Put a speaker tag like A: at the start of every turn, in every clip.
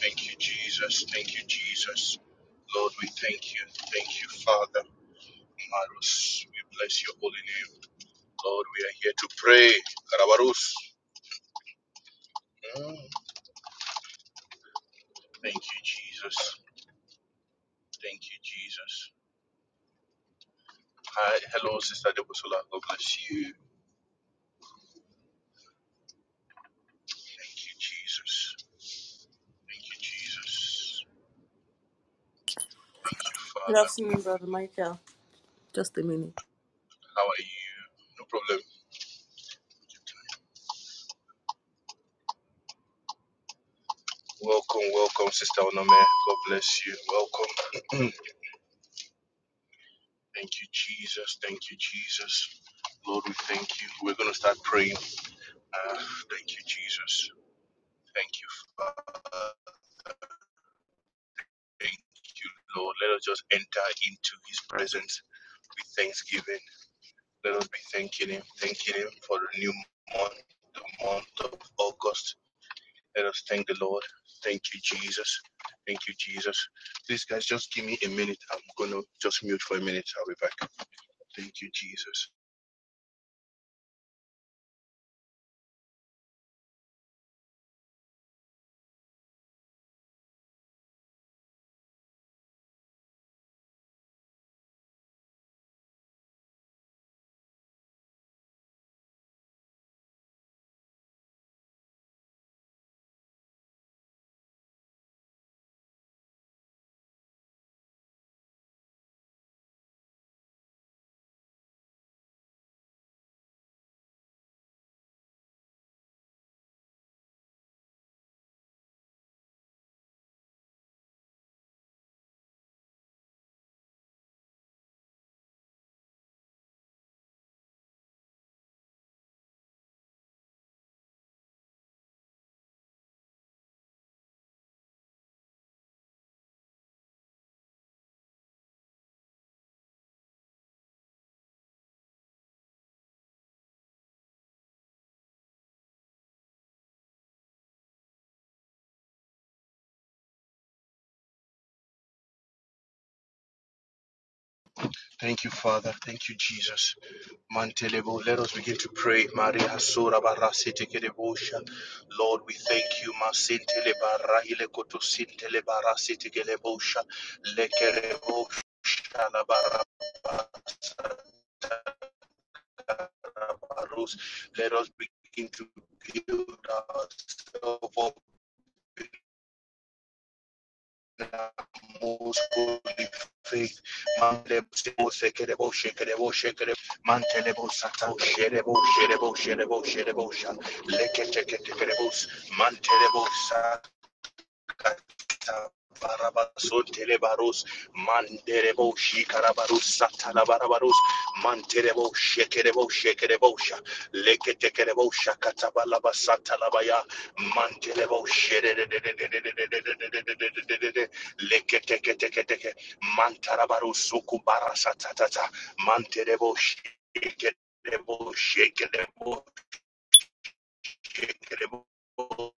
A: Thank you, Jesus. Thank you, Jesus. Lord, we thank you. Thank you, Father. Marus, we bless your holy name. Lord, we are here to pray. Karabarus. Mm. Thank you, Jesus. Thank you, Jesus. Hi, hello, Sister Debosola. God bless you. Thank you, Jesus. Thank you, Jesus. Thank you,
B: Good
A: Father.
B: afternoon, Brother Michael. Just a minute.
A: How are you? No problem. Welcome, welcome, Sister Onome. God bless you. Welcome. Thank you, Jesus. Thank you, Jesus. Lord, we thank you. We're going to start praying. Uh, thank you, Jesus. Thank you, Father. Thank you, Lord. Let us just enter into His presence with thanksgiving. Let us be thanking Him, thanking Him for the new month, the month of August. Let us thank the Lord. Thank you, Jesus. Thank you, Jesus. Please, guys, just give me a minute. I'm going to just mute for a minute. I'll be back. Thank you, Jesus. Thank you, Father. Thank you, Jesus. Mantelebo, let us begin to pray. Maria Sura Barasiti Kedebosha. Lord, we thank you. Masintele Barahile Koto Sintele Barasiti Kedebosha. Lekerebosha La Barata Barus. Let us begin to build ourselves up most holy faith. Mandelebo sebo sekerebo shekerebo shekerebo mantelebo sata sherebo sherebo sherebo sherebo sha lekete ketekerebo mantelebo Satan. Kata Barabason Telebaros, Manderebo Shikarabarus, Satalabarabarus, Manterebo Shekerebo Shekerebosha, Leketekerebosha, Katabalaba Satalabaya, Mantelebo Shere, Leketeketeketeke, Mantarabarus, Sukubara Satata, Manterebo Shekerebo Shekerebo Shekerebo.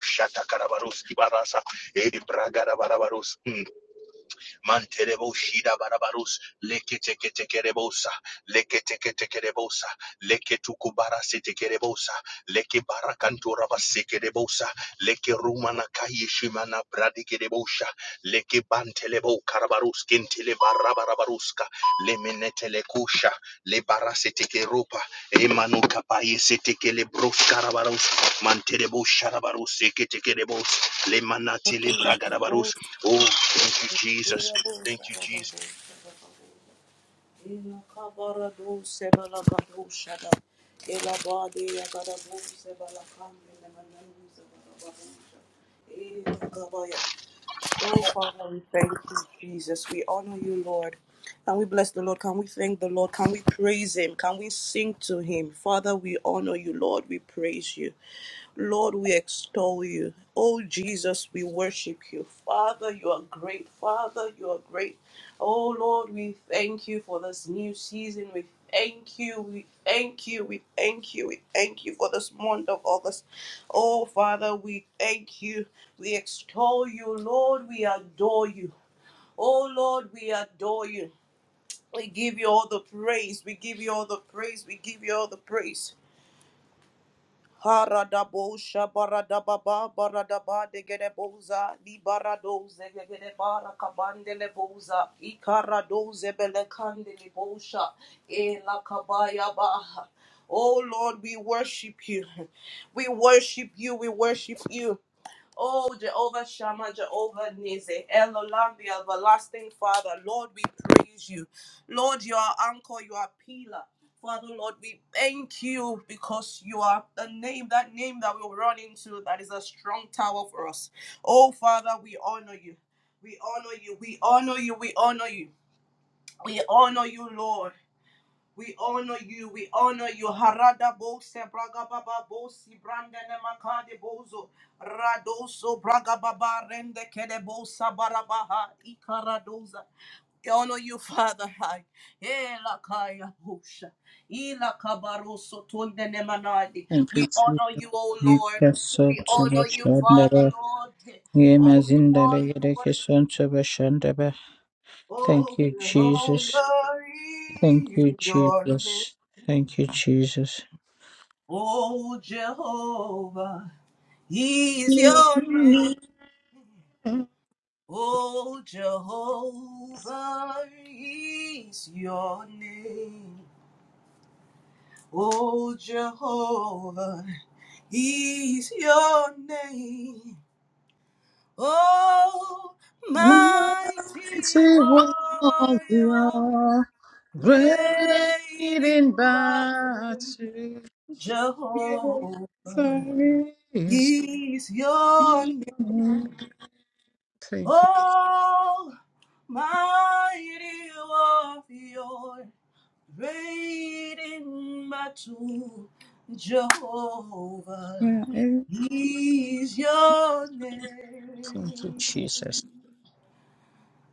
A: Shata Karabarus Ibarasa, Edi Bragada Barabarus. Manterebo shida barabarus. Leke teke teke rebosa. Leke teke teke rebosa. Leke tukubara siteke rebosa. Leke barakantura baseke rebosa. Leke rumana kayishimana bradike rebosha. Leke bantelebo karabarus kintele barabarabaruska. Lemenetele kusha. Le barasiteke ropa. Emanu kapaye siteke le bros karabarus. Manterebo sharabarus seke teke rebos. Le manatele
B: Oh,
A: bragarabarus. Oh, thank you, Jesus. Thank you, Jesus.
B: Father, we thank you, Jesus. We honor you, Lord. Can we bless the Lord? Can we thank the Lord? Can we praise Him? Can we sing to Him? Father, we honor you, Lord. We praise you. Lord, we extol you. Oh, Jesus, we worship you. Father, you are great. Father, you are great. Oh, Lord, we thank you for this new season. We thank you. We thank you. We thank you. We thank you for this month of August. Oh, Father, we thank you. We extol you. Lord, we adore you. Oh, Lord, we adore you. We give you all the praise. We give you all the praise. We give you all the praise. Haradabosha baradababa baradaba degereboza libaradoze gegerebara kabandele boza ikaradoze belekandele bosha elakabaya baha. Oh Lord, we worship you. We worship you. We worship you. Oh, Jehovah Shammah, Jehovah Nizzi, Elolam, the everlasting Father, Lord, we praise you. Lord, you are anchor, you are pillar. Father, Lord, we thank you because you are the name, that name that we'll run into, that is a strong tower for us. Oh, Father, we honor you. We honor you. We honor you. We honor you. We honor you, Lord. We honor you. We honor you. Harada bose braga baba bosi brande ne makade bozo radoso braga baba rende kede bosa barabaha ikaradoza. We honor you, Father. Hai ela kaya bosha ila kabaroso tonde ne manadi.
C: Thank
B: We
C: you, Jesus.
B: honor you, O Lord.
C: Yekason
B: We honor you, Father,
C: Sabashandaba.
B: Lord. Oh
C: Yemazindala
B: Lord, we worship.
C: Yerekeson Sabashandaba. Thank
B: Oh,
C: you, Jesus. Thank
B: holy is
C: you,
B: your name.
C: Jesus. Thank you, Jesus.
B: Oh Jehovah is your name. Oh Jehovah is your name. Oh Jehovah is your name. Oh
C: Mighty
B: mighty warrior,
C: warrior, great
B: great
C: in
B: in
C: battle,
B: battle,
C: you
B: Jehovah
C: praise.
B: is your name.
C: Thank
B: Oh, mighty warrior, great in battle, Jehovah
C: you.
B: is your
C: Thank you,
B: name.
C: Jesus.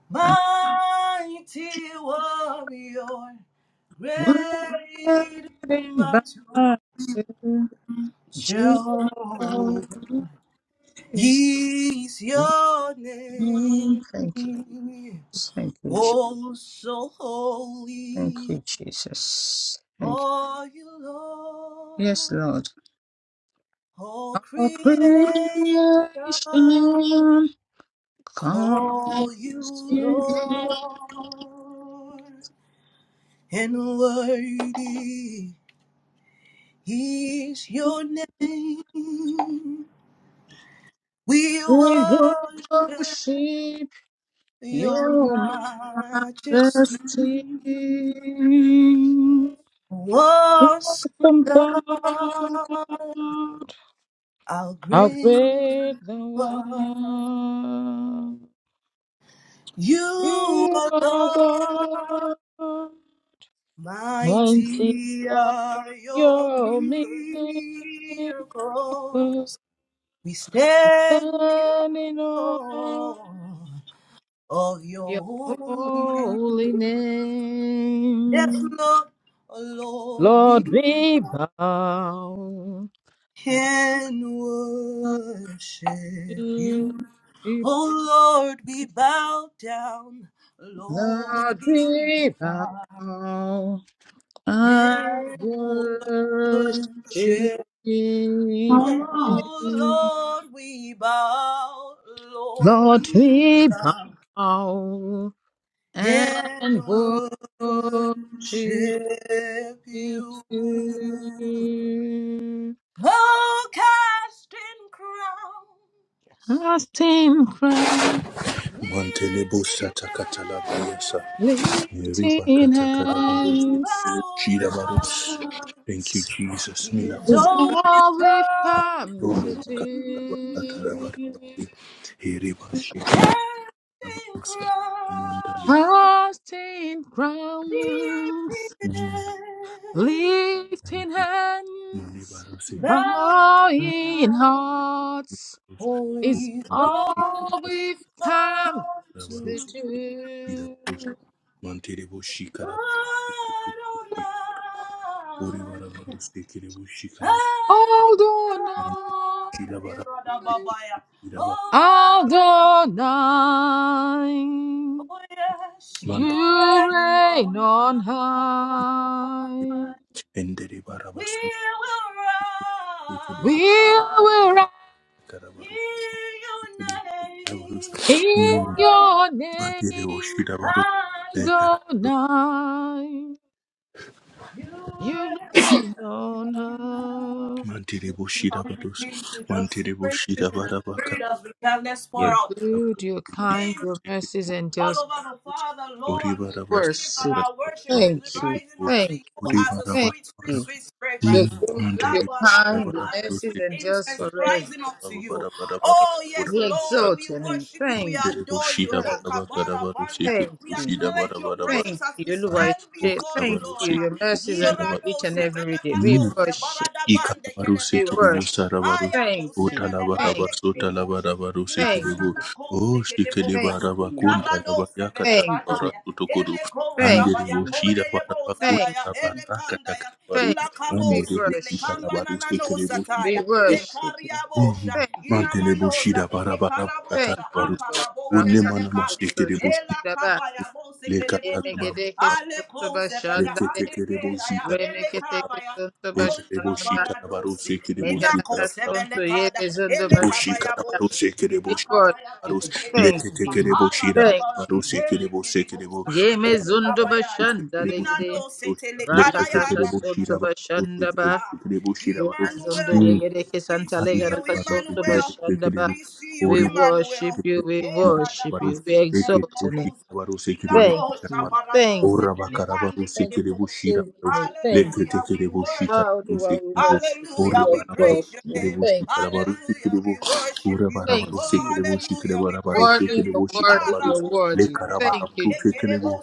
B: Mighty warrior,
C: Word
B: great in
C: and
B: battle,
C: body, Jesus.
B: Jehovah is your name.
C: Mm, Thank you. Jesus. Thank you. Je-
B: Oh, so
C: Thank you,
B: holy
C: Jesus. Thank you.
B: are you,
C: Yes,
B: Lord.
C: Lord.
B: All
C: All
B: creation
C: creation
B: call you,
C: comes to thee.
B: Lord. And worthy is your name. We
C: We
B: worship
C: worship
B: your
C: your
B: majesty.
C: majesty.
B: Awesome
C: Awesome God,
B: God, our
C: how
B: great.
C: great thou
B: Lord.
C: art.
B: You alone,
C: You are God, mighty
B: mighty
C: are
B: are your
C: your miracles,
B: miracles. We stand in
C: standing on
B: awe of your
C: your
B: holiness.
C: holy
B: Yes,
C: name.
B: Lord, oh Lord, we
C: Lord, we bow.
B: can worship
C: to
B: you.
C: you.
B: Oh Lord, we bow down. Lord,
C: Lord,
B: we
C: we bow and
B: can
C: worship
B: worship
C: you.
B: Oh Lord, we bow, Lord, we
C: Lord, we
B: bow
C: bow
B: and
C: and worship
B: worship you.
C: you.
B: Oh, casting crowns,
C: Casting crown,
D: Mantelebo
B: lifting
D: sata katalabayasa.
B: dead,
D: Riba
C: lifting
D: katakarabaros.
B: oh,
C: hands,
B: bowing
D: Shirabaros.
B: on
D: Thank you, Jesus. Mila
B: is
C: is
B: always
C: all we've
B: come
C: come to
B: to
D: kodoro
B: you.
C: do.
D: katarabarabarabasi. Heriba
B: casting
D: shikarabarosa. Mandali.
B: crowns.
C: Casting crowns, lifting hands,
D: Manibarosi.
B: Thou
C: bowing
B: art
C: hearts is
B: holy,
D: Mantelebo
C: all
B: holy,
C: we've
B: thou
C: come
B: to
C: to
D: shikarabarosi.
C: do.
D: Shirabarosi. Mantelebo
B: Adonai,
D: shikarabarosi. Oribarabarosi. Kirebo shikarabarosi.
C: Adonai,
D: Mantelebo
B: Adonai. Eroda babaya.
D: shirabarabarosi.
B: Oh,
C: Adonai,
B: Adonai, oh yes, you
D: Mande
C: you
B: reign
C: reign
B: on
C: on
B: high.
C: high.
D: endere
B: We
D: barabasu
B: will
D: ikiri
C: We
B: rise.
C: will rise
B: Hear
D: karabaru ikiri
B: your
D: karabaru
B: name,
C: in
B: Lord
C: your
D: mantire
C: name.
D: boshira baru
B: Adonai.
C: Go
D: ekarabaru
C: night
B: You
C: you
B: are-
C: have reign on high.
D: mantire boshira
B: Shall we
D: baru
B: begin to just
D: mantire
B: praise Him
D: boshira
B: in the
D: barabaka
B: spirit as we can? Let's pour
C: You're
B: out.
C: good, you're
D: ikiri
C: kind, your
D: ikiri
C: mercies and
B: all
D: boshira
C: just
B: over the
D: baru
B: Father,
D: ori
B: Lord, we
D: barabasu
B: believe that
C: worship.
B: our worship
D: karabaru
B: is
C: Thank you,
D: ikiri
B: rising up to
C: thank
B: you
D: ori
C: you,
B: as a
C: thank
B: sweet, sweet,
D: barabara
C: you.
B: sweet
C: You're
B: fragrance.
C: good,
B: La
D: mantire
C: you're
D: boshira
B: barada,
C: kind, your
B: As a
D: barabaru
C: mercies
B: sweet
D: ikiri
C: and just
B: incense
D: boshira
C: forever.
B: rising up to you.
D: barabara
B: Oh,
D: barabara
B: yes,
C: We
B: Lord,
C: exalt
B: we
C: your name.
B: worship you, we
C: Thank
D: Kiri
C: you,
B: adore you.
D: bushira
B: La
C: thank,
D: baraba
B: kabara
D: karabaru
B: banda.
D: sikiri
C: thank
B: We
C: you,
D: bushira
B: acknowledge your
D: barabara
C: thank
B: presence as we
C: you. Lord,
D: barabandi
B: stand
C: Ise.
B: before you,
C: Thank
D: bokarabaru
B: Lord.
C: you, your
D: sikiri
C: mercies are
D: bushira
C: new each and
B: Yeradose,
C: every day. We
D: barabaru
B: belekabose,
C: worship,
B: barada bande,
D: ikarabaru
C: we
D: sikiri
B: kelebedosa.
C: worship.
D: busarabaru
B: Ayako,
C: Thank you,
B: sebele
C: thank
D: utalabarabar
B: bande,
C: you,
B: kelebosha.
D: sutalabarabaru sikiri
C: thank
D: bu
C: you.
B: Ilanana
D: oh
B: kose
D: shikiri
C: Thank
B: kedebosa.
D: baraba
C: you.
D: kunta
B: Ikarado
D: labaya
B: sebele
C: Thank
D: katarabara
C: you.
B: kadaya.
D: sutukuru
B: Ele kosa
C: Thank
D: andiri
B: baya
C: you.
D: bushira
B: kode
D: baraba
B: yeboza
D: kunta
C: Thank
B: daya. Ele
C: you.
D: labara
B: kandaya.
D: katakarabaru
C: Thank
B: Ila
C: you. We
D: andiri
B: kabosi bele
C: worship.
B: kamba
D: bushikarabaru
B: nana
D: sikiri
B: nosa
C: We
D: bushira
B: taya. E
C: worship you.
B: kariabosha.
D: Mhm.
C: Thank you,
D: Mantele
C: Jesus.
B: Inamanosa.
D: bushida bara
B: E
D: bara kata
C: Thank
B: karabosha.
D: baru.
C: you, Lord.
B: Akaraboze
D: Wone
B: bele
D: mana
C: Rakasoto
B: kade.
D: masike de bushida.
B: Ela
C: shindaba.
B: kabaya bose
D: Le kata
B: kedebonja.
D: baba.
C: Emegedeke
B: Ale
C: soto
B: koze
D: Le
B: beja
C: bashandale.
D: kete
B: hande
D: kere
B: kedaya.
D: bushika.
B: Ele
C: Remeketeke
B: kabaya.
C: soto
D: Eke
B: Oh,
D: de
C: bashandaba.
D: bushika baru
B: Shabaradosi.
D: seke de
B: Ina
D: bushika
C: Megadaka
D: bara.
B: kosebele
C: yebe
B: kada.
C: zondo
B: Ele
D: Bushika
B: kabaya
C: bashandaba.
D: baru
B: boshi.
D: seke de
C: We
B: Ina
D: bushida
C: worship.
B: kabaya
D: baru.
B: bale
D: Le
C: Thank
D: kete
C: you.
D: kere
B: Ara
D: bushida
B: da
C: Thank you.
D: baru seke de
B: Ele kere
D: bushike de bu.
C: Yeme
D: Ora
B: Ele
C: zondo
D: bara
B: kabaya
D: baru
B: da.
D: seke de
C: bashandale
B: Ina
D: bushika
C: gide.
B: no se
D: baru.
B: tele
D: Le kete
C: Rakataka
D: kere
B: yaba.
D: bushida
C: soto
D: baru seke de
C: bashandaba.
B: Ah,
D: bushike de bushida baru.
C: Mazondo
B: Emmanuel.
D: Hmm.
C: yegere
B: We
C: kesantale
D: Ari
B: see
C: yara
B: you,
D: bara baru
C: kasoto
D: seke de
B: Emmanuel.
D: bushike
C: bashanda
D: de
C: ba.
B: We see you,
C: We
D: bu.
C: worship
B: Emmanuel.
C: you, we
B: Era da
C: worship you, we
B: basi
C: exalt
B: temele
C: your name.
B: bosa. Ila
C: Thank
B: ko
C: you,
B: shabarado
C: thank
B: se
C: you, thank you for saving me. Thank you.
B: Hallelujah, we worship
C: Ah,
B: you.
C: Oluwa, we worship you,
B: Hallelujah,
C: we
B: we praise
C: exalt
B: your
C: you.
B: name.
C: Thank you,
B: Hallelujah, we worship you.
C: thank
B: Oh,
C: you.
B: hallelujah, we praise your
C: Worthy,
B: name.
C: you're worthy, you're
B: Arabo
C: worthy.
B: shekeleba,
D: Lekarabarabtu
C: Thank you,
D: sekelebo.
C: Jesus.
B: ekerebo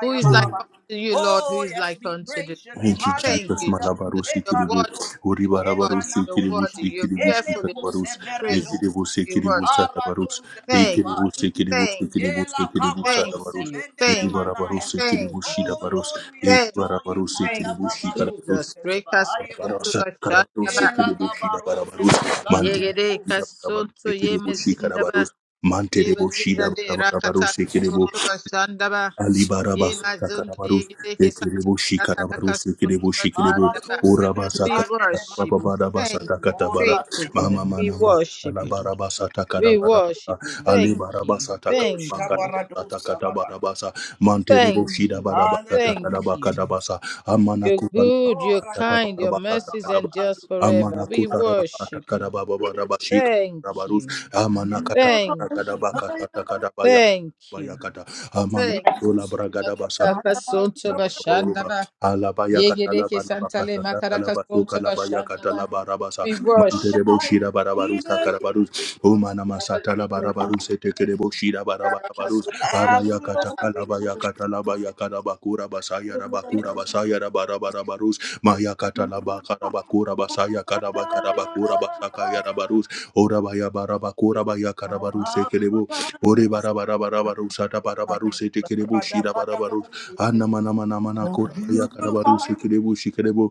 C: Who is like
B: bababa.
C: unto you, Lord? Who
B: Oh,
C: is
B: yes,
C: like
B: we
C: unto you?
B: praise your name.
D: Thank you,
C: Thank
D: Jesus.
C: you,
B: Hallelujah.
C: Jesus.
D: Malabarusi
C: You're
D: kiribu,
C: worthy,
B: Ekarados,
C: you're worthy,
D: uribarabarusi
C: you're
D: kiribu,
C: worthy,
B: emanakosha,
C: you're
D: sikiribu,
C: fearfully
B: elekose
D: shikarabarus,
C: Praise
D: lekiribu,
C: you. We
D: sekiribu,
C: worship.
D: sarabarus,
C: Thank
D: ekiribu,
B: arados
C: you.
D: sekiribu,
C: Thank you.
D: sekiribu,
B: Ela
D: sekiribu,
B: kabaro
C: Thank
D: sarabarus,
C: you.
B: sebende ne
C: Thank you.
B: manaya.
D: iribarabarusi
C: Thank
D: kiribu,
C: you.
B: Oh
D: shirabarus,
B: Lord, we
C: Thank
B: adore
C: you.
B: you.
D: iribarabarusi
C: Thank
B: Haya
D: kiribu,
C: you,
B: baba bose
D: shikarabarus,
C: Jesus.
B: teleba haya
C: Rekasonto
D: sarabarus,
B: kosa.
C: bashandaba.
D: karabarusi
B: Ela
D: kiribu,
B: kabaro
D: shirabarabarus,
B: sebende gande
D: mantere,
B: le
C: Yegere
B: bose.
D: shirabarabarus,
C: kasonto
D: kiribu,
C: yemezindaba.
D: shikarabarus, mantere, bo,
C: Yemezindale rakata
D: shirabarabarus,
C: kasonto bashandaba.
D: Alibarabas
C: Yemazondo
D: takarabarus
C: yegere kesanta
D: ekiribu
C: rakata
D: shikarabarus
C: kasonto
D: ekiribu shikiribu
C: bashandaba.
B: Arato sebende
D: urabasa
C: We
B: gande le ma.
C: worship you.
D: kabarabasa
C: Thank you,
D: takatabara
C: faithful
B: Orato
C: God.
D: mama
B: sebende.
C: We
D: mana
C: worship you.
D: Alabarabasa
C: We
D: takarabarabasa
C: worship you. Thank you.
D: alibarabasa
C: Thank you.
D: takabakarabasa
B: Shabaradosa baba.
D: takatabarabasa mantelibu
C: Thank
D: shida
C: you.
D: barabaka
C: Thank
B: Hallelujah.
C: you.
D: takarabakadabasa amana
C: You're good, you're
D: kutalabasa
B: Ora da
C: kind,
B: bobo
C: your
D: takatabarabasa
C: mercies
B: baba.
D: takarabasa
C: endures forever.
D: amana
C: We
D: kutarabasa
C: worship you.
D: takarababarabasa
C: Thank
D: shikarabarus
C: you.
D: amana
B: You
C: Thank
B: provide
C: you.
D: katabakadabaka takarabaya
C: Thank you.
D: bayakata
C: Thank you.
D: Rola
B: rest.
D: bragada basaka.
B: I
C: Makataka sonto
D: Talabaruba,
C: bashandaba.
D: Alabaya Catalaba
C: Yegedeke santale
D: Nabakata,
C: makaraka
D: Calabatu,
C: sonto
D: Calabaya
C: bashandaba.
D: Catalaba Rabasa,
C: We
B: will
C: worship
D: Manterebo
C: you.
B: die.
D: Shira
C: Thank you.
D: Barabarusa
B: Even
C: Rekataka
D: Carabarus,
C: sonto
D: Omana
C: yaba
D: Masatala
C: yegedeke
D: Barabarus, Tekerebo Shira Barabarus,
B: I
D: Abaya
B: will
C: bashandaba.
D: Catakalabaya
C: We
D: Catalabaya Carabakura Basaya Rabakura
C: worship
B: know.
C: you.
D: Basaya Rabarabarus, Maya Catalaba Carabakura Basaya Caraba
C: Reketeke
B: Oh,
D: Carabakura Basaka Yarabarus, Orabaya Barabakura Baya Carabarus, Ore bara bara bara bara bara baru baru baru sete kerebo shira bara baru. Anna mana mana mana kora baya kara baru korabaya
B: beautiful
D: kerebo shi kerebo.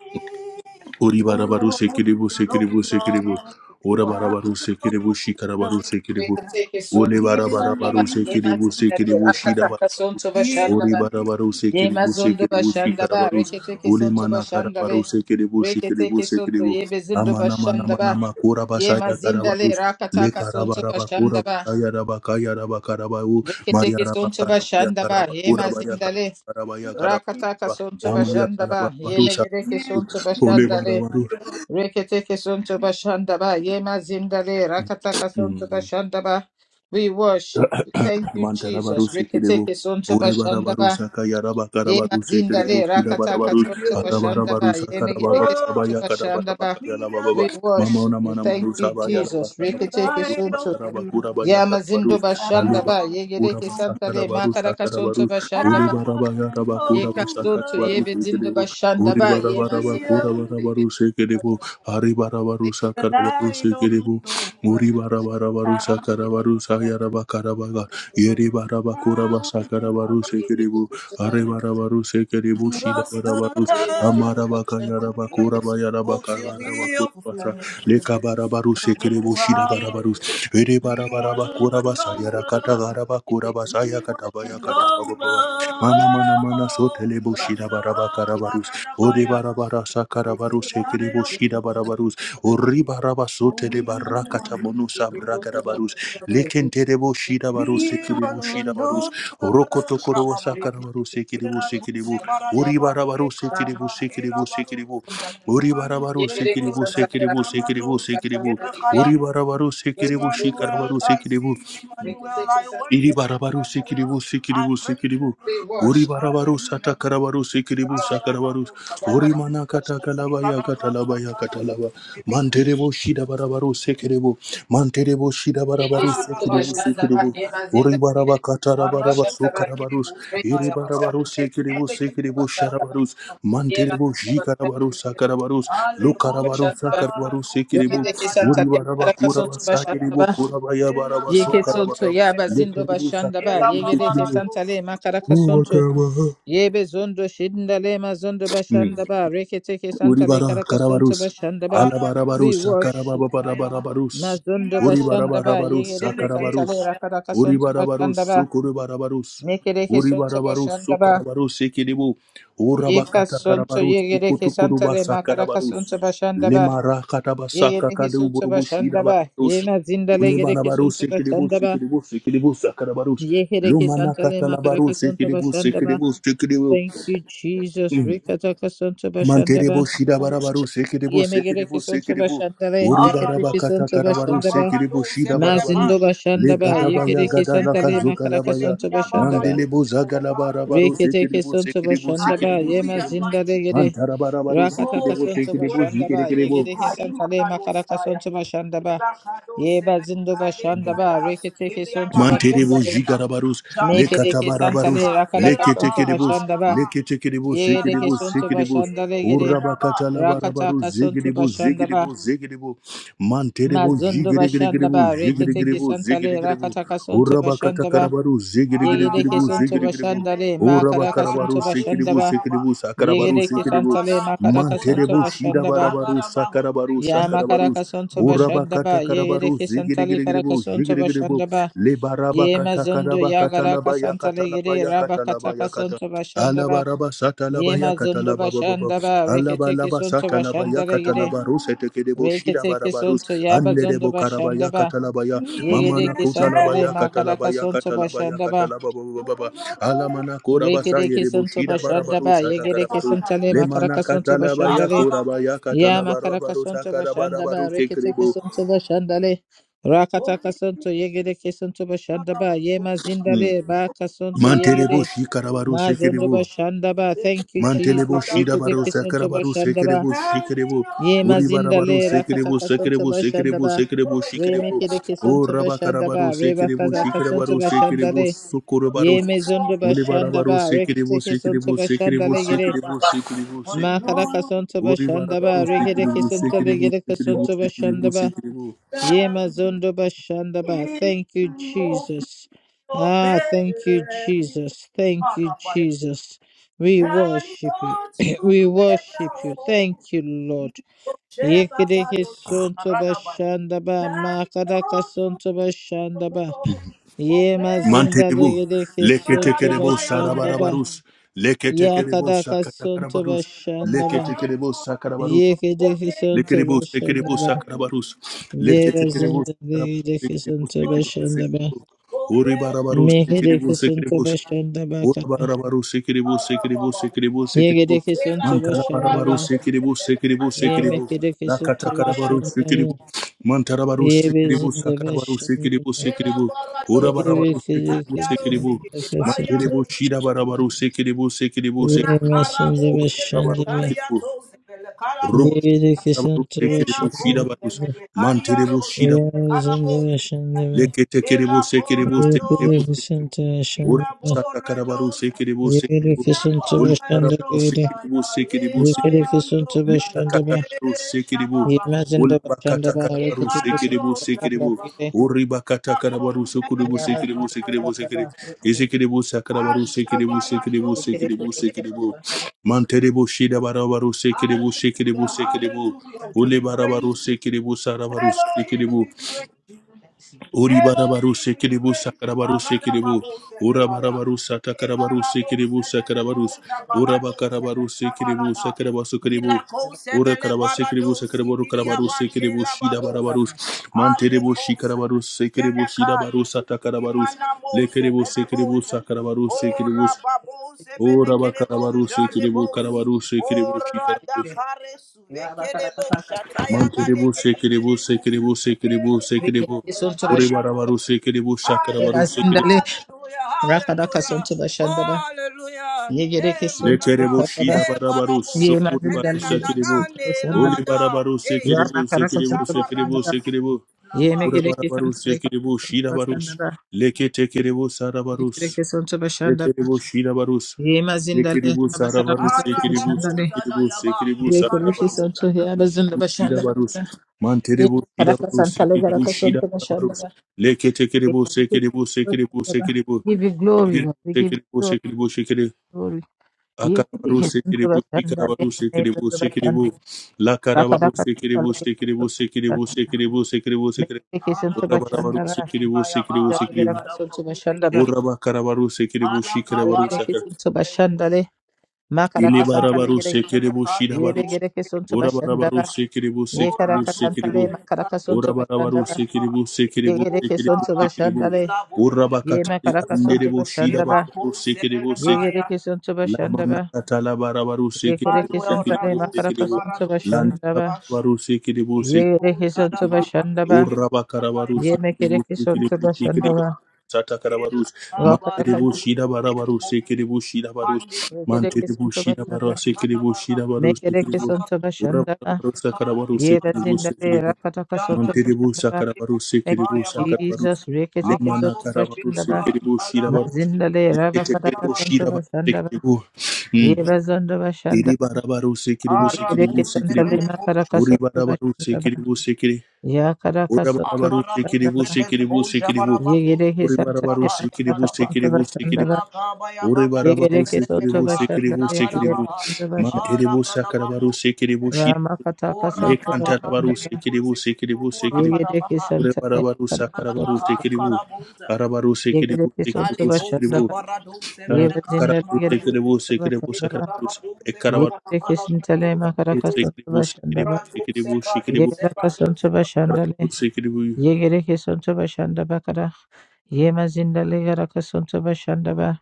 B: me,
D: Ori
B: oh
D: barabaru
B: Lord,
D: sekiribu
B: Lord,
D: sekiribu sekiribu.
B: Lord,
D: Ora
B: I
D: barabaru
B: will
D: sekiribu shikarabaru
B: not
D: sekiribu. Ole
C: Yemazondo
B: give
C: bashanda ba
D: barabarabaru
B: me,
C: yema
D: sekiribu
C: zindare
D: sekiribu
C: rakataka
D: shirabaru.
C: sondo
B: give
C: bashanda
D: Ori
C: ba
D: barabaru
C: yema
D: sekiribu
C: zondo
D: sekiribu
C: bashanda ba
D: shikarabaru.
C: reketeke
D: Ole
C: sonto
D: mana
C: bashanda
D: karabaru
C: le
D: sekiribu shikiribu
C: reketeke sonto
D: sekiribu.
C: yebezindo
D: Amana mana
C: bashanda
D: mana
C: ba
D: makura basaya
C: yemazinda le
D: karabaru. Le
C: rakataka sonto
D: karabaraba
C: bashanda
D: kura
C: ba
D: basaya rabakaya rabakarabaru. Maya
C: reketeke sonto
D: rabakarabaya
C: bashanda ba
D: karabakura baya
C: yemazinda le
D: karabarabaya
C: rakataka
D: karabaraba.
C: sonto
D: Amaya
C: bashanda ba
D: karabaru
C: yemegereke
B: me
C: sonto
D: Ole
C: bashanda
D: barabaru.
C: Reketeke sonto bashandaba, yema zindale, rakataka sonto
D: Mm.
C: bashandaba. We worship you. Thank you,
D: Mantara baru
C: Jesus.
D: sekerebo.
C: Reketeke sonto
D: Ore barabaru
C: bashandaba,
D: saka yaraba
C: yema
D: karabaru
C: zindale,
B: give
D: sekerebo kida
C: rakataka
D: barabaru.
B: me
C: sonto
B: you.
D: Arabara
C: bashandaba,
D: baru saka rababa
C: yenegereke
B: Oh,
D: baba
C: sonto
D: ya karabara
C: bashandaba.
D: baka
B: me,
D: yala baba. ba.
C: We
B: oh,
D: Mama
C: worship
D: ona
C: you.
D: mana
C: Thank
D: manu
C: you,
D: saba
B: oh,
D: yala
C: Jesus.
D: baka
B: you
D: rababa
C: Reketeke
D: kura
B: light
D: baka
B: up,
C: sonto
D: rababa
B: you.
D: kura baya
C: Ya mazindo
D: karabaru.
C: bashanda
D: Ali
B: I
D: ba
B: want,
D: kura basa
C: santale
D: karabaru
C: makara
D: saka
C: kasonto
D: rabaru.
C: bashanda
D: Ore
C: ba
B: I
D: baraba
B: want
D: ya
B: an
D: raba
C: ye
D: kura basa
C: kasonto ye
D: karabaru
B: over.
D: sekerebo. Ore
B: So,
D: barabara ba kura
B: you
D: barabaru sekerebo. Ari barabaru saka rabaru sekerebo.
C: Ye
D: Muribarabarusa Karabarusa Yaraba Karabaga Yeribaraba
B: light up,
D: Kurabasa Karabaruse Kiribu Arebarabaruse
B: You
D: Kiribu Shida
B: lost
D: Barabarus
B: her.
D: Amarabaka
B: Oh,
D: Yaraba
B: yes.
D: Kuraba Yaraba
B: Oh, till
D: Karaba
B: we
D: Kurabasa
B: overflow. Oh,
D: Lekabarabaruse
B: our
D: Kiribu Shida Barabarus
B: love. We want
D: Eribarabaraba
B: to run
D: Kurabasa Yarakata
B: over.
D: Garaba Kurabasa
B: We want to
D: Yakatabaya
B: run over.
D: Katababa Mama Mana Mana
B: Oh, you
D: Sotelebu
B: lost
D: Shida Baraba
B: her.
D: Karabarus Ode
B: Baradabayado.
D: Barabara
B: Oh, till
D: Sakarabaruse
B: I
D: Kiribu Shida
B: overflow.
D: Barabarus Uriba raba
B: Oh,
D: sote le
B: we want
D: barakata
B: to
D: monusa bragara barus. Lekente debo shida barus
B: we
D: ekidebo
B: wanna
D: shida
B: run
D: barus.
B: know.
D: Rokoto korobo sakara
B: Shabba-ba-ba-ba.
D: barus ekidebo
B: Ira tu se
D: sekidebo.
B: barada
D: Uriba
B: ba,
D: raba
B: e
D: rus ekidebo sekidebo
B: karaba,
D: sekidebo. Uriba raba rus ekidebo
B: Mandelebosa,
D: sekidebo sekidebo
B: Namadosa,
D: sekidebo. Uriba
B: Elakarabosa.
D: raba rus
C: We can
D: ekidebo shikara
B: Emmanuel,
D: barus
B: I see
D: ekidebo.
B: you. Emmanuel,
C: take
B: I
C: this up.
B: worship you.
D: Iribarabaru
B: Emmanuel,
D: sikiribu
B: I
D: sikiribu
B: praise your
D: sikiribu.
C: We
B: name.
C: wash.
D: Uribarabaru
B: Hallelujah.
D: satakarabaru sikiribu sakarabaru.
B: Alababosa, Gadaba.
D: Urimana katakalaba ya
B: Ekalabosa,
D: katalaba ya katalaba.
B: Kalabosa, Kiriboshi.
D: Manterebo shida barabaru sikiribu. Manterebo shida barabaru sikiribu
B: Alababosa,
D: sikiribu.
B: Dobo.
D: Uribaraba katarabaraba
B: Aradosa,
D: sukarabaru.
B: Kiribosa, Kaya, Baba.
D: Iribarabaru sikiribu sikiribu
B: Elekiribosa,
D: sharabaru.
B: Baba.
D: Manterebo jikarabaru sakarabaru. Lukarabaru
B: Alekosa,
D: sakarabaru
B: Baradosa,
D: sikiribu.
B: Belekada.
D: Uribaraba kuraba
B: Ekiribosa, Tobaya.
D: sakiribu kuraba ya
B: Ela
D: baraba
C: Yeke
B: cara
C: santo
D: sukarabaru.
C: ya
B: bozebeta.
C: bazindo
D: Yekerebu
C: bashanda ba
B: Ela
D: sakarabu
B: kabara
D: sekiribu.
B: dosi
C: santale
B: ki
D: Ubu
B: bos.
C: makaraka
D: bakarabaha.
C: Yebe zondo shindale mazondo
D: Mm.
C: bashandaba reketeke santale
D: Uribara
C: karakasonto
D: Karabarus.
C: bashandaba.
B: Ara dosi
C: We
D: Kalabarabarus
B: tebo
C: worship you.
B: dayaba.
D: Karababarabarus.
C: Mazondo
B: Ila losa
C: bashandaba
B: dayaba.
D: Uribarabarus
C: yegereke
B: Ele ke
C: santale
D: Karabarus.
B: dayaba
C: rakarakasonto
D: Uribarabarus
C: bashandaba.
D: Sukuribarabarus.
C: Mekereke sonto
D: Uribarabarus
C: bashandaba.
D: Sukarabarus Ikiribu.
C: Yeka
D: Urabakata
C: sonto
D: Karabarus
C: yegereke santale
D: Sukutukurubasa
C: makarakasonto
D: Karabarus.
C: bashandaba.
D: Limara Katabasaka
C: Yegereke sonto
D: Kaduburubushida
C: bashandaba.
D: Barabarus.
C: Yema zindale gereke
D: Unibarabarus
C: sonto
D: Ikiribus
C: bashandaba.
D: Ikiribus Ikiribus Karabarus.
C: Yegereke
D: Lumana
C: santale
D: Katalabarus
C: makarakasonto
D: Ikiribus
C: bashandaba.
D: Ikiribus Ikiribu.
C: Thank you, Jesus. Rikataka sonto bashandaba.
D: Manterebo
B: bosh.
D: Shidabarabaru Sekidebo
C: Yemegere
D: Sekidebo
C: kesonto
D: Sekidebo
C: bashandale,
B: Ara
C: rekete
D: Uribaraba
B: dosi ki
C: kesonto
D: Katakarabaru
C: bashandaba,
B: kabara
D: Sekidebo
B: dosi bele
D: Shidabarabaru
C: mazindo
B: bash.
C: bashandaba,
B: Ara
D: Legadabaya
C: yekere
B: koze
D: Gadalaka
C: kesantale
B: bera
C: makara
B: dosi
D: Zokalabaya
C: kesonto
B: begida bara
C: bashandaba,
D: Mandelebo
B: dosi bele karia.
D: Zagalabarabaru
C: rekete
D: Sekidebo
C: kesonto
D: Sekidebo
C: bashandaba,
D: Sekidebo
C: yema
B: Hallelujah,
D: Sekidebo
B: mighty
C: zindale
B: King.
C: gere,
D: Mantarabarabaru
C: rakata
B: Oh,
D: Sekidebo
B: yes,
C: kesonto
B: the
D: Sekidebo
B: word is the
C: bashandaba,
D: Sekidebo
B: name
C: yegere
B: of
C: kesantale makara
B: Imanalosaya.
C: kesonto bashandaba,
B: Erakado
C: yeba
B: sebe
C: zindo
B: kaderia
C: bashandaba,
B: das,
C: rekete
B: keria
C: kesonto
B: barado
D: Manterebo
C: bashandale,
B: sebeda.
D: jigarabarus, le
B: Jarute
C: mekere
D: katabarabarus,
C: kesantale
B: kiribilika,
C: rakara
D: le
C: kesonto
B: elaka,
D: ketekedebus,
C: bashandaba,
B: alaka,
D: le ketekedebus,
C: yegere
D: sekedebus,
B: elagaba
C: kesonto
B: hade
D: sekedebus,
C: bashandale gere,
B: keribozadaba.
C: rakata
D: urabakatalabarabarus,
C: kesonto
D: zegedebus,
C: bashandaba,
D: zegedebus, zegedebus, manterebo
C: Mazondo bashanda
D: jigeregeregerebu,
C: ba rekete
D: jigeregerebu,
C: kisantale
D: zegeregerebu,
C: rakata kasonto bashanda ba
D: urabakatakarabarus,
B: Ala
C: yegede kisonto
B: barado
D: zegeregeregerebu,
C: bashanda
B: zebele
C: le makara
B: bozia
C: kasonto
D: Urabakarabaru
B: barababo
C: bashanda
D: sekiribu
C: ba
B: shadaba.
D: sekiribu sakarabaru
C: yegede
D: sekiribu
C: kisantale
B: Ikarabada
C: makara kasonto
D: manterebu
B: bozaga,
C: bashanda ba
D: shirabarabaru
B: agarabahu.
D: sakarabaru
C: ya makara
D: sakarabaru
C: kasonto bashanda
D: urabakata
C: ba yegede
D: karabaru
C: kisantale kara
D: zigirigiribu
C: kasonto
D: zigirigiribu
C: bashanda ba ye
D: lebarabakata
C: mazondo ya
D: karabakata
C: gara
D: labaya kata
C: kasantale gede
D: labaya
C: raba
D: kata
C: kata
D: labaya
C: kasonto bashanda ba
D: Alaba raba sata laba
C: ye
D: yakata
C: mazondo
D: laba baba baba.
C: bashanda ba
D: Alaba
C: rekete
D: laba
C: kisonto
D: sata laba
C: bashanda le
D: yakata
C: gede
D: laba ruse teke debo shida
C: rekete
D: baraba rus.
C: kisonto ya
D: Ande
C: bazondo
D: debo karaba
C: bashanda ba
D: yakata laba ya. Mama
B: Healing
D: na
C: Yegedeki
B: a
D: kuta
B: chair,
D: laba
C: santale
D: yakata laba
C: makaraka sonto
D: yakata laba yakata
C: bashandaba.
D: laba baba baba. Alama na kura basa ye
C: Rekedeki
D: debo
C: sonto
D: shida baraba
C: bashandaba.
D: rus ata
C: Yegedeki
D: karaba rus.
C: santale
D: Lema na
C: makaraka sonto
D: kata laba
C: bashandale.
D: yakura ba yakata
C: Ya
D: laba
C: makaraka
D: raba rus
C: sonto
D: akaraba raba
C: bashandaba.
D: rus teke
C: Reketeki
D: debo.
C: sonto bashandale. Rakataka sonto yegedeki sonto bashandaba. Ye
D: Mm.
C: mazindale baka sonto
D: Manterebo
C: yegede.
D: shikaraba rus teke
C: Mazondo
D: debo.
C: bashandaba. Thank you,
D: Mantelebo
C: Jesus.
D: Shidabaro
C: Reketeki sonto
D: Sakarabaru
C: bashandaba.
D: Sekerebo Shikerebo
C: Ye
D: Uribarabaru
C: mazindale
D: Sekerebo
C: rakataka sonto
D: Sekerebo Sekerebo
C: bashandaba.
D: Sekerebo Shikerebo
C: Remeke de
D: O
C: kesonto bashandaba.
D: Rabakarabaru
C: Reba
D: Sekerebo
C: kaza kasonto
D: Shikarabaru Sekerebo
C: bashandale.
D: Sukurabaru
C: Ye mezondo bashanda
D: Ulibarabaru
C: ba
D: Sekerebo
C: rekete kesonto
D: Sekerebo
C: bashanda
D: Sekerebo
C: legere.
D: Sekerebo Sekerebo
C: Ma
D: Sekerebo
C: karaka sonto bashanda
D: Uribarabaru
C: ba rekete
D: Sekerebo
C: kesonto
D: Sekerebo
C: legere
D: Sekerebo
C: kesonto
D: Sekerebo
C: bashanda ba.
D: Sekerebo
C: Ye mazondo bashanda ba. Thank you, Jesus. Ah, thank you,
B: Thank you.
C: Jesus. Thank you,
B: Turn
C: Jesus. We
B: it
C: worship you.
B: all to
C: we
B: red
C: worship you.
B: now.
C: Thank you, Lord.
B: Sheba
C: Yekede
B: baloki
C: kesonto
B: aradabaya.
C: bashanda ba.
B: Turn
C: Ma
B: it
C: karaka
B: all
C: sonto
B: to
C: bashanda ba.
B: gold.
C: Ye
B: Ope
C: mazinda
D: Mantelebo
C: legede kesonto
D: Leketekerebo
B: aradabaya
C: bashanda
B: de
C: ba.
D: Sarabarabarus
C: Ya
B: koloda.
D: Leketekerebo
C: kada kasonto
D: Sakatarabarus
C: bashanda ba.
D: Leketekerebo
C: Ye
D: Sakarabarus
C: kede
B: Ope
C: kesonto
D: Lekerebo,
C: bashanda
D: sekerebo,
C: ba.
B: radio.
D: sakarabarus.
C: Ye
D: Leketekerebo,
C: mazinda
D: sakarabarus.
C: legede
D: Sekerebo,
C: kesonto
D: sekerebo,
C: bashanda ba.
D: sekerebo.
B: Ope
D: Oribarabarus,
C: Me kede
D: sekerebo,
C: kesonto
D: sekerebo.
C: bashanda ba kada.
D: Orabarabarus, sekerebo, sekerebo,
B: arababa.
D: sekerebo,
C: Ye
D: sekerebo.
C: kede kesonto
B: Ela
C: bashanda ba.
B: korada
D: Mantalabarabarus,
B: bo.
D: sekerebo,
B: Ele
D: sekerebo,
C: Ye me
D: sekerebo.
B: adiaro se.
C: kede
B: Ele
C: kesonto
B: kabaya
D: Lakatakarabarus,
B: do.
C: bashanda ba.
D: sekerebo.
C: Ye
D: Mantarabarus, sekerebo,
C: mazinda
D: sakarabarus,
C: bashanda ba. Ye kede kesonto
D: sekerebo,
C: bashanda ba.
D: sekerebo.
B: Ela barado se. ela
D: Orabarabarus, sekerebo,
B: Adiaro
D: sekerebo.
B: se. Kete
D: Mantelebo,
B: barado.
D: shirabarabarus, sekerebo, sekerebo,
C: Ye
B: Ina
D: sekerebo.
C: mazinda
B: karabos, evele
C: bashanda
D: Orabarabarus,
C: ba.
D: sekerebo.
B: kariatos, evele karabos,
D: Rabarus,
C: Birikisin tabi
B: ena
D: Ekerebus,
C: şimdi
B: konde
D: Shirabarus,
B: mele
D: Manterebus,
B: kariaros,
D: Shira,
B: evele
C: yerimizin
B: karabos,
C: de şimdi mi?
B: ela
D: Leketekerebus, Ekerebus, Ekerebus,
B: korados,
C: Birikisin
D: Ekerebus,
C: tabi şimdi
B: gira
C: mi?
D: Orabasata Karabarus,
B: borredos,
D: Ekerebus, Ekerebus,
B: ina
C: Birikisin tabi şimdi
D: Oliparabarus,
B: kovaredos,
C: biri.
D: Ekerebus,
B: ya leba
D: Ekerebus,
C: Birikisin
B: yando,
C: tabi
B: ya
C: şimdi mi?
D: Likatakaru
B: E
D: sekiribu.
B: shababa
C: Yemezin de başında da
B: e
D: Ulabakatakarabaru
C: hareket edesin
D: sekiribu
B: karados,
C: tabi
B: ya
C: şimdi
D: sekiribu.
B: ba.
C: biri.
B: Ina
D: Uribakatakarabaru
B: konde
D: sukuribu
B: mele
C: Yemezin de
D: sekiribu
B: karaya,
D: sekiribu
C: başında da
D: sekiri.
C: hareket edesin.
D: Isikiribu sakarabaru sekiribu sekiribu
B: ashabaratos,
C: Birikisin tabi
D: sekiribu
C: şimdi
B: zebele
D: sekiribu. Manteribu shidabarabaru sekiribu sekiribu
B: Hallelujah,
D: sekiribu.
B: hallelujah. We
C: mi?
B: praise
D: Ulibarabaru
B: you.
D: sekiribu sarabaru
B: Elohim,
D: sekiribu.
B: we praise you.
D: Ori barabaru
B: Elohim, we
D: sekiribu
B: praise you.
D: sakarabaru
B: Arada
D: sekiribu.
B: babo
D: Ora
B: sebelaya.
D: barabaru satakarabaru
B: Ekarabo
D: sekiribu
B: sebelebo
D: sakarabarus. Ora
B: jabarado
D: bakarabaru sekiribu
B: sebelkabalada.
D: sakarabasu kiribu.
B: Ilako
D: Ora
B: sebele
D: karabaru sekiribu
B: barado
D: sakarabaru
B: sitiria
D: karabaru
B: bande
D: sekiribu
B: la
D: shida
B: babos.
D: barabarus. Manteribu
B: Alekos.
D: shikarabaru sekiribu shida baru
B: Jelekados.
D: satakarabarus.
B: Imanamo
D: Lekiribu
B: sebelebo.
D: sekiribu
B: ja-
D: sakarabaru
B: Ora
D: sekiribus.
B: babos ebele
D: Ora
B: kerebo
D: bakarabaru sekiribu
B: jalebos.
D: karabaru sekiribu
B: Ora da
D: shikarabarus.
B: kares
C: Ya
B: kerebo shataya gade
D: Manteribu
B: geri
D: sekiribu
B: geri bus.
D: sekiribu sekiribu
B: Ele koste
D: sekiribu.
C: Rikete
B: bele
C: sonto
D: Ori
B: karya
C: bashandele
D: barabaru sekiribu
B: Hallelujah,
D: sakarabaru
C: mazindale
B: hallelujah,
C: rakadaka sonto
B: hallelujah.
C: bashandaba
B: Oh, hallelujah.
C: yegereke
B: Hey,
C: sonto
D: Lekerebo
B: manana.
C: bashandaba
D: shida
B: Hey,
D: barabaru
C: ye
B: karabos.
D: sokuri
B: Vele
D: baru
C: mazindale gereke
D: sekeribu.
B: nanana
C: sonto
B: ne
C: bashandaba
D: Oli
B: lada.
D: barabaru
B: Hey.
D: sekeribu
C: rakadaka
D: sekeribu
C: sonto
D: sekeribu
C: bashandaba
B: Shabarados.
D: sekeribu.
C: ye
B: Laba.
D: Ura
C: megereke
D: barabaru
C: sonto
D: sekeribu shida barus.
C: bashandaba
D: Leke tekeribu sarabarus.
C: yegereke sonto bashandaba
D: Lekerebo shida barus.
C: ye mazindale
D: Lekeribu
C: rakadaka
D: sarabaru
C: sonto
D: sekeribu
C: bashandale
B: Arababuza
D: sekeribu
B: dayaba.
D: sekeribu
C: ye kereke
D: sarabarus.
B: Hey,
C: to ya bazinda
D: Shida
C: bashandaba
D: barus.
C: ye
D: Manterebo shida
C: rakadaka
D: barus
C: santale
D: sekeribu
C: garaka
D: shida
C: sonto
D: barabarus.
C: bashandaba
D: Leke
C: ye
D: tekeribu
C: kereke to
D: sekeribu sekeribu
C: bashandaba
D: sekeribu.
C: We give you glory Lord we give you
D: Tekeribu
C: glory
D: sekeribu sekeribu
C: glory, Yekete
D: Akarabaru
C: kesinti
D: sekiribu,
C: bashandale,
D: ikarabaru sekiribu,
C: neyesinti
D: sekiribu,
C: bashandale,
D: lakarabaru
C: rakadaka sindale
D: sekiribu,
C: kesinti
D: sekiribu, sekiribu,
C: bashandale,
D: sekiribu, sekiribu, sekiribu,
C: mekete kesinti
B: Alamos
D: urabarabaru
C: bashandale,
D: sekiribu, sekiribu,
B: Bayaba
C: rindale
B: Ali
D: sekiribu,
C: geraka
B: Kadaba
C: sinti bashandale,
B: Uzegemu
D: urabakarabaru sekiribu,
B: Ala
D: shikarabaru
C: rekere
D: sakar,
B: Kabarado
C: kesinti
B: Sele
C: bashandale, makaraka
B: Ala
C: santale
D: ilibarabaru
C: gere,
B: Buzele
D: sekiribu,
B: Kadi
D: shidabaru,
C: yebe gere
B: Buzi
C: kesinti bashandale,
D: urabarabaru sekiribu, sekiribu,
B: Ora
C: yekaraka
B: Tose
C: santale,
D: sekiribu,
C: makaraka
B: Belkando
C: sinti
D: urabarabaru
C: bashandale,
B: Bayaba
D: sekiribu,
B: Ede
D: sekiribu,
C: yegere
D: sekiribu,
C: kesinti
B: Kuzala
D: sekiribu,
C: bashandale,
B: Ila
C: ye
B: Buzele
D: urabakatari
C: makaraka
B: Kuza
C: sinti
D: anderebu,
C: bashandale,
B: Ima
D: shidabarabaru
B: Kuzele
C: yegere
B: Kaya
C: kesinti bashandale,
D: Lamanakata labarabaru
C: yekere
D: sekiribu
B: Emmanuel
C: kesintale,
D: sekiribu
B: Rabus
C: makaraka
D: sekiribu.
C: sinti
B: Ibarado
C: bashandale,
B: Sebash
D: Lantarabaru sekiribu
B: Ede
C: Ye rekisanto
B: Kuzala
D: sekiribu.
B: Bahandi
C: bashandaba.
B: Kiribu
D: Urabakarabaru
B: Kataya
C: Ye
B: Bahandi
D: sekiribu
B: Kiribu
C: mekerekisanto
D: sekiribu sekiribu.
C: bashandaba.
D: Satakarabarus,
C: Rakataka.
D: Mantiribu Shida Barabaru,
B: Kuzala
D: Sekiribu Shida Barus,
B: Mande kibo
D: Mantiribu
C: Rekerekisanto
D: Shida Barra,
C: bashandaba.
B: katara
D: Sekiribu
B: bara
D: Shida Barus, Sekiribu,
B: ekara
C: Mekerekisanto bashandaba.
D: Urabarabaru
B: beka
D: Sakarabaru,
C: Ye
B: ekara
C: bazindabe.
B: bosa
D: Sekiribu,
B: yara
C: Rakatakasanto
B: do
D: Mantiribu
C: bashandaba.
B: se
D: Sakarabaru
B: bo,
C: Thank you,
D: Sikiribu
B: baya babush
D: Sakarabaru
C: Jesus.
D: Lemana
B: amando
C: Rekerekisanto
D: Karabaru
B: sibili ka
C: bashandaba.
D: Sikiribu
B: ala bo
D: Shirabaru
C: Mazindale.
B: se sebele
D: Tekeribu
B: ba
C: Rabakatakasanto
D: Shirabaru
C: bashandaba.
D: Sikiribu
C: Ye bazando bashandaba.
D: Iribarabaru Sikiribu
C: Ye
B: ara bo
D: Sikiribu
B: se
C: kerekisanto
D: Sikiribu
C: lema
B: sebele
C: karakasanto
D: Uribarabaru
C: bashandaba.
D: Sikiribu Sikiri
C: Ya karakasanto
D: Urabarabaru Sikiribu
C: bashandaba.
B: Akarabuze bele
D: Sikiribu
B: boja
D: Sikiribu
B: bara
C: Ye
B: babuze
C: kerekisanto
D: Uribarabaru
C: lema
B: baha ya
D: Sikiribu
B: karaba.
C: karakasanto
D: Sikiribu Sikiribu
C: bashandaba.
B: Ila kaba ya babuze
D: Uribarabaru
B: bele
C: Yegereke
B: bele
C: sonto
D: Sikiribu
B: ka
C: başarıları,
D: Sikiribu
B: ila karaba
D: Sikiribu
B: ha.
C: yegereke başarıları,
B: Ala
D: Mantiribu
B: karaba
D: Sakarabaru
B: kuze
D: Sikiribu Shira
B: bele.
C: Rama kataka
B: Ora
C: sonto
B: kaba
D: Lekantarabaru
B: handele
C: başarıları,
D: Sikiribu
B: buze
D: Sikiribu
B: kuhura
D: Sikiribu
B: karaba
C: yegereke
B: ha.
C: sonto ne
D: Rebarabaru
C: karaka
D: Sakarabaru
B: Karaba
C: sonto
B: ha
D: Sekiribu,
C: başarıları,
B: karabuze.
D: Arabaru Sekiribu,
C: yegereke
B: Hali
C: sonto
D: Sekiribu,
C: başarıları,
B: buze
D: Sekiribu,
B: bara doze
D: Ah,
B: bele ka ya
C: yemezinleri
D: Karabaru
B: bara
C: gereke
D: Sekiribu,
B: doze.
C: sonto
D: Sekiribu,
C: başarıları,
D: Sakarabaru,
B: Ikaraba buze
D: Ekarabaru
B: braga
C: yegereke
B: kabala bara
C: sintele
B: buze
C: makaraka
B: buze.
C: sonto
D: Sekiribu, Sekiribu,
C: başarıları,
B: Braga doze
D: Sekiribu,
B: braga
D: Sekiribu,
B: doze
C: yegereke
B: braga
C: sonto
B: doze.
C: başarıları,
D: Karabaru Sekiribu,
C: yegereke sonto başarıları bakara, yemezinleri gereke sonto başarıları,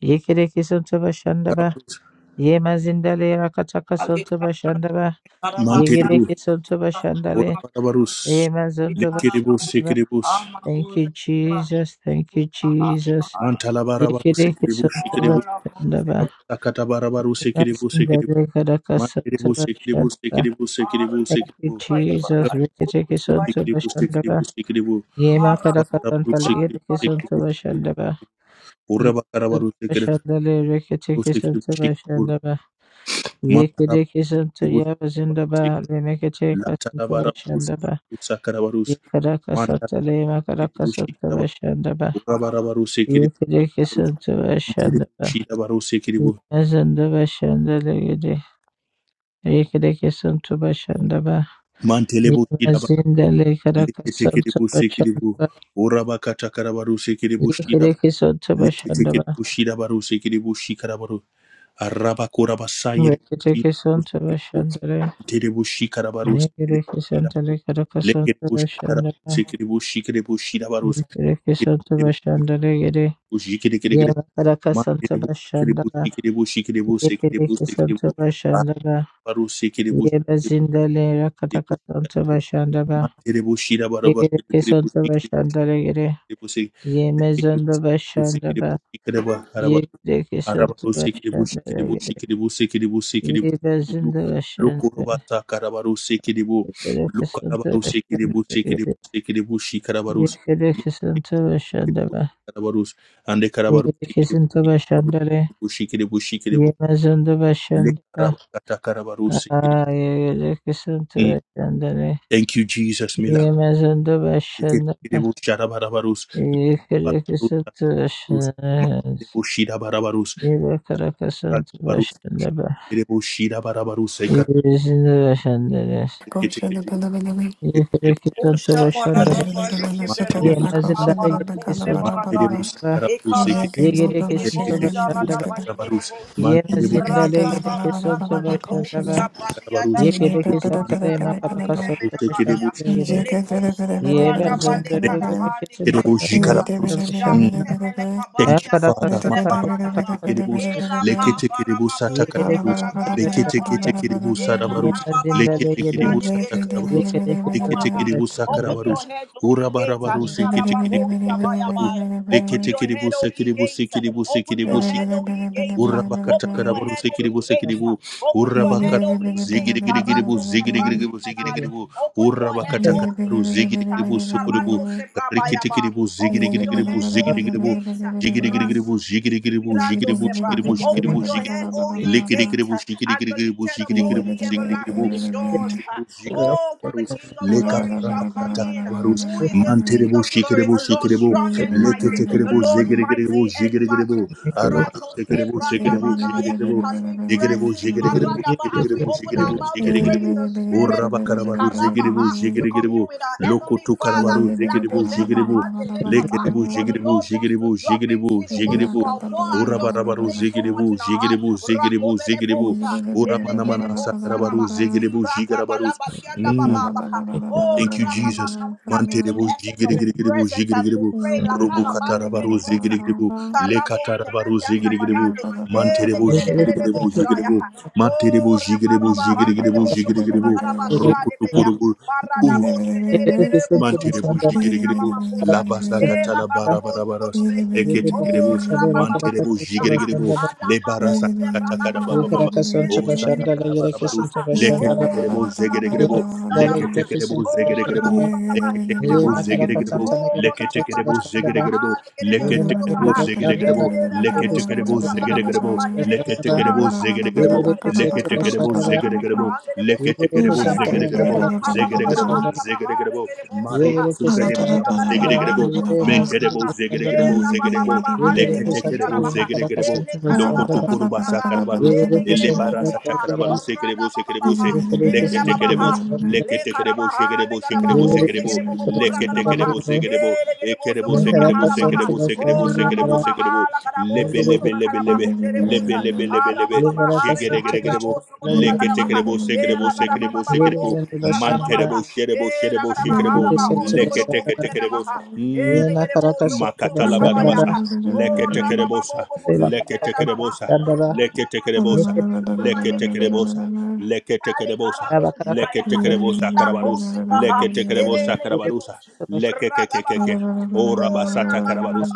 C: yegereke sonto başarıları,
D: Arabaru
C: yemezinleri gereke sonto başarıları,
D: Mantiribu,
C: Yigiriki soto bashandare,
D: Orabarabarus,
C: ema zonto
D: Lekiribu,
C: bashandaba.
D: Sekiribus,
C: Thank you, Jesus. Thank you, Jesus.
D: Mantalabarabaru
C: Yigiriki
D: Sekiribu,
C: soto
D: Sekiribu,
C: bashandaba.
D: Sakatabarabaru
C: Ema
D: Sekiribu, Sekiribu,
C: zindare karaka soto
D: Mantiribu, Sekiribu,
C: bashandaba.
D: Sekiribu, Sekiribu,
C: Thank you,
D: Sekiribu,
C: Jesus. Rikitiki soto
D: Sikiribu,
C: bashandaba.
D: sikiribu, sikiribu.
C: Yema karaka
D: Urabakarabaru,
C: santale
D: sikiribu,
C: yigiriki soto
D: sikiribu, sikiribu.
C: bashandaba. Yema sunto
D: Urabakarabaru, sikiribu,
C: bashandale rikitiki
D: sikiribu,
C: soto
D: sikiribu.
C: bashandaba.
D: Mantarabaru,
C: Yigiriki soto
D: sikiribu, sikiribu,
C: yaba zindaba.
D: sikiribu.
C: Lemekitiki soto
D: Latarabarabaru,
C: bashandaba.
D: sikiribu, sakarabaru.
C: Yekarakasatalay
D: Mantarabaru, sikiribu, sikirabaru.
C: Makarakasantabashandaba
D: Urabarabaru, sikiribu. Mantiribu,
C: Yekarakasantabashandaba
D: shirabaru, sikiribu.
C: Yemazandabashandalegede Yekarakasantabashandaba
D: Mantelebo shirabarabaru.
C: Yemazindale
D: Leketekeribu, sikiribu.
C: Karakasantabashandaba
D: Urabakatakarabaru, sikiribu, shirab-
C: Yekarakasantabashandaba
D: Leketekeribu, shirabaru, sikiribu, shikarabaru. Arabakurabasairi
C: Yekarakasantabashandale
D: Terebushikarabarus
C: Mekarakasantalay Karakasantabashandaba
D: Lekebushikarabushikarabushikarabushirabarus
C: Yekarakasantabashandalegede
D: Bushikirikiri
C: Yemakarakasantaba Shandaba
D: Manterebushikiribushikiribushikiribushikiribu
C: Yekarakasantabashandaba Yeba
D: Arabarusikiribushikiribushikiribu
C: zindale rakataka tonto bashandaba. Yegereke sonto
D: Manterebushirabarabashikiribushikiribu
C: bashandalegere.
D: busi
C: Yeme
D: kiri
C: zondo
D: busi busi kiri
C: bashandaba.
D: busi kiri ba araba
C: Yegereke
D: araba
C: sonto
D: busi kiri busi kiri busi
C: bashandalegere.
D: kiri busi kiri busi kiri
C: Yeba
D: bu
C: zindo
D: loko roba
C: bashandaba.
D: sa karaba busi kiri bu
C: Yegereke
D: luka araba
C: sonto
D: busi kiri busi kiri
C: bashandalegere.
D: busi kiri busi karaba busi
C: Yegereke sonto bashandaba.
D: karaba busi ande karaba busi
C: Yegereke
D: kiri
C: sonto
D: busi
C: bashandale.
D: busi kiri busi kiri bu
C: Yema zondo
D: le
C: bashandaba.
D: karaba kata karaba busi kiri
C: Ah, yegereke sonto
D: Mm.
C: bashandale.
D: thank you jesus mila
C: Yema zondo bashandaba.
D: kiri bu sharaba araba
C: Yekerekesantibashandanas.
D: busi araba busi Baru
C: Yebakarakasantabashandaba.
D: Kerebo Shira bara Barabaru Sekar
C: Yebezinabashandanas.
E: Thank you.
D: Ketekedu Ketekedu
C: Yekerekesantobashandaba.
D: Manterebu
C: Yemazindalegerekesantaba.
D: Manterebu Sakarabaru
B: Ekara
D: Sekedu
B: sike kere boja
D: Ketekedu
B: rada
C: Yegerekesantobashandaba.
B: bale
D: Sakarabaru
B: kere
D: Manterebu
B: Rata barata palipo
C: Yemazindalegerekesantobashandaba.
B: sabalia
D: Sakarabaru
B: da barata
D: Ulimana
B: pasha da barinde
D: Sakarabaru Sekedu Ketekedu baru.
B: menakadaya.
C: Yekerekesantalemakabakasantabashandabagere.
B: Lekosu Brada balekada bali
D: mantere bo sakara baru ule mana sakara baru seka bo kete kete bo jikara
B: kiribosa.
D: baru
C: Yebazondayegerekesantalemezinabashandana.
B: Jarute bele
D: Thank you,
B: kabaria
D: Father.
B: kose
D: Malaba
B: barada ba.
D: tekeribus,
C: Yakarakasantalemakarakasantabashandaba.
B: Ela
D: leke
B: kaba
D: tekeribus atakarabarus, leke
C: Yegerekesantobashandaba.
D: tekeribus arabarus,
C: Yema
B: babo
D: leke
C: zindalegede,
D: tekeribus
B: shade bebe
D: atakarabarus,
B: sekere
C: yekedeke
B: bobo
D: leke
B: baha.
C: sotaba
D: tekeribus
B: Open
C: sandaba.
B: your
D: akarabarus,
B: heads, O ye gates.
C: Yema
D: urabarabarus, leke
E: Thank
B: Alikarababo
D: tekeribus ikarabarus,
B: shabayabaya.
D: leke
B: Open your head,
D: tekeribus
B: O ye
D: sekiribus
B: gates.
D: ikiribus
B: Open your
D: ikiribus
B: head,
D: ikiribus.
B: O ye gates.
D: Urabakata
B: Open your
D: karabaru
B: head, O
D: sekiribu
B: ye gates.
D: sekiribu
C: zindalegede.
B: Open your head, O
D: urabakarabaru
B: ye gates.
D: zigirigiribu
B: Arato sebrante
D: zigirigiribu
B: menali.
D: zigirigiribu
B: Open your
C: I
B: head,
D: urabakata
C: thank you,
B: O ye
D: karabaru
B: gates.
D: zigirigiribu sukuribu
B: Alikarado
C: Lord
B: sebrabayaba.
D: rikitikiribu
B: Open your
D: zigirigiribu
B: head, O
C: God,
B: ye
D: zigirigiribu
B: gates.
D: Jigirigirigiribu,
B: Rasubiliki
D: jigirigiribu,
B: birando
D: jigiribu,
B: sebra.
D: jigiribu,
C: for
B: Open
D: jigiribu,
C: doing
B: your head,
D: jigiribu.
B: O
C: this.
B: ye gates,
D: Likirigiribu,
B: and be
D: jigirigirigiribu,
B: lifted up, O
D: jigirigiribu,
B: ye
D: jigirigiribu.
C: Yes,
B: everlasting
C: yes,
B: doors.
D: Manteribu,
C: yes,
B: Oh, for the
D: jigarabarus,
B: King of glory shall come in.
D: lekabarabasatakabarus.
B: Who is this King
D: Manteribu,
B: of glory?
D: shikiribu,
B: The Lord
D: shikiribu.
B: strong and mighty, the
D: Leketekiribu,
B: Lord
D: zigirigiribu,
B: mighty in battle.
D: jigirigiribu.
C: yes, yes, yes, yekedeke
D: Arabarus,
B: Ratos
C: sotaba,
D: sekiribu, sekiribu,
B: Ebrandamanaya.
D: jigirigiribu.
B: Can we press
D: Jigiribu,
B: in
E: you.
D: jigirigiribu,
B: Maradaba
C: yekedeke
B: as
C: sotaba,
B: we
D: jigirigiribu,
B: open
C: yekedeke
D: jigiribu,
B: our mouth to
E: Yeah,
C: sotaba.
B: pray in
D: jigirigiribu.
B: the spirit?
D: Urabakarabaru, zigiribu,
B: Likarabaha to commune
D: jigirigiribu.
B: with our heavenly Father.
D: Lokutukarabaru, zigiribu, jigiribu.
B: Lakozebraha de Lekaba.
D: Lekeribu,
B: For the
D: jigiribu,
B: Lord wants to
D: jigiribu,
B: drop in,
D: jigiribu,
B: see the wants to
D: jigiribu.
B: outpour and just
D: Urabarabaru,
B: place so much
D: zigiribu,
B: in our heart
D: jigiribu, zigiribu,
B: rakovele
D: zigiribu.
B: bosa, elekere
D: Uramanamana,
B: bosa
D: sakarabaru,
B: raba,
D: zigiribu,
B: libraka
D: jigarabarus.
B: balabarianda
D: Mm.
B: bababa. Oh,
D: Thank you, Jesus.
B: rabababa, we tap into
D: manterebu
B: the
D: Manteribu,
B: essence of His
D: jigirigiribu,
B: presence as we
D: jigirigiribu.
B: pray. Lakana bande kere
D: Rubukatarabaru,
B: bosa,
D: zigirigiribu.
B: likarabo
D: Lekatarabaru,
B: shebelianda
D: zigirigiribu.
B: manande,
D: Manteribu,
B: elekere
D: jigirigiribu,
B: bosa
D: jigiribu. Manteribu,
B: Oh,
D: jigiribu,
B: Rabaraba, Hande de
D: jigirigiribu,
B: Boso,
D: jigirigiribu.
B: Cotobragaraba, Shade Bega,
D: Rukutukurubu.
B: Barada Bose, de de de de
C: Yekedeke
B: de Boso,
C: sotaba,
D: Manterebus,
C: sandaba,
B: Tobragaraba, Ina
D: Jigiribu,
B: Mama Mosa,
D: Labasa
B: Ela
D: Gatala
C: sotaba.
B: Baba Boso,
D: Barabarabaros,
B: Cotobreke,
C: Yekedeke sotaba, sandaba. Rakaraka sotaba, sandaba. Yekedeke
B: Oh,
D: Eketekerebus,
C: sotaba,
B: Rababa
C: rakaraka
D: Manterebus,
B: Bosa,
C: sotaba,
D: Jigiribu,
C: sandaba.
B: Alaba
D: Lebarasa
B: Bose, Braba
D: Katakada Baba
E: Yeah,
B: Baba,
D: Baba,
C: Yekedeke
D: O
B: Ele de
C: sotaba,
B: de de
C: sandaba,
B: de
D: Satakara
C: yekedeke
B: Bosa,
D: Barabarus,
C: sotaba, sandaba.
D: Leketekerebo,
B: Oh,
C: Thank
D: Zegeregrebo,
B: Rabobo
C: you.
D: Leketekerebo,
B: Oh,
D: Zegeregrebo,
B: rabababa, hina
D: Leketekebo zegedegedebo,
B: Oh, rabababa,
D: leketekebo
B: shara
D: zegedegedebo,
B: mahande, kere bosu to
D: leketekebo
B: baha.
D: zegedegedebo,
B: Eh, ragara bosu
D: leketekebo
B: koto rakara
D: zegedegedebo,
B: bababa, here
D: leketekebo
B: bozara. Eh,
D: zegedegedebo,
B: legere bosu
D: leketekebo
B: koto rakara bababa,
D: zegedegedebo,
B: hande
D: leketekebo zegedegedebo,
B: Eh, la kaba bababa,
D: zegedegedebo,
B: hara
D: zegedegedebo,
B: bahare, kere bosu
D: mari
B: ha.
D: sutedeba
B: Eh,
D: raba
B: ragara
D: zegedegedebo,
B: bahare, bosu
D: menterebo zegedegedebo, zegedebo, leketekebo zegedegedebo, lokotokoro basakarabaru, elebara satakarabaru sekerebo sekerebo Leketekerebo, leketekerebo, shekerebo,
E: Thank
D: shekerebo,
E: you.
D: sekerebo, leketekerebo, zekerebo, ekerebo,
C: Mekara
D: sekerebo,
C: kasan
D: sekerebo,
C: sama
D: sekerebo,
C: sandira
D: sekerebo,
C: kara
D: sekerebo, lebe,
C: yengere
D: lebe, lebe,
B: Oh,
C: kasan
D: lebe, lebe,
B: Bahunderebosa,
D: lebe, lebe, lebe,
B: Arababa
C: yengara
B: Hareba
C: kasan sama
D: jegeregerebo,
B: Haribaboso
C: sandira yere
B: Cotobragarabaha,
D: leketekerebo, sekerebo, sekerebo,
C: yere
D: sekerebo,
B: Eragarabababos,
C: zandu da sandira
B: Gibragarabaha,
D: manterebo, sherebo, sherebo,
C: yengere
B: Eragarabahara
D: shekerebo,
C: kasan
B: Hoso
C: sama sandira
D: leketekerebo,
B: Gorobundanamaha,
D: mm,
C: yena kara
B: Elegereboso
C: kasan sama
D: Makatala
C: sandira
B: Cotobrakabayaha,
D: barabasa,
B: O
D: lekete
C: yengere
D: kerebosa,
B: Rabababo
C: kasan sama kara ये sama sandira
B: Sindarabaha,
D: Leketekerebosa, leketekerebosa,
C: yengere kasan
B: Radabasu.
D: leketekerebosa,
B: Ale
D: leketekerebosa,
C: sama kara kasan
B: karaboshaya,
D: leketekerebosa
B: ita
D: karabarus,
B: kosebaha,
D: leketekerebosa
B: ele
C: yengere kasan sama sandira
D: karabarusa,
B: neboshu,
C: yengere kasan
B: ragababa,
D: lekekekekeke,
B: oh
D: orabasata
B: rabababa,
D: karabarus,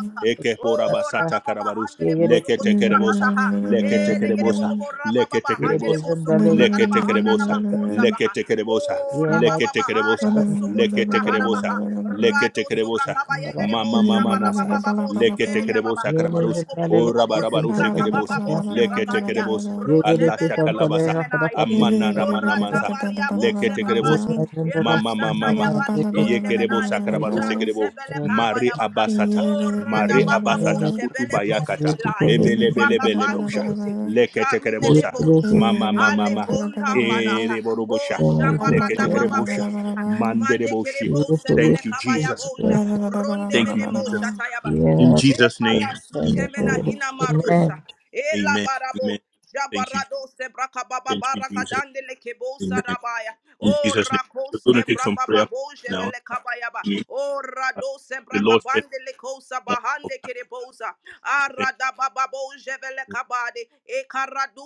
B: oh
D: ekeporabasata
B: ragababa,
D: karabarus,
B: hande nebosu kutubra
D: leketekerebosa,
B: kasaha, ele
D: leketekerebosa,
B: gerebobo rabababa, hande
C: yere
D: leketekerebosa,
B: nebosu
C: zandale
B: kutubra
C: yere
B: karaba, handa nama
D: leketekerebosa,
C: kasan
B: kosabraha,
D: leketekerebosa,
B: oh
C: yema
B: rabababa,
C: kasan
B: hare
D: leketekerebosa,
C: sama
B: bosu kutubra
D: leketekerebosa,
B: harabaha, rado sobra
D: leketekerebosa,
B: kaba
C: sandira
B: yegerebo
E: Shake
D: Mama mama
B: jabara
D: nasa.
B: bababa bosu
D: Lekete
B: dere
D: kerebos
B: yababa,
C: Amen.
D: akarabarus.
B: roko bobo
D: Ora
B: bobo
D: barabarus
B: zibra
D: ekerebos.
B: kababa bose
D: Lekete
B: brakaya,
D: kerebos. Allah
B: rosevele
D: shakalabasa.
B: bronte menai,
D: Amana ramana
B: jorata
D: mansa.
B: baria bose
D: Lekete kerebos.
B: brabati,
D: Mama mama
B: irasata
D: mama.
B: ya bani
D: Ye
B: bronte
D: kerebos
B: menai,
D: akarabarus ekerebo.
B: jarusevele kaba
D: Mari
B: ya baha,
D: abasata.
B: ora da
D: Mari
B: baba
D: abasata.
B: bose bele brose
D: Kutubayakata.
B: belai,
D: Ebelebelebelebosha.
B: ruakabandose,
D: Lekete
B: jaruvele
D: kerebosa.
B: bosha,
D: Mama mama
B: ale
D: mama.
B: konda mana,
D: Ereborobosha.
B: bosha barada
D: Lekete
B: baba
D: kerebosha.
B: bosa, mande kere
D: Mandereboshi.
B: bose bele
D: Thank you,
B: kabaya ya
D: Jesus.
B: boja, ronde
D: Thank you,
B: mene mosha
D: Jesus.
B: tayaba.
D: In Jesus' name. in
B: Ekarasuntemena hina
D: Jesus' name.
B: marosa. Ela
D: Amen. Amen.
B: barabo.
D: Thank you.
B: Jabarado sebraka baba
D: Thank you,
B: baraka
D: Jesus.
B: dande lekebo
D: Amen.
B: sarabaya.
D: In
B: O
D: Jesus' name. We're
B: rakos
D: going to take some
B: ebraka
D: prayer
B: babo
D: now.
B: jebele kabayaba.
D: Yeah.
B: O
D: Uh,
B: rado
D: The
B: sebraka
D: Lord said,
B: bandele kosa
D: "One of
B: bahande
D: them."
B: kerebosa.
D: Thank
B: Arada bababo jebele
D: you.
B: kabade.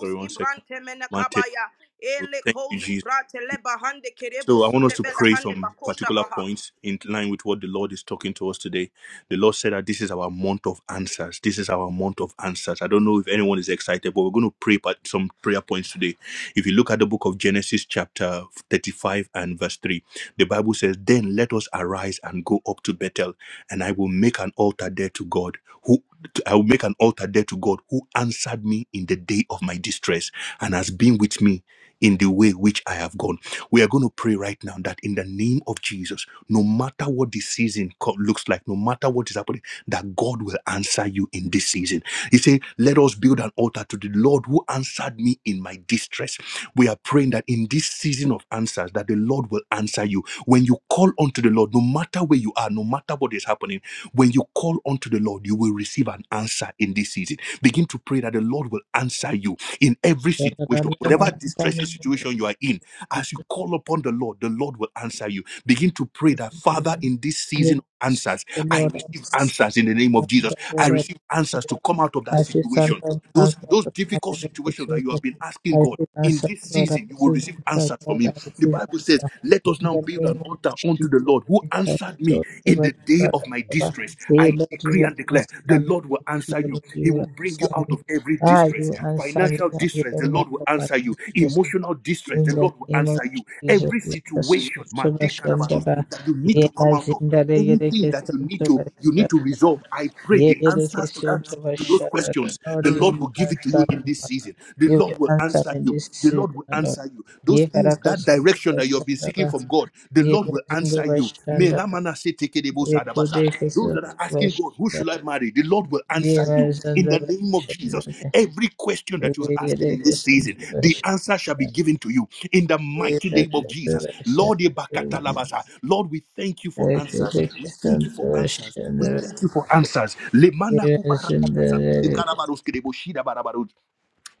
D: Sorry, one second.
B: ibrante mena
D: One, two,
B: kabaya.
D: three.
B: Ele
D: Thank you,
B: kosi
D: Jesus.
B: brate le bahande kerebo
D: So I want us
B: sute
D: to
B: bele
D: pray
B: hande
D: some
B: bakosha
D: particular
B: baha.
D: points in line with what the Lord is talking to us today. The Lord said that this is our month of answers. This is our month of answers. I don't know if anyone is excited, but we're going to pray part- some prayer points today. If you look at the book of Genesis, chapter 35 and verse 3, the Bible says, Then let us arise and go up to Bethel, and I will make an altar there to God, who I will make an altar there to God who answered me in the day of my distress and has been with me in the way which I have gone. We are going to pray right now that in the name of Jesus, no matter what the season co- looks like, no matter what is happening, that God will answer you in this season. He said, Let us build an altar to the Lord who answered me in my distress. We are praying that in this season of answers, that the Lord will answer you. When you call unto the Lord, no matter where you are, no matter what is happening, when you call unto the Lord, you will receive an answer in this season. Begin to pray that the Lord will answer you in every situation,
C: The
D: whatever distressing situation you are in. As you call upon the Lord, the Lord will answer you. Begin to pray that, Father, in this season of answers, I
C: Lord,
D: receive answers in the name of Jesus. I receive answers
C: I'm
D: to come out of
C: I
D: that
C: receive
D: situation.
C: sometimes
D: Those,
C: answer
D: those
C: to my
D: difficult
C: beloved
D: situations that you
C: children.
D: have been
C: I
D: asking God
C: receive
D: in
C: answer,
D: this
C: God. I
D: season, you will
C: receive
D: receive
C: answer,
D: answers from
C: God. I
D: Him. The
C: receive
D: Bible says,
C: answer.
D: Let us
C: In
D: now
C: the
D: build an
C: name of
D: altar unto the
C: Jesus,
D: Lord who
C: we have
D: answered me
C: joy
D: in
C: over
D: the
C: the
D: day
C: blood
D: of my
C: of God.
D: distress.
C: Say,
D: I
C: Lord, you
D: decree
C: will
D: and declare
C: answer
D: the Lord will
C: me.
D: answer you.
C: Lord, you
D: He
C: will
D: will bring you
C: answer
D: out
C: me.
D: of every
C: Ah,
D: distress.
C: you answer me.
D: Financial
C: and You
D: distress, the
C: bring me
D: Lord
C: out
D: will
C: of my
D: answer you.
C: distress.
D: Emotional distress,
C: In
D: the
C: the
D: Lord will
C: name of
D: answer you you,
C: Jesus,
D: every
C: let us
D: situation,
C: sow to
D: Matikarabarus,
C: Bashandaba,
D: that you need to come out of,
C: Yemazinda de
D: anything that
C: Yerekeson
D: you need
C: to
D: to you need to
C: Bashandaba,
D: resolve. I pray the answers to that
C: Yerekeson to
D: to those
C: Bashandaba.
D: questions,
C: Lord,
D: the
C: you
D: Lord will
C: will
D: give it to
C: answer
D: you in
C: me.
D: this
C: Lord.
D: season. The
C: You will
D: Lord will
C: answer
D: answer
C: me
D: you.
C: this
D: The
C: season,
D: Lord will
C: Lord.
D: answer you. Those things, that
C: Yekarakason to
D: direction that you have been seeking
C: Bashandaba,
D: from God, the Lord will
C: Yemazinda
D: answer you.
C: Bashandaba,
D: Menamana se tekedebo sadabasa. Those
C: Yerekeson
D: that are
C: to
D: asking God, who should
C: Bashandaba,
D: I marry? The Lord will answer you in
C: Yemazinda
D: the
C: Bashandaba, Yerekeson
D: name of
C: to
D: Jesus. Every question that you are asking in this season, the answer shall be
C: Bashandaba,
D: given to you in the mighty name of Jesus.
C: Yerekeson to
D: Lord,
C: Bashandaba.
D: Ebakatalabasa. Lord, we thank you for answers.
C: Ekadeki
D: We thank you for answers. We
C: santoshana
D: thank you for answers. Lemana kubarakatasa.
C: irasandalari
D: Ikarabaros kedeboshida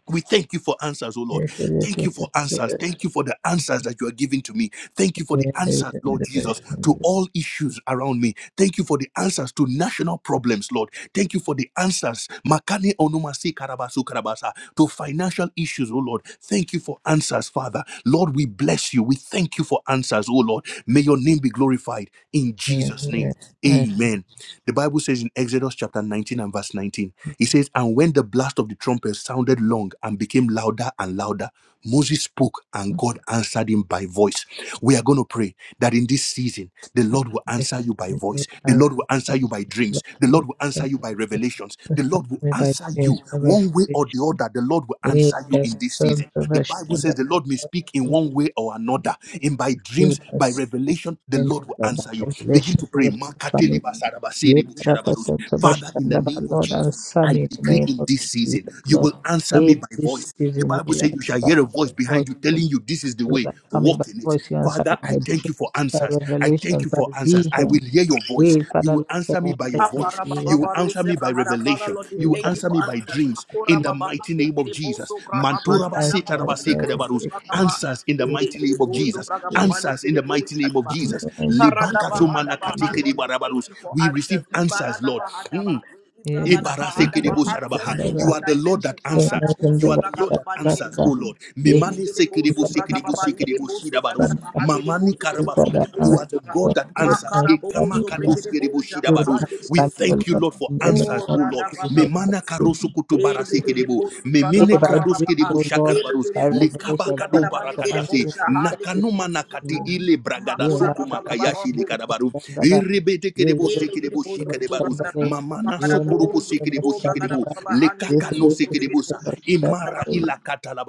D: we thank you for answers, oh Lord.
C: ekadeki
D: Thank you for answers.
C: santoshana
D: Thank you for the answers that you are giving to me. Thank you for the answers, Lord Jesus, to all issues around me. Thank you for the answers to national problems, Lord. Thank you for the answers, Makane Onumasi Karabasu Karabasa, to financial issues, oh Lord. Thank you for answers, Father. Lord, we bless you. We thank you for answers, oh Lord. May your name be glorified in Jesus' name.
C: irasandalari
D: Amen the Bible says in Exodus chapter 19 and verse 19, it says, And when the blast of the trumpet sounded long and became louder and louder, Moses spoke and God answered him by voice. We are going to pray that in this season, the Lord will answer you by voice. The Lord will answer you by dreams. The Lord will answer you by revelations. The Lord will
C: me by
D: answer
C: James
D: you
C: Weber
D: one way or the other. The Lord Lord will answer you
C: Ekas
D: in this season. The Bible says
C: santoshana
D: the Lord may speak in one way or another, in by
C: give
D: dreams,
C: us
D: by revelation, the
C: in
D: Lord will
C: the
D: answer you. Begin
C: revelation
D: to
C: to
D: pray.
C: the
D: Makateli basarabasiri
C: Lift up us
D: busharabarus.
C: up the
D: Father, in
C: stand
D: the
C: of our
D: name of
C: Lord and
D: Jesus,
C: Sam
D: I
C: in the
D: decree
C: name
D: in
C: of
D: this season,
C: Jesus,
D: you
C: Lord.
D: will answer
C: In
D: me by
C: this
D: voice. The
C: season,
D: Bible
C: you
D: says
C: are
D: you shall hear a
C: coming by
D: voice behind
C: voice,
D: you
C: Lord.
D: telling you this is the
C: You
D: way,
C: are coming by
D: walk in it.
C: voice, you are
D: Father,
C: answering by
D: I thank you for
C: dreams, by
D: answers. I thank
C: revelations,
D: you
C: by
D: for answers. I
C: vision.
D: will hear your voice.
C: Hey,
D: You
C: Father,
D: will
C: Lord, God,
D: answer me
C: I
D: by your
C: thank you
D: voice.
B: Akara
C: for you
B: baba
D: You
C: with
D: will
C: us.
B: baru
D: answer me
C: Thank
B: sebra
D: by
B: hara. Father
D: revelation.
B: Lord, we
D: You
C: you,
D: will
B: thank
C: God,
B: you
D: answer
C: for
B: for
D: me by
C: the
B: answers.
C: gifts
D: dreams.
C: of
D: In
B: Makora
C: you
D: the
B: baba
D: mighty
B: hande
D: name of
B: kiri
D: Jesus.
B: bozo bra baba
D: Mantura
C: with us,
B: jana
D: basita
B: baba
C: and the
D: rabasika
B: bozo
D: dabarus.
B: bra
C: rejection.
B: baba.
D: Answers in the
C: We
B: Ele
D: mighty
C: thank
D: name
B: kere
C: you
D: of
C: for your
B: bozo
D: Jesus.
B: bra baba
C: grace
B: bane
D: Answers in
B: kere
D: the mighty
B: bozo
D: name of
B: bra.
C: in
D: Jesus.
C: your hands,
B: Ikara
C: in
B: da
C: the
D: Libakatu
C: name
B: baha
C: of
D: manakatike
C: Jesus.
B: Lord, we thank
D: dibarabarus.
B: you for
D: We
B: answers.
D: receive
B: Ibara
D: answers,
B: da
D: Lord.
B: baha da
D: Mm.
B: baha. Ibra
C: Yes,
B: da da baha
C: thank
B: da
C: you,
B: baha. Answers to
D: You
C: Father.
B: all
D: are the Lord that
B: dimensions.
C: Thank
B: Marada
C: you,
D: answers. You
B: bozo
D: are
C: Father.
D: the
B: bra
D: Lord
B: baba
D: that
B: bane
C: Thank
B: kere
D: answers, O
B: bozo.
D: Lord. Memane
B: Relegate
D: sekerebo
B: boso braga
D: sekerebo
B: baba ide
D: sekerebo
B: boso braga
D: shidabaros.
B: da hande de
D: Mamani
B: boso kutu
D: karabaso.
B: brigade
D: You
B: boso
D: are the
B: tuka
D: God that
C: you would
D: answers.
B: makara
C: answer
D: Ekama
C: me,
B: bobozo
C: Lord.
D: kados
B: brigade
D: kerebo
B: boja
D: shidabaros.
B: brahande de
D: We
B: boso
D: thank you,
C: Lord,
D: Lord, for
C: in the name
B: o
D: answers,
C: of
D: O Lord.
B: rada baba
C: Jesus.
D: Memana
C: Thank
B: boso
C: you.
D: karoso kutu
B: Elegere
D: barasekerebo.
B: boso braga
C: Hey,
D: Memene
B: baba
C: by
B: baba
D: krados
C: dreams,
B: baba
D: kerebo
C: O Lord,
D: shakarabaros.
B: elegere
C: by
B: boso
D: Lekaba
B: kutu
C: revelation.
B: braga
D: kado
C: Thank
B: baba
C: you for
B: legere
C: answering
D: barakatase.
B: boja
C: me. Thank
B: ha
C: you
B: legere
D: Nakano
C: for
B: boso
D: manakati
C: answering
B: kutu
C: me.
D: ile bragada
C: Yeah,
B: makura
C: my
D: soko
B: baba
C: Father,
B: baba
C: thank
B: baba
D: makayashi
C: you now shall I come to the
D: lekarabaru.
C: standard.
D: Irebete
C: Yeah, you
D: kerebo
C: make
B: elegere
C: it
D: sekerebo
C: to
B: boso
C: the
B: kutu
D: shikarabaros. Sekedebos,
B: braga baba
C: standard.
D: Mamana
B: makara
C: Yeah, my
D: Sokorobo
B: bozo
C: Father,
D: Sekedebo
B: kutu braga
D: Sekedebo,
B: baba
C: standard.
B: baba hande de
C: Yeah, for
B: boso
D: Lekakano
C: this,
B: kutu
C: this is the
B: brigade
D: Sekedebosa,
B: boso kutu braga da
D: Imara
B: baba
C: standard.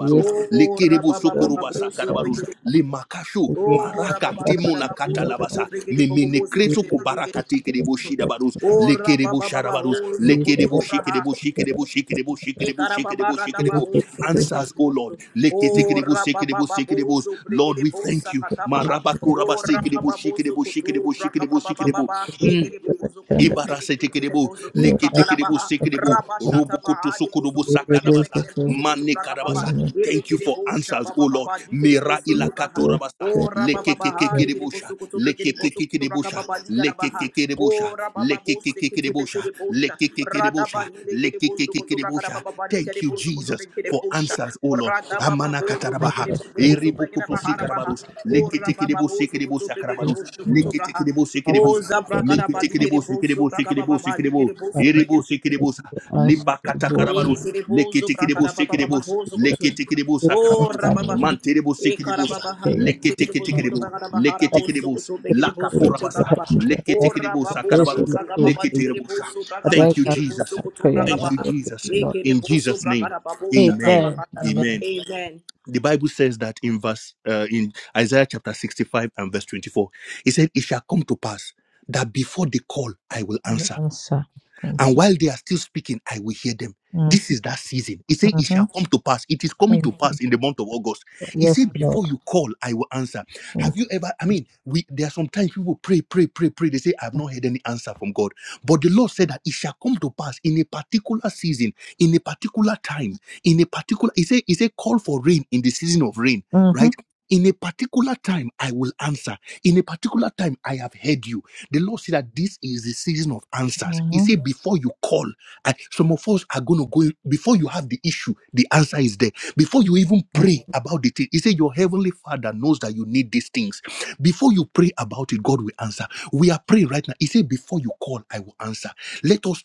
C: Yeah, it's
B: Oh,
D: Lekerebo Sokoroba
C: the
B: rabababababos,
C: standard.
D: Sakarabarus, Limakasho,
C: Thank
B: Ora
D: Maraka
B: baba baba
D: Timuna
B: baba zuko tu
D: Katalabasa,
B: rigi de bobo
D: Memene
B: bobo ziki
D: Kreso
B: de
D: Kubaraka Tekedebo Shidabarus,
B: Ora
D: Lekerebo
B: baba baba
D: Sharabarus,
B: ho zuko
D: Lekerebo
B: braha.
D: Shekedebo Shekedebo Shekedebo Shekedebo
B: Ikara baba
D: Shekedebo
B: rada baba
D: Shekedebo,
B: ho zuko rigi
D: answers, O Lord. Leketekedebo
B: Ora baba
D: Sekedebo
B: baba ho
D: Sekedebos,
B: zuko bosa
D: Lord,
B: de
D: we
B: bobo
D: thank you.
B: baha.
D: Marabako
B: Ora
D: Rabasekedebo
B: baba bobo
D: Shekedebo
B: zuko
D: Shekedebo
B: braka
D: Shekedebo
B: baba baba baba.
D: Shekedebo.
B: Rigi de bobo zuko tu
D: Ibara
B: rigi de rigi de
D: setekedebo,
B: bobo zuko tu braka da
D: leketekedebo,
B: baha.
D: sekedebo,
B: Raba shata
D: robokoto
B: baha de bobo
D: sokodobo
B: zuko tu rigi de rigi
D: sakadabasa,
B: de bobo
D: mane
B: braka baba.
D: kadabasa.
B: Ili
D: Thank you
B: kiri
D: for answers, O
B: baba
D: Lord.
B: baba. Dikiri bobo
D: Mira
B: zuko tu
D: ilakato
B: braha.
D: rabasa,
B: O baba baha digiri
D: lekekekekedebosha,
B: bosu kutu bekiri bosu kutu raka
D: lekekekekedebosha,
B: baba digara baha.
D: lekekekedebosha,
B: Ora bosu kutu
D: lekekekekedebosha,
B: bekiri bosha. Rada
D: lekekekedebosha,
B: bahi digiri bosu kutu raka da
D: lekekekekedebosha.
B: baba bani
D: Thank
B: kiri
D: you,
B: bosu kutu
D: Jesus,
B: bekiri
D: for
B: bosha.
D: answers, O Lord.
B: Rada baba
D: Amana
B: bosu
D: katarabaha,
B: bekiri bosu bosu bekiri
D: eribokoto
B: baha baha.
D: sikarabarus,
B: Ora baba
D: leketekedebo,
B: bosu
D: sekedebo
B: kutu bekiri
D: sakarabarus,
B: bosu kutu baha.
D: leketekedebo,
B: O
D: sekedebosa.
B: zabra kada
D: Meke
B: bani
D: teke
B: kiri
D: debo, seke
B: bosu
D: debo,
B: raka
D: seke debo,
B: baba
D: seke
B: bani kiri
D: debo,
B: bosu
D: eribo, seke debo, sa- limba kata
B: Ele
D: karabarus,
B: kere
D: leke
B: bozo
D: teke debo,
B: brakara baba
D: seke
B: baba
D: debo,
B: hozo kutu.
D: leke teke debo, sa
B: O
D: sakarabarus,
B: rababa.
C: you.
D: mante debo,
B: E
D: seke
B: kara
D: debo,
C: Yes,
D: sa,
B: baba ha.
D: leke
B: Begere
D: teke
B: bozo
D: teke
C: stop
B: kutu
D: debo,
B: brakara
D: leke
B: bahara
D: teke
B: bozo
D: debo,
B: kutu.
C: this
B: Begere
D: laka
B: bozo
C: word to
B: kutu
D: porabasa,
B: brakaba.
C: help me to
D: leke
B: O
C: accept
D: teke debo,
C: the
B: rababa
D: sa
C: grace
B: bozo
C: of
D: sakarabarus,
C: the
B: brakaba
C: Lord
D: leke
C: will be
D: tere debo, sa
B: bozo
C: a
B: brakaba
C: right
D: Thank you,
B: ligere
C: answer
B: bozo
C: my
D: Jesus.
B: kutu
C: prayer. I
D: Thank
B: brakaba
D: you,
B: ha.
C: will to you,
D: Jesus.
B: E
C: Lord.
B: kere
D: In
B: bozo
D: Jesus' name,
B: brakara babo shata
D: amen.
C: Amen.
B: brakara ba.
D: Amen
C: Amen.
B: Amen.
D: the Bible says that in verse uh, in Isaiah chapter 65 and verse 24, it said, It shall come to pass that before they call, I will
C: Amen.
D: answer.
C: Answer. Thank
D: And
C: you.
D: while they are still speaking, I will hear them.
C: Mm-hmm.
D: This is that season. He said, It
C: Mm-hmm.
D: shall come to pass. It is coming
C: Thank
D: to
C: you.
D: pass in the month of August.
C: Jesus.
D: He
C: Yes,
D: said,
C: Lord.
D: Before you call, I will answer.
C: Thank
D: Have you ever, I
C: you.
D: mean, we there are sometimes people pray, pray, pray, pray. They say, I have not heard any answer from God. But the Lord said that it shall come to pass in a particular season, in a particular time, in a particular, he said, he said, call for rain in the season of rain,
C: Mm-hmm.
D: right? In a particular time, I will answer. In a particular time, I have heard you the Lord said that this is the season of answers. He
C: Mm-hmm.
D: said, before you call, and some of us are going to go, before you have the issue, the answer is there. Before you even pray about the thing, He said, Your heavenly Father knows that you need these things. Before you pray about it, God will answer. We are praying right now. He said, Before you call, I will answer. Let us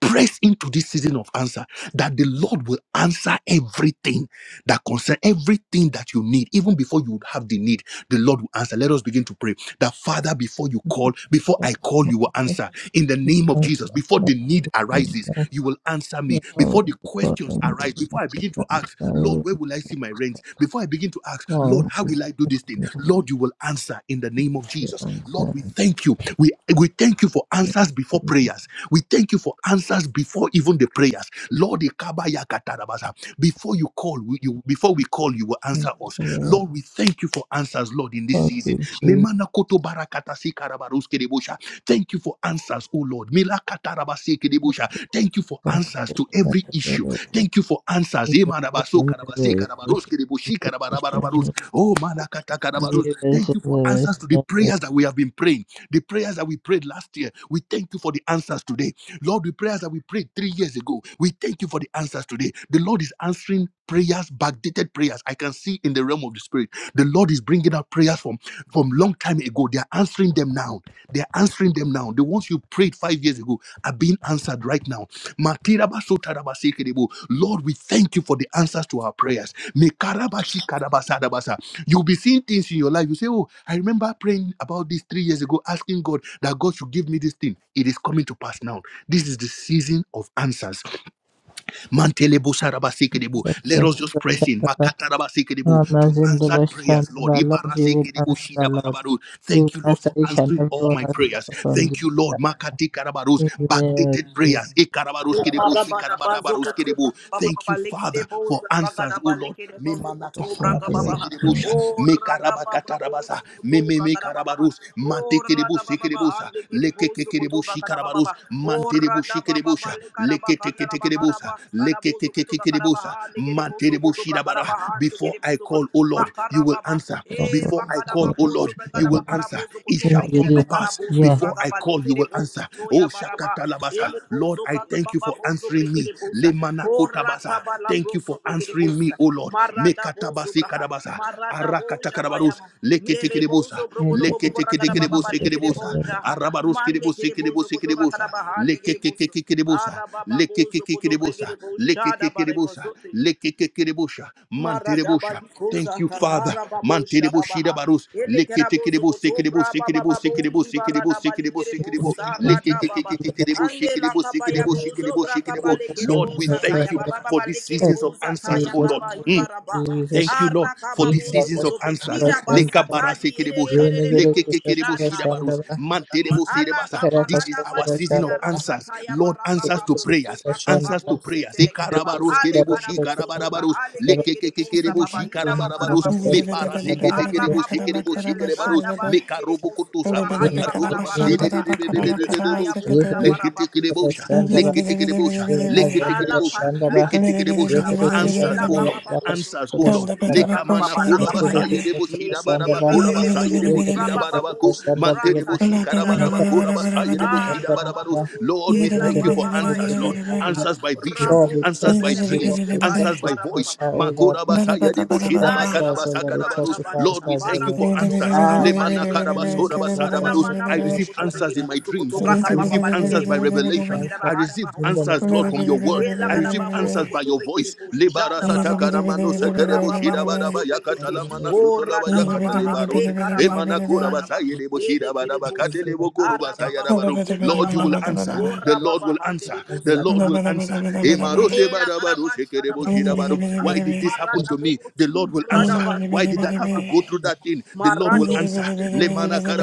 D: Press into this season of answer that the Lord will answer everything that concern everything that you need, even before you would have the need. The Lord will answer. Let us begin to pray that Father, before you call, before I call, you will answer in the name of
C: Thank
D: Jesus. Before the need arises, you will answer me. Before the questions arise, before I begin to ask, Lord, where will I see my rent? Before I begin to ask, Lord, how will I do this? thing? something, Lord, you will answer in the name of Jesus. Lord, we thank you. We, we thank you for answers before prayers. We thank you for answers before even the prayers. Lord, Ikabaya Katarabaza, before you call, we- you, before we call, you will answer us. Lord, we thank you for answers, Lord, in this season.
C: you, Jesus.
D: Memana koto barakata si karabaruske debosha. Thank you for answers, oh Lord. Mila katarabasi kedebosha. Thank you for you for
C: Amen.
D: answers to every issue.
C: In
D: Thank you for answers. Emanabaso, karabase, karabaros, kereboshi, karabarabarabaros. Oh, manakata, karabaros. Thank you for answers to the prayers that we have been praying, the prayers that we prayed last year. We thank you for the answers today. Lord, the prayers that we prayed three years ago, we thank you for the answers today. The Lord is answering prayers backdated prayers i can see in the realm of the spirit the lord is bringing out prayers from from long time ago they are answering them now they are answering them now the ones you prayed five years ago are being answered right now Matirabasotarabasikerebo. lord we thank you for the answers to our prayers Mekarabashikarabasadabasa. you'll be seeing things in your life you say oh i remember praying about this three years ago asking god that god should give me this thing it is coming to pass now this is the season of answers Mantelebo sarabasikedebo. Let us just press in Makatarabasekedebo, to
C: the
D: answered prayers,
C: worship of
D: Lord.
C: our Lord, you will
D: Ibarasekedebo
C: answer, Lord.
D: shidabarabaru.
C: You will
D: Thank you, Lord,
C: answer
D: for
C: each and
D: answering
C: every
D: all
C: one
D: my
C: of
D: prayers.
C: us from this
D: Thank you, Lord.
C: time.
D: Makati karabarus,
C: In the name of
D: backdated
C: Jesus,
D: prayers. Ikarabaruskedebo,
B: Ikarabada bazuko
D: shikarabarabaruskedebo.
B: tuba baba
D: Thank
B: baba
D: you,
B: lekede
D: Father, for
B: boza
D: answers,
B: bragada
D: oh
B: ba
D: Lord.
B: lekede bozu kutu
C: in
B: braga
C: the
B: baba
C: worship
D: Memanakatarabasekedebo sha,
B: Ora da baba
D: mekarabakatarabasa,
B: bozu kutu braga da baba
D: mememekarabarus,
B: Ora
D: matekedebo
B: da baba ba
D: sekedebo sa,
B: hande kede bozu kutu
D: lekekekedebo
B: da baba
D: shikarabarush
B: Ora
D: manterebo
B: da baba ba
D: shikerebosha
B: lekada ba kanda da bahara
D: leketeketekerebosa
B: ba sada bozu kutu braga da ba
D: lekekekekerebosa
B: hande kede bozu
D: manterebo
B: kutu braga da
D: shirabara
B: ba hande
D: before
B: kede
D: I
B: bozu
D: call O Lord you
B: bakara
D: will
B: baba.
D: answer
C: of our
B: E
C: Lord.
D: before I
B: bakada
D: call
B: ba
C: In
D: O
B: bozu
D: Lord
C: the
D: you
B: braga
D: will answer
B: karabozo
D: it
B: koto
D: shall
B: bregede
D: come
C: name
D: to
B: be
C: of-
D: pass
B: karabozo
C: Yeah.
D: before
B: braga
D: I
B: bali
D: call you
B: kere
D: will
B: bozo
D: answer oh
B: toya baraba
D: shakatalabasa
B: ele
D: Lord
B: bozo
D: I
B: braga
D: thank you
B: baba
D: for
B: bozo
D: answering me
B: bregede boza ora
D: lemanakotabasa
B: tabala
D: thank you for
B: broso bregede
D: answering me
B: boza
D: O Lord
B: marada bozo
D: mekatabasi
B: braha
D: kadabasa
B: marada boja
D: arakatakabarus
B: bayama mere
D: bosa,
B: bozo
C: Thank
B: brogodo
C: you.
B: bobo
D: lekete
B: braga
D: kede
B: da
C: Thank you.
D: kede
B: baba
D: bosa
C: Thank
B: bale
C: you.
D: kede
B: kere
D: bosa,
B: boja ha
D: arabarus kede
B: mande
D: bosa
B: kere
D: kede
B: bozo
D: bosa
B: koto
D: kede
B: braga da
D: bosa,
B: baha ne kere
D: lekete
B: bozo
D: kede kede bosa,
B: ara baba
D: lekete
B: bozo koto
D: kede bosa,
B: bregede boza
D: lekete
B: da
D: kede
B: bare
D: bosa,
B: bozo
D: lekete kede bosa, mantere bosa. Thank
B: Maradabalicosa,
D: you, Father.
B: Harababo,
D: Mantere boshida
B: Shababaha,
D: barus, lekete kede
B: Elekerabozo,
D: bosa kede
B: Cotobra,
D: bosa kede bosa
B: Bababo,
D: kede bosa kede bosa kede bosa
C: Thank
B: Jibaradabalikebo,
D: kede
C: you.
D: bo,
C: Thank you.
D: lekete
C: Thank
B: Saradababa,
C: you. Thank
D: kede bosa
B: Ande
D: kede
B: la
D: bosa kede
B: Cabaya
D: bosa kede
B: Bozo,
C: you.
D: bosa kede bo.
B: Bracabale,
D: Lord,
B: Kerebo,
C: Thank
D: we
C: you.
D: thank
B: Sataya,
D: you
C: Thank
B: Baba,
D: for
B: baba
D: these
C: you.
D: seasons
B: Lekerebo,
D: of answers,
B: Zataya,
D: oh
C: Jesus,
D: Lord.
B: Kaba,
D: Mm.
B: Ibaraba,
C: Jesus,
D: Thank you, Lord, for these
B: Arakababozo,
D: seasons
C: Ibrakas,
D: of
B: Cotobre,
D: answers.
B: Kida,
D: Leka
C: Prashanda,
D: bara
B: Basatadi,
D: sekerebosha,
C: Yenigere
B: Erebo,
D: leke kekerebo
B: Shataya.
D: shidabarus,
C: Prashanda,
D: manterebo serebasa.
B: Alaga
C: Ikarakas
D: This is
B: barada
D: our
B: bali
D: season of
B: kiara
C: Prashanda,
D: answers.
B: sataya
D: Lord,
B: baraga
D: answers to
B: babu
C: Ikarakas
D: prayers,
B: sebraka
D: answers
B: babu
C: Prashanda,
D: to prayers.
B: setele kereba
D: Ekarabaros
B: hale
D: kerebo
B: karabu sutuka
D: shikarabarabarabarus,
B: hale gede
D: leke
B: gede bosa
D: kekerebo
E: it,
B: baba
E: baby.
B: ina makara
D: shikarabarabarus,
B: babu
D: me bara
B: sekete ara
D: seketekerebo
B: babu
D: sekerebo
B: jebele
D: shikerebarus,
B: gada
D: me
B: bari gede
D: karobo
B: bosu
D: kotoza
B: tuba haye
E: Libidi
D: manakatoro
B: bakara
E: kadaba
D: baserebo,
E: shandada
B: barakata
E: bakadaba
B: ele
E: kadaba
B: kaya buja
E: seketebe.
B: bara
D: leke tekerebo,
B: babu
E: Ligidi
D: leke
E: bidi bidi
D: tekerebo,
E: bidi bidi
D: leke
E: bidi.
B: Ala
D: tekerebo,
B: kadia rabu
E: Lidi bidi
B: shebe
D: Leketekedebosha.
B: la
E: bidi
B: ba
E: bidi bidi
B: ye
D: Answers,
B: la
E: bidi
D: O
B: ka
E: bidi.
B: ba
D: Lord.
B: ba bo zo be
D: Answers, O Lord.
E: Kanda
B: so
E: bada
B: to bra ka ba
D: Lekamana
B: ba
E: bakoshi
B: la ka
E: libidi
C: Thank
B: ba
E: bidi
B: ya
D: kurabasaya
E: bidi.
B: ne
D: deboshida
B: ke de
C: you.
B: be
D: barabakura
B: be
E: Lidi
B: be bo
E: bidi
D: basaya
E: bidi
B: bo
C: Lord,
B: su
C: we
E: bidi
B: bra
D: deboshida
E: bidi.
B: ba
C: trust
B: ba bo
D: barabako.
B: su
C: you, Lord,
B: bra
D: Mante
B: ta
D: deboshi
B: di
E: Lada
B: ga
E: bada bada
B: ra bo
D: karabarabakura
E: bada bada
D: basaya
E: bada bada.
D: deboshida
B: ara ba bo
D: barabaros.
B: bo
D: Lord, we
B: e
E: Ligidi
B: la
E: bidi
D: thank you
B: ba
D: for
E: bidi
B: ba
E: bidi
B: ba e
D: answers,
E: bidi
B: ke
D: Lord.
B: de
E: bidi
B: bo
E: bidi.
B: ha
D: Answers by
B: ra
D: vision,
B: bo
D: answers
E: Lidi
B: shebe
D: by
B: le
E: bidi
B: bo
D: dreams,
E: bidi
B: ze
C: we
E: bidi
B: bra
E: bidi.
B: di
D: answers
C: trust you
B: ba
D: by
B: ra
C: for
B: ba ba
C: us,
D: voice.
B: ba
C: oh Lord.
D: Makura
E: Bada
C: We
D: basaya
E: bada
C: trust
E: bada
C: you
E: bada
D: deboshida
C: for
E: bada.
B: Aleka
C: ourselves, oh Lord, we trust
B: surata
D: bakarabasakarabaros.
C: you for
D: Lord,
B: basha
D: we
C: ourselves, oh
D: thank
B: bara
D: you
C: Lord.
D: for
E: Ligidi bidi
D: answers.
B: braga
E: bidi
C: Ah,
E: bidi
B: baba
C: thank
D: Lemana
E: bidi
B: lekere
E: bidi
C: you,
B: boso.
E: bidi.
D: karabasora
C: Jesus.
E: Gidi bidi bidi
C: Raka
B: Ana
D: basarabaros.
B: mana
E: bidi
D: I
C: Soto
B: mozo
E: bidi.
D: receive
B: koto
D: answers
C: Rashanda.
D: in my
B: boso koto
C: I
D: dreams.
B: braga
D: I
E: Ligidi
C: receive
B: baba
E: bidi
D: receive
C: all
E: bidi
C: the
D: answers answers
B: balikere
E: bidi
C: glory
D: by
E: bidi
B: boso
C: to
E: bidi
B: koto
D: revelation.
C: thy
E: bidi.
B: bregere
D: I
C: God.
B: bahara
D: received
C: In the
B: bahoso
D: answers,
C: name
B: koto
D: Lord,
C: of
E: Lidi
D: from
B: braga.
E: bidi
D: your
E: bidi
D: word.
E: bidi
B: Ela
D: I
E: bidi
B: gada
D: received
E: bidi
B: bahoso
D: answers
E: bidi.
D: by
B: koto
D: your
B: bregere
D: voice.
B: boso
C: Jesus.
D: Lebara
B: shada
E: Easy,
B: baba.
D: sataka
B: Mora
D: sekerebo
B: baba
D: shida badaba
B: bozo
C: I will
B: bregere.
C: make
B: Ora
D: sotolaba
B: da
C: you
D: yakata
B: baba ha e
D: lebarose.
B: karaba bosa da ba.
D: sayedebo
B: Ele
D: shida
B: kere bosa.
D: katelebo koroba
B: Ara baba
D: sayadabaru.
B: boso braga
D: Lord, you will
B: baha.
D: answer. The
B: Ora
C: one
D: Lord
B: baba
D: will
C: who
D: answer.
B: handele
C: is the
D: The
B: bosa
C: Lord.
D: Lord
B: taba.
D: will answer. Emarose
B: Era
D: badabaru
B: tarabasha
C: I
B: da
D: sekerebo
C: will make you will be the
D: shida
C: one
B: babusira.
C: who is
D: Why
C: the
D: did this happen
B: Marada
D: to
C: Lord.
D: me?
B: bobo
D: The Lord will
B: subra da
C: Thank
D: answer. Why did
B: baliba
D: that
B: da
D: have to go through
B: babusha.
D: that thing? The Lord will
B: Marado
D: answer.
B: zubregere
D: Lemana
B: bosha.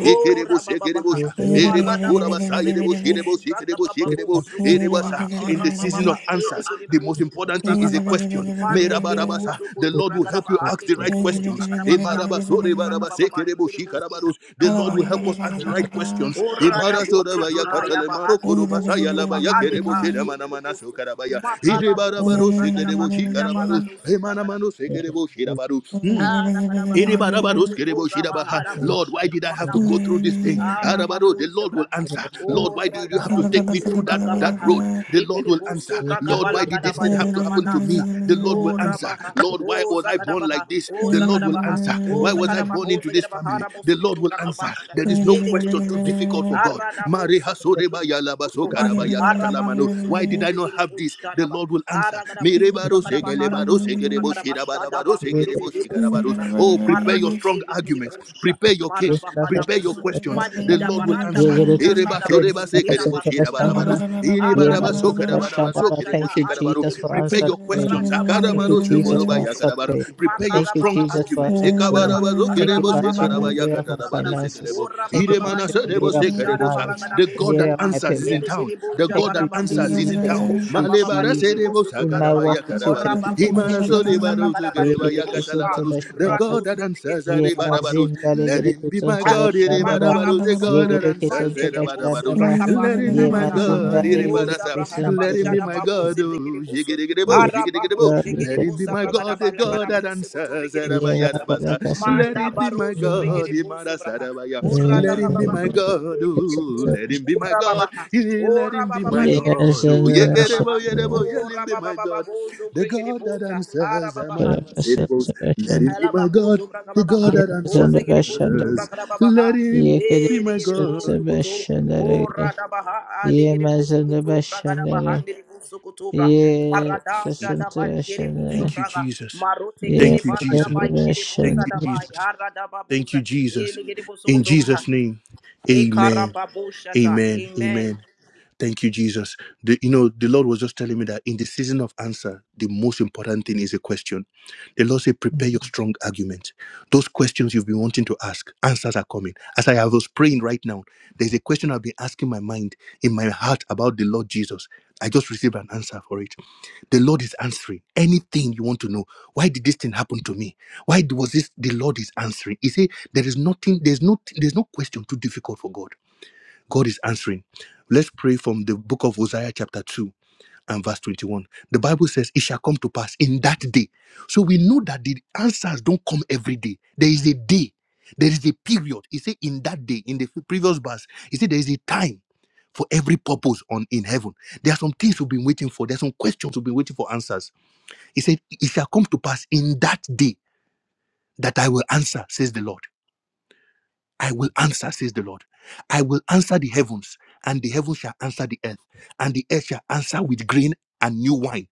B: Oh,
D: Ekerebaros, Ekerebos,
B: rabababaha.
D: Ekerebosha,
B: Marada
D: Erebakura
B: bo
D: Basa, Erebos,
B: zubregere bo
D: Erebos,
B: subra da
D: Ekerebos,
B: bababo
D: Ekerebo,
B: sukutubaha.
D: Erebasa.
B: Oh,
D: In the season
B: rabababa.
D: of answers,
B: Eregere
D: the
B: bo
D: most important
B: sukutubra
D: thing
B: da
D: is a
B: baba.
D: question.
B: Mande kere bo
D: Merabarabasa. The Lord
B: sukutubra
D: will
B: da
D: help you
B: baba.
D: ask the
B: Andere bo
D: right
B: sukutubra
D: questions.
B: da baba. Karabo
D: Emarabaso,
B: sukutubra da
D: Rebarabas,
B: baba.
D: Ekerebos,
B: Ligere bo
D: Shikarabaros. The
B: da baba.
D: Lord will help
B: Ligere
D: us ask the
B: Bush
D: right questions.
B: Orada bosu
D: Emarasorabaya,
B: tuba ya
D: Katalemaro,
B: bahande de
D: Korobasa,
B: bosu tuba
D: Yalabaya, Kerebo,
B: alika ege de
D: Shedamanamana,
B: bosu.
D: Sokarabaya,
B: Makara
E: Thank
B: bosu
D: Erebarabaros,
B: bragada
D: Ekerebo,
B: bakira
D: Shikarabaros,
B: barado su
D: Emanamano, Ekerebo, Shirabaru.
B: Arabarabaha,
D: Erebarabaros, kereboshidabaha. Lord,
B: Bikozabaharabusha,
D: why did I have to
B: Manamus,
D: go through this thing? Arabaro, The Lord will
B: Arababuzebraha,
D: answer. Lord,
B: O
D: why do you have to take me
B: Radababusu
D: through that,
E: you.
D: that
B: Bragabaha,
D: road? The Lord will answer.
B: Rikiribusu
D: Lord, why did this thing have to
B: Bragabalakadabahina
D: happen to
B: Manasa,
D: me? The Lord will
B: O
D: answer.
B: Rabaha,
D: Lord, why
B: O
D: was I born
B: Zakadabaha,
D: like this?
B: O
D: The Lord will
B: Zakadabaha,
D: answer.
B: O
D: Why was I
B: Zakadabaha,
D: born
B: O
D: into this
B: Zakadabaha,
D: family? The
B: Rabosu
D: Lord will answer.
B: Bragabasha,
D: There is no question too
B: Edikiribusu,
D: difficult for God. Mareha
B: Aradabusu,
D: soreba
B: Kutuba, Araba Bozo
D: Why did I
B: Kutubi
D: not have this? The
B: Busharaba,
D: Lord will answer.
B: Aragana Bozo Kutuba
D: Merebaro
B: Karaba,
D: sekelebaro
B: Harabozo Kutuba Karaba, Shadaba, Hunde Bosutura,
D: Oh, prepare your
B: Maradosi
D: strong
B: Vikiri
D: arguments,
B: Busha,
D: prepare your case,
B: Maraba
D: prepare your
B: Kadabosu,
D: questions. The
B: Madida
D: Lord will
B: Baranda
D: answer.
B: Baina Kadabosu, Tera batuna
C: you.
B: Mana,
C: Yemazanda
B: Haratosi branca
C: Bashandaba.
B: basha da
C: Thank you,
B: Ande
C: Jesus, for
D: Prepare
B: Kiribusu,
C: answered
D: your
C: prayer.
D: questions.
C: Thank you,
B: Radababuzu
C: Jesus, for
B: Brigiribuzu
C: answered
B: Kutu,
C: prayer.
D: Prepare your
C: Thank
B: makara
C: you,
D: strong
C: Jesus, for
B: Makarababuzu
E: Thank
D: arguments.
C: answered
B: Kutu
D: The
C: prayer.
B: Bragadaba,
C: Thank you for answering in the
B: Rabababuzu
C: area of my
B: Kutu Bragadaba,
C: finances. Thank you for
B: Urabababa
C: answering in the area of my
B: busha da
C: marriage,
E: you.
C: in the
B: Baragadabusu
D: God
C: area
D: that
C: of
B: Tubra,
C: my
D: answers is in
C: parents.
D: town. The
B: Ilikiribuja
C: Thank
D: God that
C: you,
D: answers
B: Barababusu
C: Jesus.
D: is in
C: Thank
B: Brigiribusha
C: you,
B: Baba
C: Jesus.
B: Ligiribusu
C: In my
B: Tubragababa,
C: walk with you, thank you for
B: Orababusi
D: town
C: answering.
B: Kiribuza Bragadaba Ligiribusha,
D: the
C: me.
D: God that
B: Radosi
D: answers,
C: Ye
B: Brigiribusaba,
D: Aribarabarus.
C: mazinda
D: let
C: legere
D: him be my
C: kesonto
B: Ah,
D: God,
C: bashanda ba.
D: Aribarabarus. the
B: makarabos,
C: Ye
D: God that
C: gere
D: answers,
C: kesonto bashanda
B: mandekerebosu,
D: Aribarabarus.
C: ba.
B: brakaba,
D: let him
C: Ye
D: be my
B: namanaha,
C: mazinda
D: God,
C: legere
B: oza braharaba,
C: kesonto
D: let him be my
B: shadaba,
C: bashanda.
D: God,
B: oze
D: oh,
B: bregerebosu,
D: Jigidikidabo,
C: Yes,
B: arababo,
D: Jigidikidabo.
C: Lord, we
D: let
C: thank
D: him be
B: jegerebosa,
C: you
D: my
C: for
D: God,
C: this
B: bragadaba,
D: the
C: prayer.
D: God that
B: lakarabose, koto
D: answers,
C: Ye
B: bregereboshata,
C: makala
D: let
C: kasonto
B: manda
D: him be my
B: barozo,
C: bashanda ba.
D: God,
B: bregerebosu, braha,
D: Imarasarabaya.
C: Ye
D: let him be
B: oradababaha,
D: my
B: babaha,
C: mazinda
D: God, oh,
C: kesonto
D: let him
C: bashanda.
D: be my
C: ba.
D: God,
B: orababaha,
D: Eh, let him be
B: orabababa,
D: my
C: Ye
D: God,
B: legerebosu,
D: oh,
B: koto
C: mazinda
B: bragadabaha,
C: bashanda.
D: let him be my God.
B: orababababozo,
D: The God that
B: bregerebosa,
D: answers, I'm
B: arababaha,
C: Kala
D: unanswerable.
C: kasonto
D: Let
C: bashanda.
D: him be my God,
B: Alabacoso
D: the
C: ba.
D: God
B: Bragababaha,
C: Ye
D: that
B: O
C: mazinda
B: Zegedibozo
C: bashanda. ba.
D: answers. Let
B: Bragababaha,
C: Ye
D: him
C: gere
D: be
B: E
D: my
C: kesonto
D: God.
B: Degedibozo Coto,
C: bashanda
B: O
C: legere.
B: Radabaha, A
C: Ye
B: Degedibozo
C: mazinda
B: Coto,
C: bashanda ba.
B: Bragabaha, Degedibozo
C: Ye
B: marada, shada, da Balgeribozo
C: Kasantarashana.
D: Thank you,
B: Braga,
D: Jesus.
B: Marote
C: Ye
B: Kede
D: Thank you, Jesus.
B: Baradabai,
D: Thank
C: Kasantarashana.
B: Gedibosa
D: you,
B: Dabai,
D: Jesus. Thank you,
B: Aradababuza, E
D: Jesus.
B: Degedibozo
D: In
B: Cotoba,
D: Jesus' name,
B: E
D: amen.
B: Carababushata,
D: Amen.
B: Amen.
D: Amen. Thank you, Jesus. The, you know, the Lord was just telling me that in the season of answer, the most important thing is a question. The Lord said, prepare your strong argument. Those questions you've been wanting to ask, answers are coming. As I was praying right now, there's a question I've been asking my mind, in my heart about the Lord Jesus. I just received an answer for it. The Lord is answering anything you want to know. Why did this thing happen to me? Why was this? The Lord is answering. He said, there is nothing, there's no, there's no question too difficult for God. God is answering. Let's pray from the book of Hosea chapter 2 and verse 21. The Bible says, It shall come to pass in that day. So we know that the answers don't come every day. There is a day, there is a period. He said, In that day, in the previous verse, he said, There is a time for every purpose on in heaven. There are some things we've been waiting for, there are some questions we've been waiting for answers. He said, It shall come to pass in that day that I will answer, says the Lord. I will answer, says the Lord. I will answer the heavens, and the heavens shall answer the earth, and the earth shall answer with grain and new wine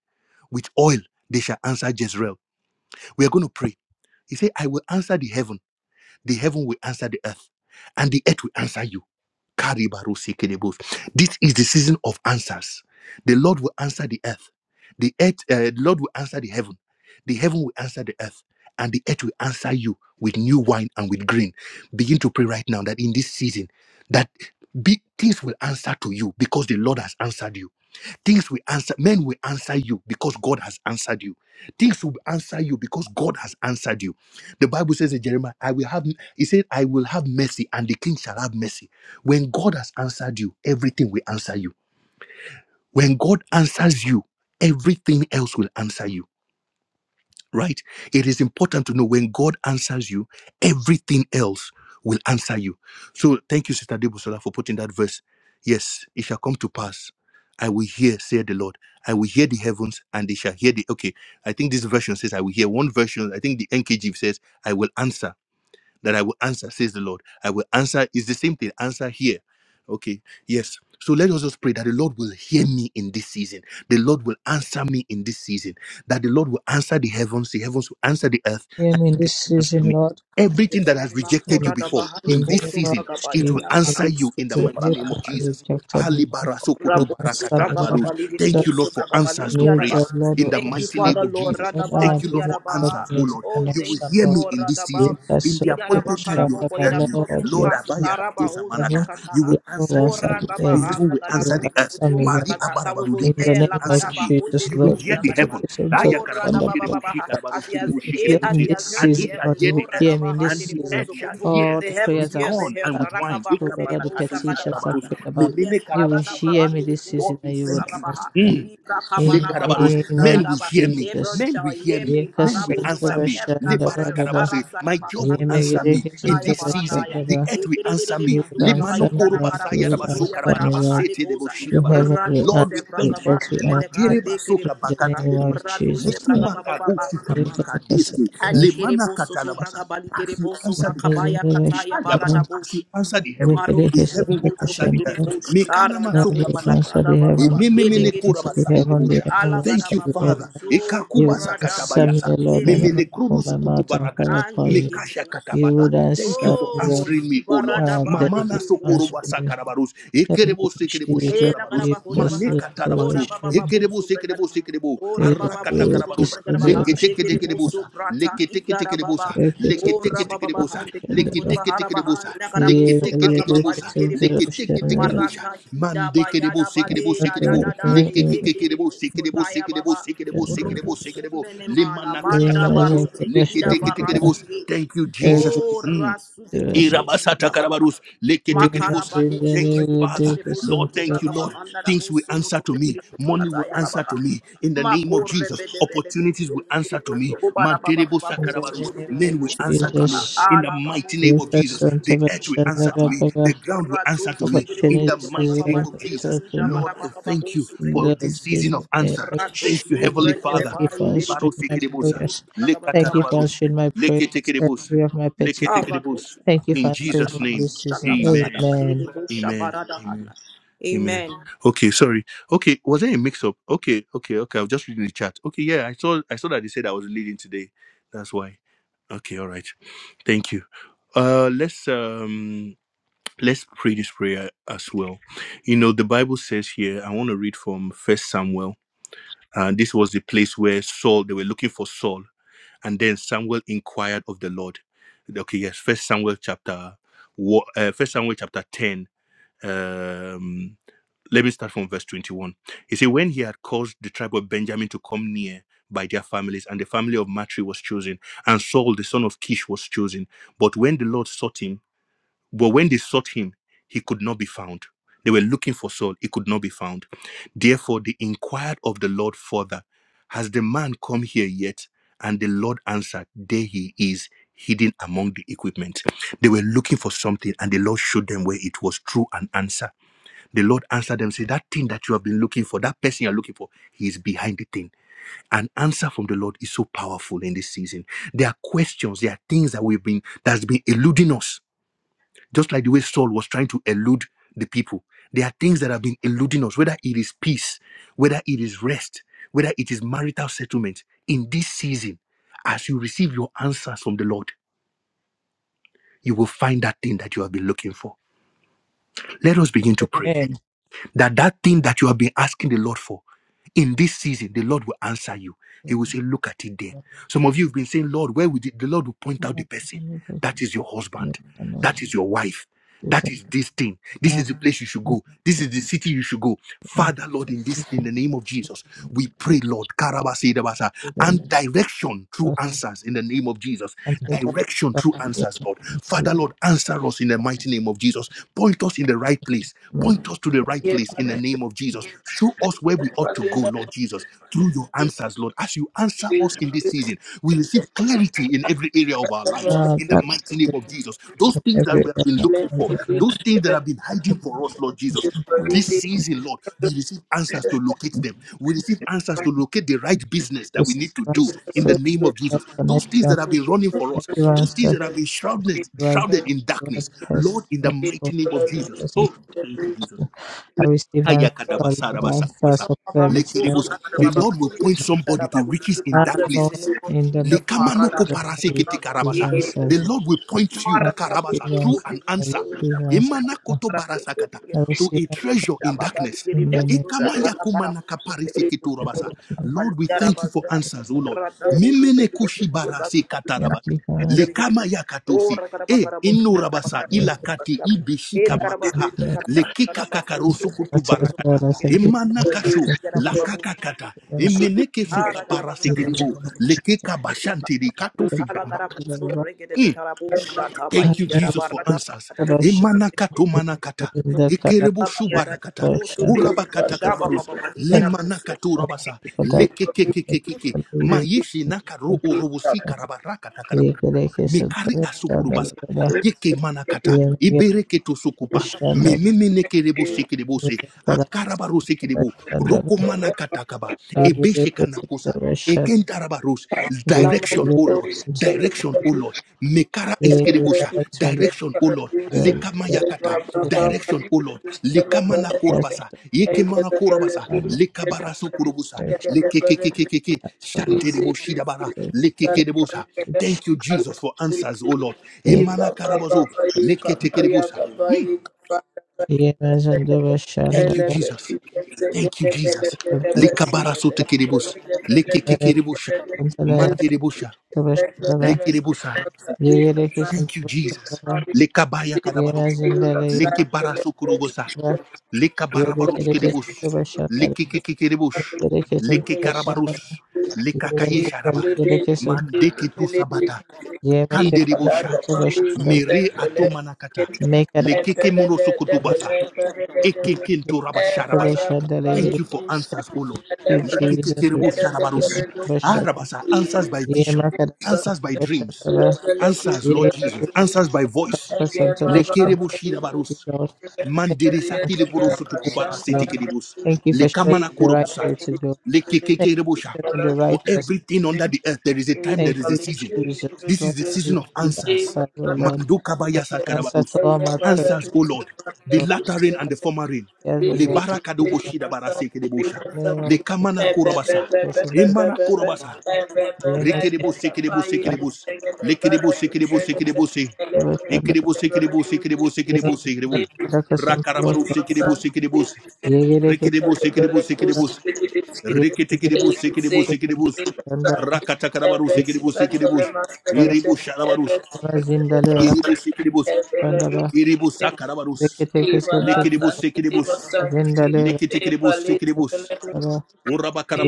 D: with oil they shall answer Jezreel. We are going to pray. He said, I will answer the heaven, the heaven will answer the earth, and the earth will answer you. Karibarusekelebos. This is the season of answers. The Lord will answer the earth. The earth, uh, the Lord will answer the heaven. The heaven will answer the earth, and the earth will answer you with new wine and with green. Begin to pray right now that in this season, that big things will answer to you because the Lord has answered you Things will answer, men will answer you because God has answered you. Things will answer you because God has answered you. The Bible says in Jeremiah, I will have, he said, I will have mercy and the king shall have mercy. When God has answered you, everything will answer you. When God answers you, everything else will answer you right? It is important to know when God answers you, everything else will answer you. So thank you, Sister Debosola, for putting that verse. Yes, it shall come to pass. I will hear, said the Lord. I will hear the heavens and they shall hear the. Okay, I think this version says, I will hear. One version, I think the NKJV says, I will answer that I will answer, says the Lord. I will answer. It's the same thing. Answer here. Okay. Yes. So let us just pray that the Lord will hear me in this season. The Lord will answer me in this season. That the Lord will answer the heavens, the heavens will answer the earth,
C: Hear
D: and
C: me in
D: the earth
C: this
D: will answer
C: season,
D: me.
C: Lord. and hear
D: Everything that
C: my
B: Amen.
D: has rejected you
C: prayer.
B: Makora da
D: before
B: bahandi
C: In
D: in
C: the
D: this
C: name
B: koso
C: of
D: season,
B: bragabai
D: it
C: Jesus,
D: will
B: na
C: in
D: answer
C: this
D: you in the
C: season,
D: mighty name
C: everything
D: of
B: kara.
C: that
D: Jesus.
C: rejected me,
D: Ali
C: Lord, will
D: barasokoto
C: answer me,
D: barakatarabarus.
C: Lord.
D: Thank
C: Job,
D: you, Lord, for answers to
C: new job,
D: prayers
C: Lord,
D: in
C: will
D: the
B: Thank you,
D: mighty
C: answer
D: name
B: Father,
D: of
C: me,
B: Lord
D: Jesus.
C: Lord.
B: Radaba,
C: Ah,
D: Thank you, Lord,
C: business
D: for
B: Digaraba.
D: answers, oh
C: opportunity,
D: Lord.
B: Oh,
D: You will
B: thank
C: connection,
B: you,
D: hear
C: Lord.
D: me
B: Lord
D: in this season.
B: Radaba.
C: Ye
D: In the
B: Digaraba
D: appointed time, you
B: Karabo,
C: Kasantarashana,
D: have
B: for
C: my
B: it
D: heard
B: has
D: me.
B: come to
C: Lord, you
D: Lord,
C: have
B: pass.
C: answered
D: Abaya
B: Araba
C: to
D: Katusa
B: Hosa
C: heaven.
D: Manaka, you
B: Brakataha.
D: will
C: You have
D: answer the
B: Oh,
C: answered to
D: heaven.
B: Ragaba,
D: The
C: earth.
D: heaven
C: Lord,
D: will
C: You
D: answer the
C: have
B: Ragadabozo,
D: earth.
C: answered me,
B: Kutu
C: Lord.
D: Marie
B: Brakata. That we
D: Abarabaru,
B: will
D: the
C: In the
D: earth
B: hear
D: will
C: name of
D: answer
B: Lakaraba,
D: me.
C: Jesus,
B: Hundiri
D: You will
C: Lord, we
D: hear
B: Bosa
D: the
C: put your
B: Garaba.
D: heaven.
C: face on top
D: Aya
B: Oh,
C: of the thunder,
B: Radaba
D: Karabaruski
C: blah, blah,
B: Baba,
D: Debu,
C: blah,
D: Shi
B: Baha.
C: blah.
B: as he
D: Karabaruski
B: has
C: You
D: Debu, Shi
B: eh,
C: hear
D: Kedebu,
B: as
C: me
B: he
D: Shi.
B: has
C: this
B: heard
D: And
B: the
D: they
C: season,
D: shall
C: Lord.
B: heavens.
C: You
D: hear
B: Oh,
C: will
D: the earth,
C: hear me
B: Radaba,
C: in
D: and
C: this
B: Handiri
D: the
C: season.
D: earth
B: Bozo,
D: shall
B: Kutu.
D: hear
C: All
B: The
C: the
B: the heavens,
C: prayers
D: with
C: I've,
B: hear the
C: s-
D: corn and
B: earth.
C: I've
D: with wine.
C: asked,
B: Rakaba
C: oh
D: Eka
C: Lord,
B: hundere
C: all the
B: bosa
D: Manakato, Shi
C: petitions
B: kadabaha.
C: I've
D: Karabarus,
C: prayed
B: Oh
C: about,
D: Memene
B: yes,
C: you will
B: marada
D: Karabasu
C: hear me
D: Karabarus.
B: bahandere
C: this
B: bosa.
D: Lord,
C: season
D: we
C: and you would
D: thank you.
B: Libragabaha,
C: answer.
D: Mm.
B: Libra
C: In the
B: Kabarabaha,
D: Lekarabarus.
C: name
B: Libra
D: Men
C: of
D: will
B: Gadaba,
D: hear me.
B: Abram
C: Jesus.
D: Men
B: shall
D: will hear
B: hear
D: me.
B: me,
D: Men will
B: Marabu
D: answer
B: Zuba,
D: me.
B: heaven has
C: Yekasontabashanda, blah,
B: heard us,
C: blah, blah.
B: Sara
D: Lebarakarabase. My
B: Sadaba,
D: job will
B: Kandiki,
D: answer me in
B: Raya
D: this season.
B: Baradaya,
C: Yemegerekesontabashanda,
D: The
C: blah.
D: earth will answer me.
C: You
B: Ekiribusu
C: would answer me,
B: Bragabayina,
C: Lord. You
B: Karabusu,
C: would
B: Tuya
C: answer me,
B: Baraba,
C: Lord.
B: Haligosa,
C: You have
D: Lemanokorobasayarabasokarabarabasete-deboshidabarus.
C: already
B: Radu
D: Lord, we
C: asked the
D: thank you.
B: Sebragaba,
C: earth we answered
B: Reveleka,
C: in the
B: Dekiribuka,
C: name of
D: Materebasokabakantelebosha.
B: Radu
C: Jesus. Lord.
B: Sebragababa,
C: You have us
D: Lekimakagosikamakadiske.
C: into Russia,
B: Anikere boso to braga
D: Lemanakatalabasa.
B: balikere
D: As you
B: boso
D: answer
C: the
D: the
B: braka
D: earth,
C: amazing
B: baya
D: the
C: Russia,
B: kataya
D: ayabara,
B: barada
C: the
D: as
B: bosh.
D: you answer the heaven,
B: Maro
C: Zikiri
B: to
D: the
C: his
B: bo bo
D: heaven
B: bo
D: will
B: so
D: answer
C: intercession.
D: the
B: bregere
D: earth.
C: Lord.
B: bosh. Arada
C: God, you would
B: boso
C: answer
D: Mekanamasokamanakata.
B: braga
C: the
B: baba
C: heaven,
B: ba.
C: you
B: Ele
D: Emememene
C: would
B: gere
C: answer the
D: korabasa
B: bosa.
C: heaven, the
D: idebusha.
C: heaven
B: Ala
C: will
D: Thank
B: gada
C: answer
D: you,
C: the
B: babu
C: earth.
D: Father.
C: Lord.
B: boso
C: You would
D: Ekakubasa
B: brada
C: answer me,
B: boso.
C: O
D: katabayata.
C: Lord, I
B: Ele
C: never
D: Memene
B: gere
C: put
D: krudusu
C: my
B: bosh.
C: mouth and call
D: kutubarakata.
C: upon
B: Anye
C: you.
B: gere
D: Mekasha
B: boso.
C: You
D: katabata.
C: would
D: Thank you
C: answer
D: for
C: me,
B: Oh,
C: Lord.
D: answering me, O Lord.
B: zibarada
C: Ah,
B: ba
C: thank
B: de
C: you
D: Mamana
B: gere
C: for
B: boso.
D: sokoroba
C: answering me.
D: sakarabarus.
C: Thank
D: Ekerebo
C: you,
D: sekerebo
C: Jesus.
B: Ela
D: shikarabarus.
C: You
B: garaba
C: have
B: hodo
C: us
D: Mane
B: baha.
C: into
B: Ora
D: katarabasu.
B: baba
C: Russia.
D: Ekerebo
B: babozo
D: sekerebo
B: brekada baha.
D: sekerebo.
B: Ora
C: You
B: baba
D: Arakata
B: bozo
C: have
B: kutu
D: karabarus.
C: us
B: brekada
C: into
B: baha.
C: Russia.
B: Ekere
D: Likitikitikidibusa,
B: bozo brata igara
D: likitikitikidibusa,
B: baba. Ora baba baha.
D: likitikitikidibusa,
B: Deke bozo
C: Rekete-kesendere,
B: kutu baha ra baha.
D: likitikitikidibusa,
B: Lekara bozo brata baba.
D: likitikitikidibusa,
B: Ligere bozo.
C: yemezente-kesendere,
D: likitikitikidibusa,
B: Marata kinda bayada baleda da
D: mandikidibusikidibusikidibu,
B: da da de.
C: yemezente-kesendere,
B: Ekere bozo taya baba. Roko
D: likikikikidibusikidibusikidibusikidibusikidibu,
B: sumbe ne mana. Manda
D: limanakatakabarus,
B: barote kinda
C: yemezente-kesendere.
D: likitikitikidibusa.
B: barasuge.
D: Thank you, Jesus.
B: Oh,
D: Mm.
B: rasu de kere
D: Irabasata
B: bozo.
D: karabarus,
C: In the name of
D: leketekerebosa.
B: Makarababo
D: Thank you, Father.
B: subregere bozu
D: Lord, thank
B: kutubra
D: you,
B: kaba
D: Lord.
B: andara
D: Things will
B: bozu
D: answer to me.
B: kutubregere
D: Money
B: kata
D: will
B: ya baba.
D: answer
B: baba.
D: to me. In the name of
B: Makorre
D: Jesus,
B: bede bede bozu
D: opportunities will answer
B: kutubregere
D: to me.
B: bozu kubara baba baba
D: Manterebosa
B: bozu
D: karabarus,
B: kutubregere
D: Men will
B: bozu
D: answer to
B: kutubra
D: me.
C: Jesus,
D: In the
B: ala babo
D: mighty name
C: give
D: of
B: bozu
C: us
D: Jesus,
B: kutubregere
C: unto
D: the
C: my
B: bozu
D: earth will
B: kutubra
D: answer to
B: kaba.
D: me. The
C: Baba.
D: ground will answer to
B: Ratuzu
D: me.
B: begere
D: In
B: bozu
D: the
B: kutubra
D: mighty
B: kaba
D: name of
B: bandigere
D: Jesus,
B: bozu
C: Opportunities
D: Lord,
B: jabara
D: I
B: baba baba
D: thank you
B: bozu
D: for
B: bregere
C: Lord, in
B: bozu.
D: this season
C: the
D: of
C: name
D: answer.
C: of
D: Thank you,
C: Jesus,
B: Ratuzu
D: Heavenly
B: bregere
C: thank
D: Father.
C: you
B: bari
C: for
B: gere
C: answering
B: bozu
C: my
B: bregere
D: Libarusekerebosa,
C: prayers.
B: bozu kaba baba
C: Thank you
B: baba.
C: for
D: lekatarabarus,
C: answering my prayers,
D: leketekerebosa.
C: every of my petitions.
D: Leketekedebos.
B: Aratuzu
C: Thank you for
D: In
C: answering
D: Jesus'
C: me in
D: name.
C: this season.
B: shaka braga da
D: Amen.
B: bari
C: Amen.
B: bozu
D: Amen.
B: shabara da
D: Amen.
B: hana.
D: Amen.
B: Amen.
D: Okay, sorry. Okay, was there a mix up? Okay, okay, okay. I was just reading the chat. Okay, yeah, I saw I saw that they said I was leading today. That's why. Okay, all right. Thank you. Uh let's um let's pray this prayer as well. You know, the Bible says here, I want to read from First Samuel. And this was the place where Saul, they were looking for Saul and then Samuel inquired of the Lord. Okay, yes, First Samuel chapter, wa- uh, First Samuel chapter ten. Um, let me start from verse twenty-one. He said, when he had caused the tribe of Benjamin to come near by their families, and the family of Matri was chosen, and Saul the son of Kish was chosen. But when the Lord sought him, but when they sought him, he could not be found. They were looking for Saul, he could not be found. Therefore, they inquired of the Lord further, Has the man come here yet? And the Lord answered, There he is, hidden among the equipment. They were looking for something, and the Lord showed them where it was through an answer. The Lord answered them, Say, That thing that you have been looking for, that person you're looking for, he is behind the thing. An answer from the Lord is so powerful in this season. There are questions, there are things that we've been that's been eluding us just like the way Saul was trying to elude the people. There are things that have been eluding us, whether it is peace, whether it is rest, whether it is marital settlement. In this season, as you receive your answers from the Lord, you will find that thing that you have been looking for. Let us begin to pray.
C: Amen.
D: that that thing that you have been asking the Lord for in this season, the Lord will answer you. He will say, Look at it there. Some of you have been saying, Lord, where would it? The Lord will point out the person. That is your husband. That is your wife. That is this thing. This is the place you should go. This is the city you should go. Father, Lord, in this, in the name of Jesus, we pray, Lord, Karabasidabasa, and direction through answers in the name of Jesus. Direction through answers, Lord. Father, Lord, answer us in the mighty name of Jesus. Point us in the right place. Point us to the right
F: Yet
D: place
F: I
D: in the name of Jesus. Show us where we ought to go, Lord Jesus, through your answers, Lord. As you answer
F: will
D: us in this season, we receive clarity in every area of our lives in the mighty name of Jesus. Those things that
C: Every
D: we have been looking
F: bless
D: for,
F: the
D: those
F: beast
D: things that have been hiding for us, Lord Jesus.
F: for the
D: This
F: day,
D: season, Lord, we receive answers to locate them. We receive answers to locate the right business that we need
C: of my
D: to do in
C: prayers,
D: the name of
C: that
D: Jesus. Those things
C: connection,
D: that have been running for us, those
C: everyone's
D: things
C: the
D: that have been shrouded,
C: right,
D: shrouded in
C: right
D: darkness,
C: person.
D: Lord, in the
C: That's
D: mighty
C: what
D: name of
F: Father, to
D: Jesus.
C: person
D: Oh, thank you, Jesus.
C: to. I receive answers,
B: We
C: answers
D: Ayakadabasarabasarabasa.
C: for clarity
B: give
C: and
D: Lekerebosa.
C: for
D: The
C: that.
D: Lord will point somebody to riches in
C: Ah,
D: dark
B: answers in
C: Lord,
B: the name
D: places.
B: of
C: in the
B: Jesus.
C: name of
B: Marada
D: Lekamanoko
C: Jesus, I
B: Bosu
D: parasekete
C: receive
D: karabasa. The
B: Baba.
C: answers.
D: Lord will point
C: I
D: you,
B: Ora
D: Karabasa,
C: receive
D: through
C: answers.
D: an
C: I
D: answer.
C: receive answers.
D: Emanakoto barasakata,
C: I
D: To
C: receive
D: a
C: answers
D: treasure in darkness.
C: in the name of
D: Ikamayakumanaka pariseketo rabasa.
C: God.
D: Lord, we thank you for answers, O Lord. Mimenekushi barasekata
C: Thank you
D: rabasa.
C: for answers.
D: Lekama yakatosi. E inurabasa ilakati ibishika
C: Thank you,
D: makaha.
C: Lord.
D: Lekika kakarusu kutu
C: Answers, Lord.
D: barakata.
C: I thank you for
D: Emana kashu
C: Thank you
D: lakakakata. Emeneke suka parasekiribu. Lekeka bashantiri katosi gambakata.
B: Alagarabusu bregede
D: Mm.
B: bekarabu shata ba
D: Thank you,
B: igara
D: Jesus, for
B: barada
D: answers.
B: da busu to
D: Emana kato manakata. Ekerebo
B: baba yada
D: shubarakata.
B: busu bregede
D: Urabakata
B: busha baba
D: karabarus.
B: baba igara
D: Lemana
B: busu
D: kato urabasa. Lekekekekekeke. Mayishi nakaru urubusi
C: Thank
D: karabarakata mekari asukurubasa yeke manakata ibereke to sukupa mememene kerebo sekerebo se akarabaru sekerebo roko manakata kaba ebeshe Eken Tarabaros, direction, O Lord,
F: see the people
D: direction, O
F: of Lord.
D: Lord. Mekara Iskerebosha,
F: Thank
D: direction, O Lord. Lekamayakata,
C: you.
D: direction, O Lord. Lekamana
C: That's
D: Korabasa,
C: the
D: Yekemana Korabasa,
C: element
D: Lekabarasu Kurubusa,
C: the
D: Lekekekekeke, Shantereboshidabara, Lekekerebosa.
C: church.
D: Thank you, Jesus, for answers, O Lord.
C: He
D: Emana Karabazo, Leketekerebosa. Hmm.
C: is in the
D: Thank you,
C: Vishandava,
D: Jesus. Thank you, Jesus.
C: the
D: Likabara sote kiribus. Leke
C: Vishandava, the Vishandava,
D: Lekiribusa.
F: you. Thank
C: Yerekis and
D: Thank you, Jesus.
C: Vishandava,
D: Lekabaya kadabarus.
C: Yemas in the Layerava,
D: Lekibarasokurubusa. Lekabarabarus
C: Yerekis
D: kiribus.
C: and Vishandava,
D: Lekikikiribus.
C: Yerekis and Vishandava,
D: Lekikarabarus.
C: Yemas in the
D: Lekakayesharaba.
C: Layerikis and
D: Mandeke tusabata.
C: Yemakis
D: Kanderibusha.
C: and Vishandava,
D: Mere atumanakata.
C: Make it up
D: Lekeke
C: and
D: munosukutubasa.
C: the
D: Ekekenturabasharabasa.
C: Vishandava,
D: Thank you for answers, O Lord.
C: you, Jesus.
D: Lekekekeribusharabarus. Arabasa, answers
F: you.
D: by
C: Yema
D: vision,
C: kada
F: Thank
D: answers
C: kasanta
D: by dreams.
C: bashataba.
D: Answers, Lord
C: Yema
D: Jesus.
C: kada
D: Answers by voice.
C: kasanta bashataba.
D: Lekerebo
C: Thank you,
D: shirabarus.
C: Lord. Thank you for
D: Manderesa
C: answering our
D: kileboroso
C: prayers,
D: tukubara
C: Lord.
D: setekelebos.
C: Thank you for showing
D: Lekamana
C: me the right
D: korobosa.
C: way to go. Thank you
D: Lekekekerebosha.
C: for showing me the
D: For
C: right person.
D: everything under the earth, there is a time, there
C: Thank
D: is a
C: you,
D: season.
C: Jesus.
D: This
C: Lord,
D: is the
C: I
D: season of
C: receive
D: answers.
C: answers, oh Lord.
F: you.
D: Mando
C: I receive
D: kabayasa
C: answers to
D: karabaros.
C: all my prayers,
D: Answers, O Lord. The
C: Lord.
D: latter rain
C: I
D: and the
C: receive
D: former rain.
C: prayers, oh Lord. I
D: Lebara
C: receive
D: kadobo
C: answers
D: shidabara
C: in
D: sekelebosha.
C: the name of Jesus.
D: Lekamana korobasa.
C: Yes, and thank
D: Emana korobasa.
C: you.
D: Rikidibus, sikidibus, sikidibus. Likidibus, sikidibus, sikidibus.
C: Amen.
D: Ikidibus, sikidibus, sikidibus,
C: ये
D: sikidibus, sikidibus.
C: रखा Sanskrit
D: Rakarabaru,
C: शब्द
D: sikidibus,
F: Thank
D: sikidibus.
F: you.
C: ये
F: Thank
C: ये
F: you.
C: देखे
D: Rikidibus, sikidibus, sikidibus.
C: ये जिंदा
D: Rikitikidibus, sikidibus,
C: के
D: sikidibus.
C: चंदा
D: Rakatakarabaru,
C: ये जिंदा
D: sikidibus, sikidibus. Iribus, shalabarus.
C: के बाद जिंदा ले रखा
D: Iribus, sikidibus.
C: चंदा
D: Iribus,
C: देखे
D: sakarabarus.
C: थे के
F: Evala
C: संस्कृत
D: Likidibus,
F: Santi
C: शब्द
F: Eva
D: sikidibus.
C: जिंदा ले
F: Sankiti
C: रखा
F: Eva
D: Likitikidibus,
F: Lesi
D: sikidibus.
F: Velebros
C: चंदा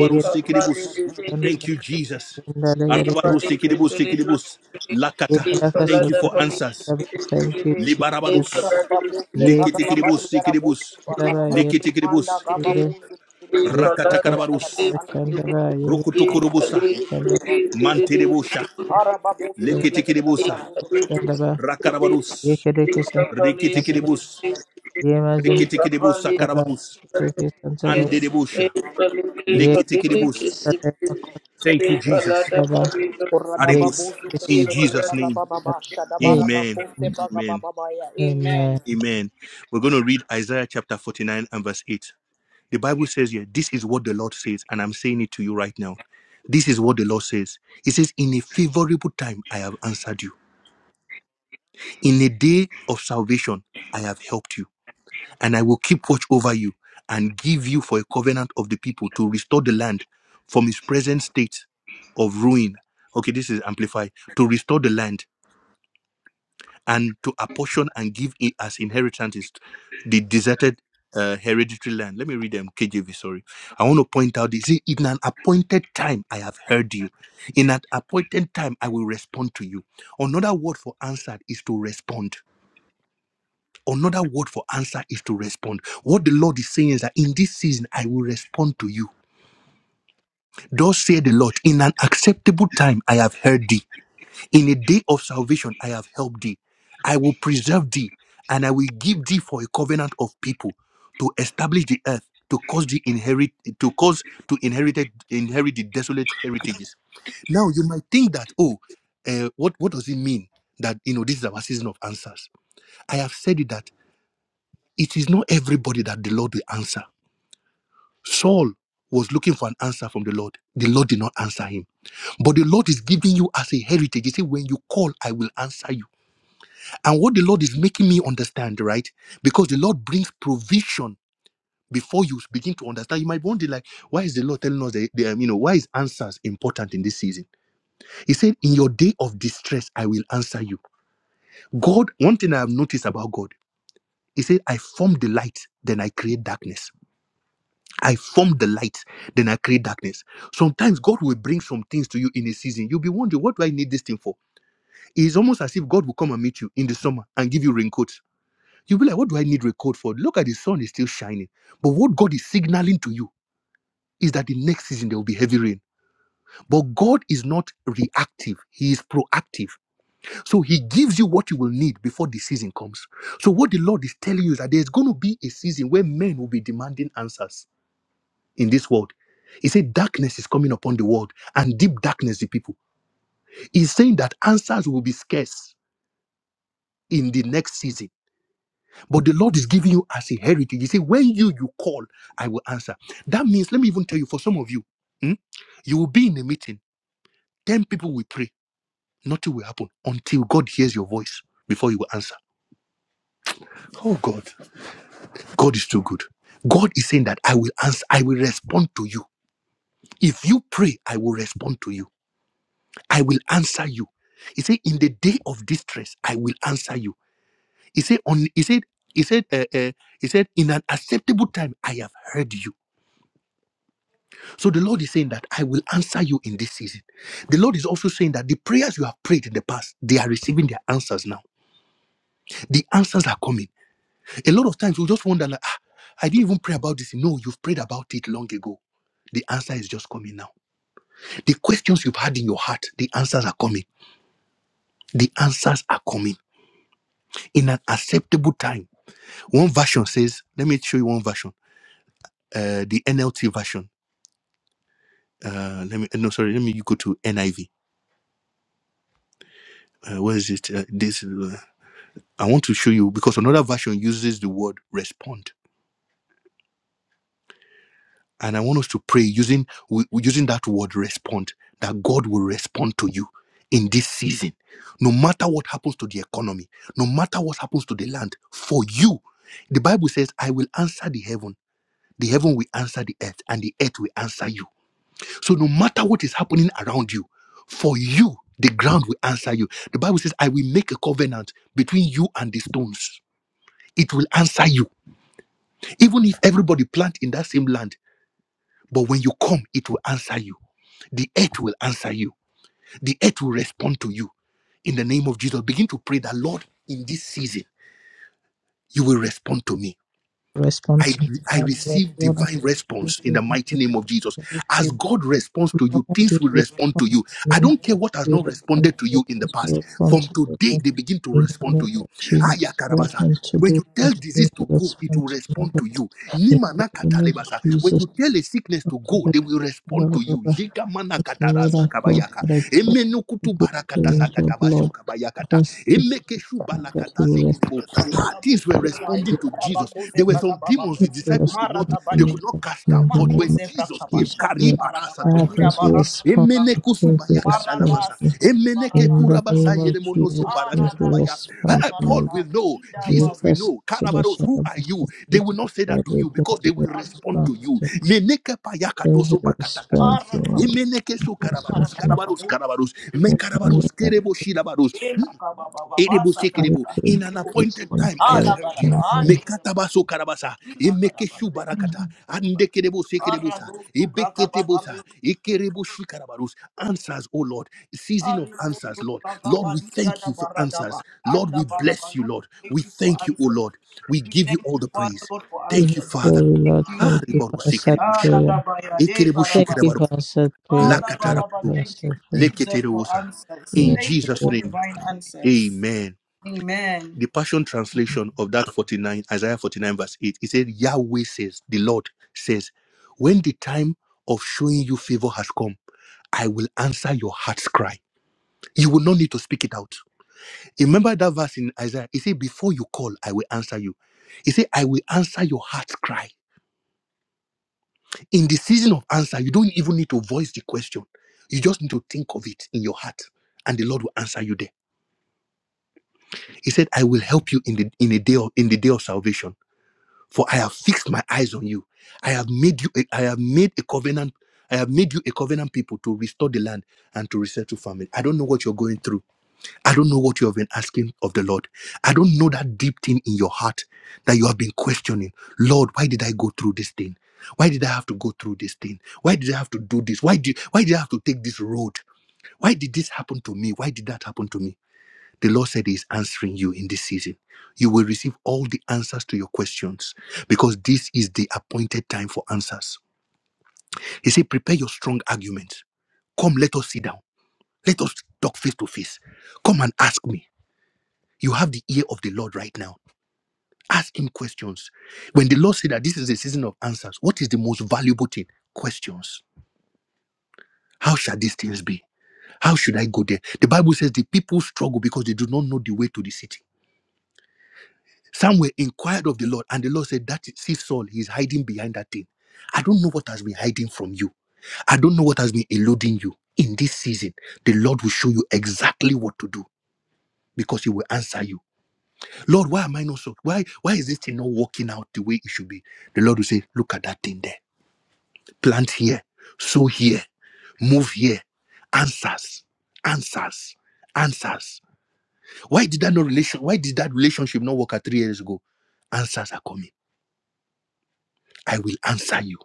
C: ये ये देखे
D: Thank
C: चंदा
D: you,
F: Vali
D: Jesus.
C: जिंदा ले
F: De
C: ये देखे
F: pali pripali do
D: Arabarusikidibus,
F: pripali.
C: ये
D: Lakata.
F: de
C: रखा
D: Thank you
F: palada
D: for
C: Sanskrit
F: pali
D: answers.
C: शब्द
F: de
C: thank you
F: pali de
C: Jesus
F: pala da
D: Libarabarus.
B: baba
F: pali
C: ये
B: busu
C: you,
B: baba
C: Jesus.
B: baba
D: Likitikidibus,
B: igara
D: sikidibus.
B: busu baba baba
C: ये
B: manda
D: Likitikidibus.
B: baba
F: de pali de
C: yegere,
B: busu bregede
F: pali de
B: busu
F: pala
C: yekaraka,
B: baba baba
F: de pali pripali de pali de palada de
D: Rakatakabarus.
F: pala
B: anti
C: sotaba, ये
F: da de
D: Rukutukurubusa.
F: pali
B: bregede busu
F: pripali de pali de
D: Mantidibusha.
B: ara
C: yegerendaba,
F: de
B: babusu
F: pripali
B: bregede
F: de de
D: Likitikidibusa.
B: bekarabusu
C: Shandaba,
B: bregede
C: ye
D: Rakarabarus.
C: kereke shandaba,
F: pali pripali
C: shandaba,
D: Rikitikidibus.
F: de de palada de pali
C: ye mazin
F: de pali de
D: Rikitikidibusa
F: pripali
C: daga,
F: de
D: karabarus.
C: kereke shandaba,
F: kere Shake
D: Andidibusha.
F: it, e balike balide
C: ye
F: Baba ke
D: Likitikidibus.
F: shake
C: kereke
D: Thank
F: sikri
D: you,
F: e
D: Jesus.
F: balada
C: shandaba,
F: balido
B: Orada
C: ye
F: sikri
D: Aribus.
B: babusu
C: kereke
F: e
D: In
B: bregede
D: Jesus'
B: bekarabu
D: name.
B: baba baba
C: shandaba.
B: shada
C: Hey,
B: bara
D: Amen.
B: babusu baba
D: Amen.
B: baba ya amen
C: amen.
D: Amen. We're going to read Isaiah chapter 49 and verse 8. The Bible says here, This is what the Lord says, and I'm saying it to you right now. This is what the Lord says. He says, In a favorable time, I have answered you. In a day of salvation, I have helped you. And I will keep watch over you and give you for a covenant of the people to restore the land from its present state of ruin. Okay, this is amplified. To restore the land and to apportion and give it as inheritance is the deserted uh, hereditary land. Let me read them, KJV, sorry. I want to point out this. "See, In an appointed time, I have heard you. In an appointed time, I will respond to you. Another word for answered is to respond. Another word for answer is to respond. What the Lord is saying is that in this season, I will respond to you. Thus said the Lord, in an acceptable time, I have heard thee. In a day of salvation, I have helped thee. I will preserve thee, and I will give thee for a covenant of people to establish the earth, to cause the inherit, to cause to inherit it- inherit the desolate heritages. Now you might think that, oh, uh, what what does it mean that you know this is our season of answers? I have said it that it is not everybody that the Lord will answer. Saul was looking for an answer from the Lord. The Lord did not answer him. But the Lord is giving you as a heritage. He said, When you call, I will answer you. And what the Lord is making me understand, right? Because the Lord brings provision before you begin to understand. You might wonder, like, why is the Lord telling us that, that, um, you know, why is answers important in this season? He said, In your day of distress, I will answer you. God, one thing I have noticed about God, He said, I form the light, then I create darkness. I form the light, then I create darkness. Sometimes God will bring some things to you in a season. You'll be wondering, what do I need this thing for? It's almost as if God will come and meet you in the summer and give you raincoats You'll be like, what do I need record for? Look at the sun is still shining. But what God is signaling to you is that the next season there will be heavy rain. But God is not reactive, He is proactive. So He gives you what you will need before the season comes. So what the Lord is telling you is that there's going to be a season where men will be demanding answers in this world. He said, darkness is coming upon the world and deep darkness the people. He's saying that answers will be scarce in the next season But the Lord is giving you as a heritage. He said, When you you call, I will answer. That means, let me even tell you, for some of you, hmm, you will be in a meeting, 10 people will pray, nothing will happen until God hears your voice before you will answer. Oh God, God is too good. God is saying that I will answer, I will respond to you. If you pray, I will respond to you. I will answer you. He said, In the day of distress, I will answer you. He said, on he said, he said, uh, uh, he said, in an acceptable time, I have heard you. So the Lord is saying that I will answer you in this season. The Lord is also saying that the prayers you have prayed in the past, they are receiving their answers now. The answers are coming. A lot of times we just wonder, like, ah, I didn't even pray about this. No, you've prayed about it long ago. The answer is just coming now. The questions you've had in your heart, the answers are coming. The answers are coming in an acceptable time. One version says, let me show you one version. Uh, the NLT version. Uh, let me no, sorry. Let me you go to NIV. Uh, where is it? Uh, this. uh, I want to show you because another version uses the word respond. And I want us to pray using wi- using that word respond, that God will respond to you in this season. No matter what happens to the economy, no matter what happens to the land, for you, the Bible says, I will answer the heaven, the heaven will answer the earth, and the earth will answer you. So no matter what is happening around you, for you, the ground will answer you. The Bible says, I will make a covenant between you and the stones. It will answer you Even if everybody plant in that same land, but when you come, it will answer you. The earth will answer you. The earth will respond to you. In the name of Jesus, begin to pray that, Lord, in this season, you will respond to me.
C: Respond
D: I,
C: to
D: I
C: God that
D: receive
C: one of
D: divine
C: the
D: response in
C: people
D: the
C: who
D: mighty
C: is
D: name of Jesus.
C: very
D: As
C: free.
D: God responds to you,
C: Lord, you
D: things will
C: to
D: respond
C: respond
D: to you.
C: to
D: I
C: me.
D: don't care what has
C: You
D: not
C: respond to
D: responded to
C: me.
D: you in the
C: Please
D: past.
C: respond
D: From
C: to me.
D: today,
C: Lord.
D: they begin to
C: In the
D: respond
C: name
D: to
C: of
D: you.
C: Jesus,
D: Aya karabasa.
C: welcome
D: When
C: today.
D: you tell
C: Please begin
D: disease
C: to
D: to go, it
C: respond
D: will
C: to me,
D: respond to
C: Lord.
D: you.
C: In
D: Nima
C: the
D: na
C: name of
D: katalebasa. When
C: Jesus.
D: you tell a sickness
C: It's
D: to go, they will
C: the
D: respond to you. Jika mana
C: Lord
D: katarasa
C: I thought
D: kabayaka.
C: that I could
D: Emenu kutu
C: give to in
D: barakatasa katabashu
C: As
D: kabayakata.
C: I speak to
D: Emekeshu shu
C: him, that he
D: balakatasi
C: will rest.
D: kerebo.
C: That
D: Ah, Things were
C: he will
D: responding
C: give
D: to
C: the
D: Jesus.
C: rest.
D: There were
C: And
D: some demons the
C: put the
D: disciple
C: rest
D: could not
C: in the
D: they
C: name
B: Maradabadi,
D: could not cast
C: in
D: out.
C: the
D: But
C: name
D: when
C: of
B: Marcozebra,
D: Jesus came,
C: Jesus.
B: Kabbashadi,
C: Lord.
D: Kariba rasa
C: Ah,
B: Maradakira,
C: things
D: tomanakata.
C: will respond.
B: Marasutubra,
D: Emene kusu
C: Things will
D: bayakata
C: respond to
D: lamasa.
B: Maradas,
C: me.
D: Emene ke
C: In
B: Kilibaradas,
C: the
D: purabasa
C: name of
D: yeremono so
C: Jesus, things will
D: parakadabaya.
B: Arradus,
C: respond
D: Eh,
C: to
D: Paul
C: me.
D: will know.
B: Maradida,
C: Leave
D: Jesus will
B: Baru,
C: us
D: know.
C: to the
D: Karabaros,
C: shadow
D: who
C: of
D: are
C: us.
D: you? They
C: Speak
D: will
C: to the
D: not say that
C: Lord.
D: to
C: Things
D: you because they
C: will
D: will respond
C: respond.
D: to
B: Alu,
D: you.
C: to
D: Meneke payakato
C: Those
D: so
C: are
D: bakatakata.
C: spelled
B: Arrabu,
D: Emeneke so karabaros,
C: consumption
D: karabaros,
B: Kutubkarababu,
D: karabaros. Me
C: of
D: karabaros,
C: the
D: kerebo shirabaros. Hmm. Erebo
B: Elakabababasa,
D: sekerebo.
C: stupid
D: In an appointed
B: Kira,
C: distant
D: time, I have
C: of
D: heard
B: Alagada,
D: you.
C: Chandra.
B: Aligada,
D: Mekatabaso karabasa.
B: Kina,
D: Emekeshu
B: Karaband,
D: barakata. Andekerebo sekerebosa.
B: Arradusutubra, Kabbababu.
D: Ebeketebosa. Ekerebo shikarabarus. Answers, O Lord. Season of answers, Lord. Lord, we thank you for answers. Lord, we bless you,
B: Lord,
D: Lord.
B: we
D: We
B: thank you for
D: thank you, O
B: answers.
D: Lord. We
B: We
D: give you
B: thank
D: all
B: you,
D: the
B: Father
D: praise.
B: Lord, for
C: Give
D: Thank you,
B: answers.
D: Father.
C: glory,
B: Thank
C: Lord.
B: you,
D: Ah,
C: Thank you for
D: reboru
B: Jesus.
C: answered
B: Ah,
D: sekerebusha.
C: prayer.
B: radabaya, De
D: Ekerebo
C: Thank
B: Karaba.
C: you
D: shikarabaru.
C: for answered
B: Oh,
C: prayer. Thank you
B: labaraba.
D: Lakatarabatu.
C: for
B: Thank you,
C: answered prayer.
B: Jesus, for
D: Leketerosa.
B: answers.
D: In
C: Yes,
B: Thank you
D: Jesus'
B: for
C: Lord.
D: name,
B: divine answers.
D: amen
B: Amen.
D: the Passion Translation of that 49, Isaiah 49, verse 8, it said, Yahweh says, the Lord says, when the time of showing you favor has come, I will answer your heart's cry. You will not need to speak it out. Remember that verse in Isaiah. It said, Before you call, I will answer you. It said, I will answer your heart's cry. In the season of answer, you don't even need to voice the question. You just need to think of it in your heart. And the Lord will answer you there. He said, I will help you in the in a day of in the day of salvation. For I have fixed my eyes on you. I have made you. A, I have made a covenant. I have made you a covenant people to restore the land and to resettle family. I don't know what you're going through. I don't know what you have been asking of the Lord. I don't know that deep thing in your heart that you have been questioning. Lord, why did I go through this thing? Why did I have to go through this thing? Why did I have to do this? Why did why did I have to take this road? Why did this happen to me? Why did that happen to me? The Lord said He's answering you in this season. You will receive all the answers to your questions because this is the appointed time for answers. He said, Prepare your strong arguments. Come, let us sit down. Let us talk face to face. Come and ask me. You have the ear of the Lord right now. Ask Him questions. When the Lord said that this is the season of answers, what is the most valuable thing? Questions. How shall these things be? How should I go there? The Bible says the people struggle because they do not know the way to the city. Samuel inquired of the Lord, and the Lord said, That is, see Saul, he's hiding behind that thing. I don't know what has been hiding from you. I don't know what has been eluding you. In this season, the Lord will show you exactly what to do because he will answer you. Lord, why am I not so? Why, why is this thing not working out the way it should be? The Lord will say, Look at that thing there. Plant here, sow here, move here. Answers, answers, answers. Why did that no relation? Why did that relationship not work out three years ago? Answers are coming. I will answer you.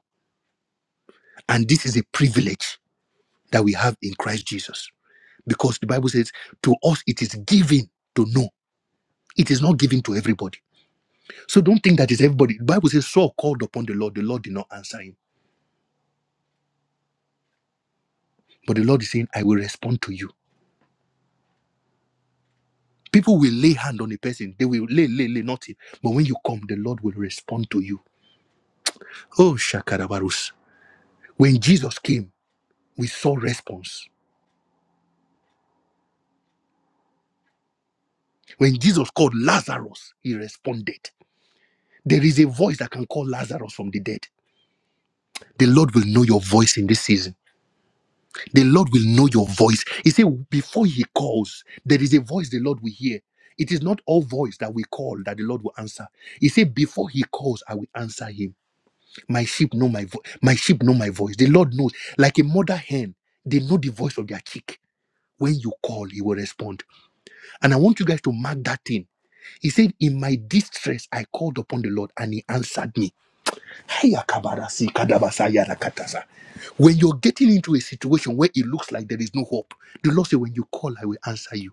D: And this is a privilege that we have in Christ Jesus. Because the Bible says, to us it is given to know. It is not given to everybody. So don't think that it's everybody. The Bible says, Saul called upon the Lord. The Lord did not answer him. But the Lord is saying, I will respond to you. People will lay hand on a person. They will lay, lay, lay, nothing. But when you come, the Lord will respond to you. Oh, Shakarabarus. When Jesus came, we saw response. When Jesus called Lazarus, he responded. There is a voice that can call Lazarus from the dead. The Lord will know your voice in this season. The Lord will know your voice. He said, before He calls, there is a voice the Lord will hear. It is not all voice that we call that the Lord will answer. He said, before He calls, I will answer Him. My sheep know my voice. My sheep know my voice. The Lord knows, like a mother hen, they know the voice of their chick. When you call, He will respond. And I want you guys to mark that thing. He said, in my distress, I called upon the Lord, and He answered me. Hey, Akabarasi, Kadabasa, Yarakatasa. When you're getting into a situation where it looks like there is no hope, the Lord said, When you call, I will answer you.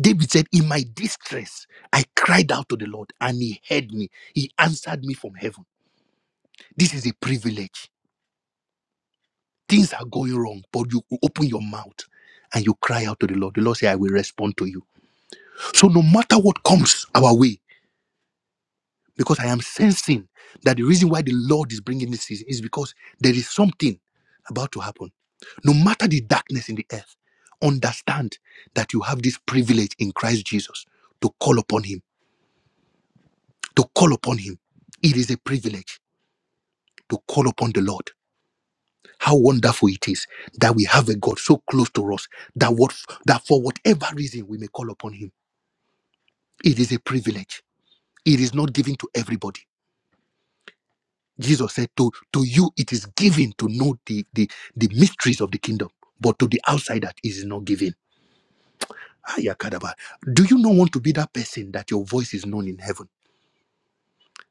D: David said, In my distress, I cried out to the Lord and he heard me. He answered me from heaven. This is a privilege. Things are going wrong, but you open your mouth and you cry out to the Lord. The Lord said, I will respond to you. So no matter what comes our way, because I am sensing that the reason why the Lord is bringing this season is because there is something about to happen No matter the darkness in the earth, understand that you have this privilege in Christ Jesus to call upon Him. To call upon Him. It is a privilege to call upon the Lord. How wonderful it is that we have a God so close to us that what that for whatever reason we may call upon Him, it is a privilege. It is not given to everybody. Jesus said, "To to you it is given to know the the, the mysteries of the kingdom, but to the outsider it is not given." Ah, Do you not want to be that person that your voice is known in heaven?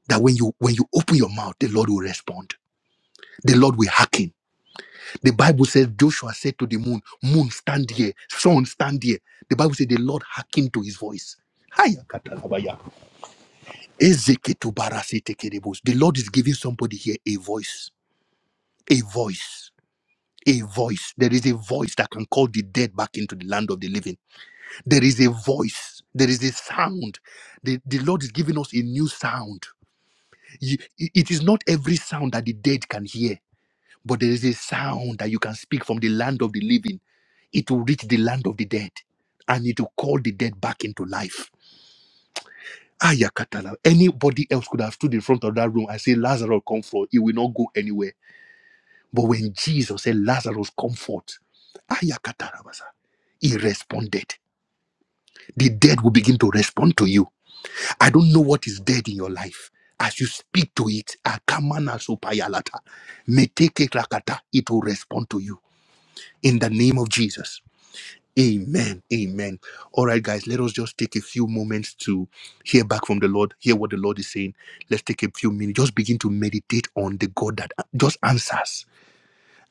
D: That when you when you open your mouth, the Lord will respond. The Lord will hearken. The Bible says Joshua said to the moon, Moon, stand here, sun, stand here. The Bible says the Lord hearkened to his voice. Ah, Yakatalabaya. Ezeketubarasitekerebos. The Lord is giving somebody here a voice. A voice. A voice. There is a voice that can call the dead back into the land of the living. There is a voice. There is a sound. The, the Lord is giving us a new sound You- it is not every sound that the dead can hear, but there is a sound that you can speak from the land of the living. It will reach the land of the dead and it will call the dead back into life. Ayakatala. Anybody else could have stood in front of that room and said, Lazarus, come forth. It will not go anywhere. But when Jesus said, Lazarus, come forth, Ayakatarabasa, he responded. The dead will begin to respond to you I don't know what is dead in your life. As you speak to it, akamana sopayalata, meteke rakata, it will respond to you in the name of Jesus. Amen. Amen. All right, guys, let us just take a few moments to hear back from the Lord, hear what the Lord is saying. Let's take a few minutes, just begin to meditate on the God that just answers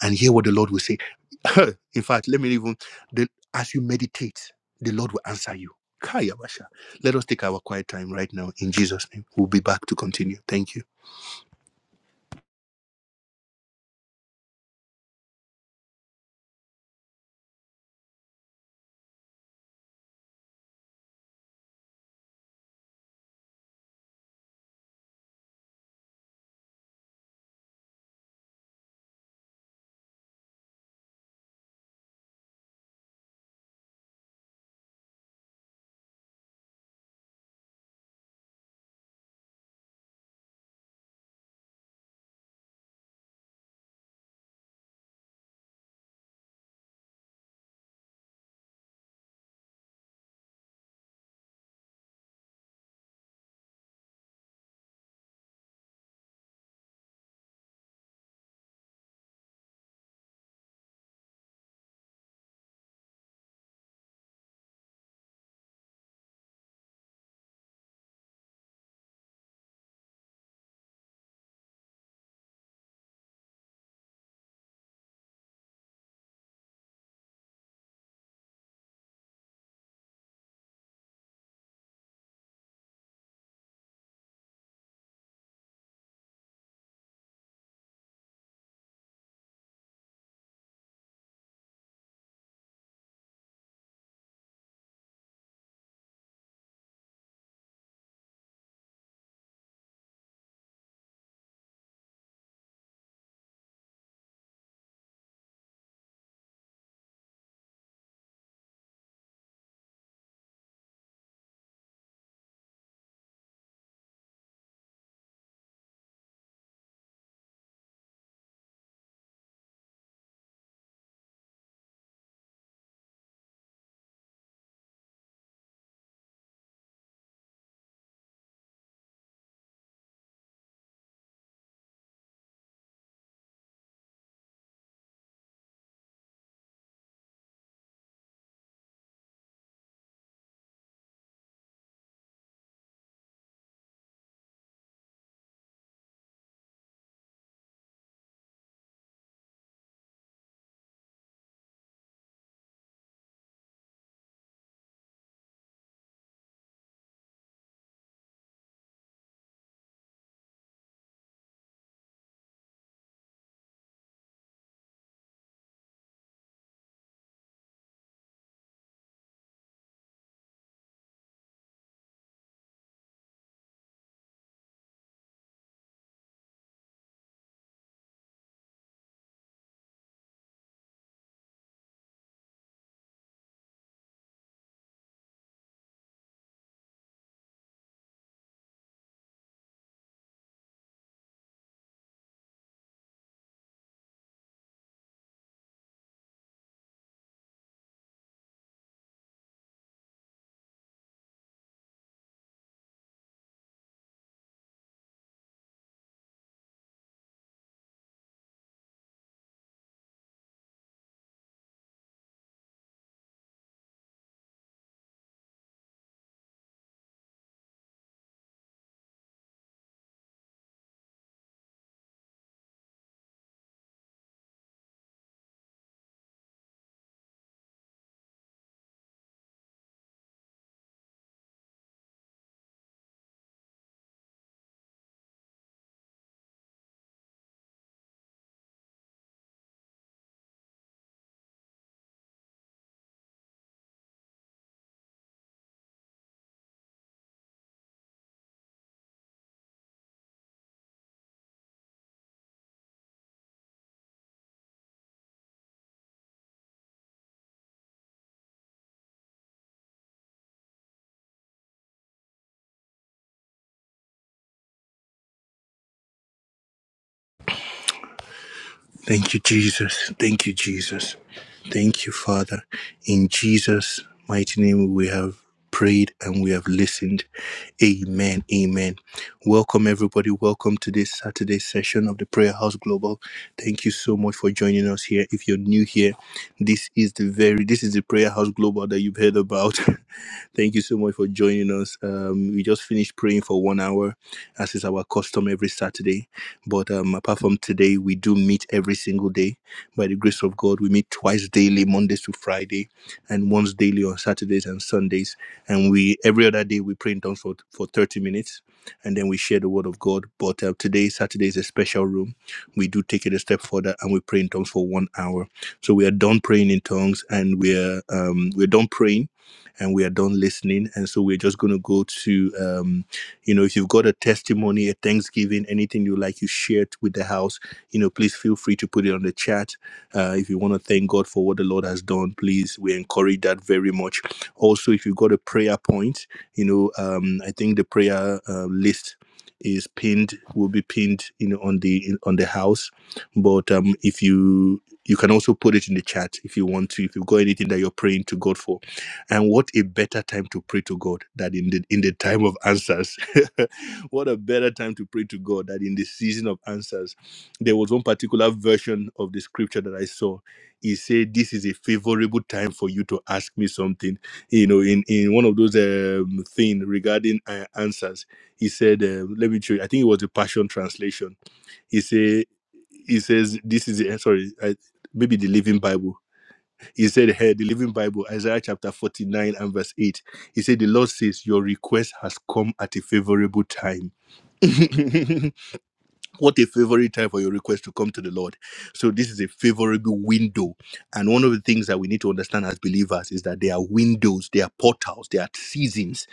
D: and hear what the Lord will say. In fact, let me even the, as you meditate, the Lord will answer you. Kaya basha. Let us take our quiet time right now in Jesus' name. We'll be back to continue. Thank you. Thank you, Jesus. Thank you, Jesus. Thank you, Father. In Jesus' mighty name, we have prayed and we have listened. Amen. Amen. Welcome, everybody. Welcome to this Saturday session of the Prayer House Global. Thank you so much for joining us here. If you're new here, this is the very this is the Prayer House Global that you've heard about. Thank you so much for joining us. Um, we just finished praying for one hour, as is our custom every Saturday. But um, apart from today, we do meet every single day. By the grace of God, we meet twice daily, Mondays to Friday, and once daily on Saturdays and Sundays. And we every other day we pray in tongues for, for 30 minutes and then we share the word of God. But uh, today, Saturday is a special room. We do take it a step further and we pray in tongues for one hour. So we are done praying in tongues and we're um, we're done praying and we are done listening. And so we're just going to go to um. You know, if you've got a testimony, a Thanksgiving, anything you like, you share it with the house. You know, please feel free to put it on the chat. Uh, if you want to thank God for what the Lord has done, please, we encourage that very much. Also, if you've got a prayer point, you know, um, I think the prayer uh, list is pinned will be pinned you know on the on the house but um if you you can also put it in the chat if you want to if you've got anything that you're praying to god for and what a better time to pray to god than in the in the time of answers what a better time to pray to God that in the season of answers. There was one particular version of the scripture that I saw. He said, This is a favorable time for you to ask me something. You know, in, in one of those um, things regarding uh, answers, he said, uh, Let me show you. I think it was the Passion Translation. He said, He says, This is, a, sorry, I, maybe the Living Bible. He said, Hey, the Living Bible, Isaiah chapter 49 and verse 8. He said, The Lord says, Your request has come at a favorable time what a favorite time for your request to come to the Lord. So this is a favorable window. And one of the things that we need to understand as believers is that there are windows, there are portals, there are seasons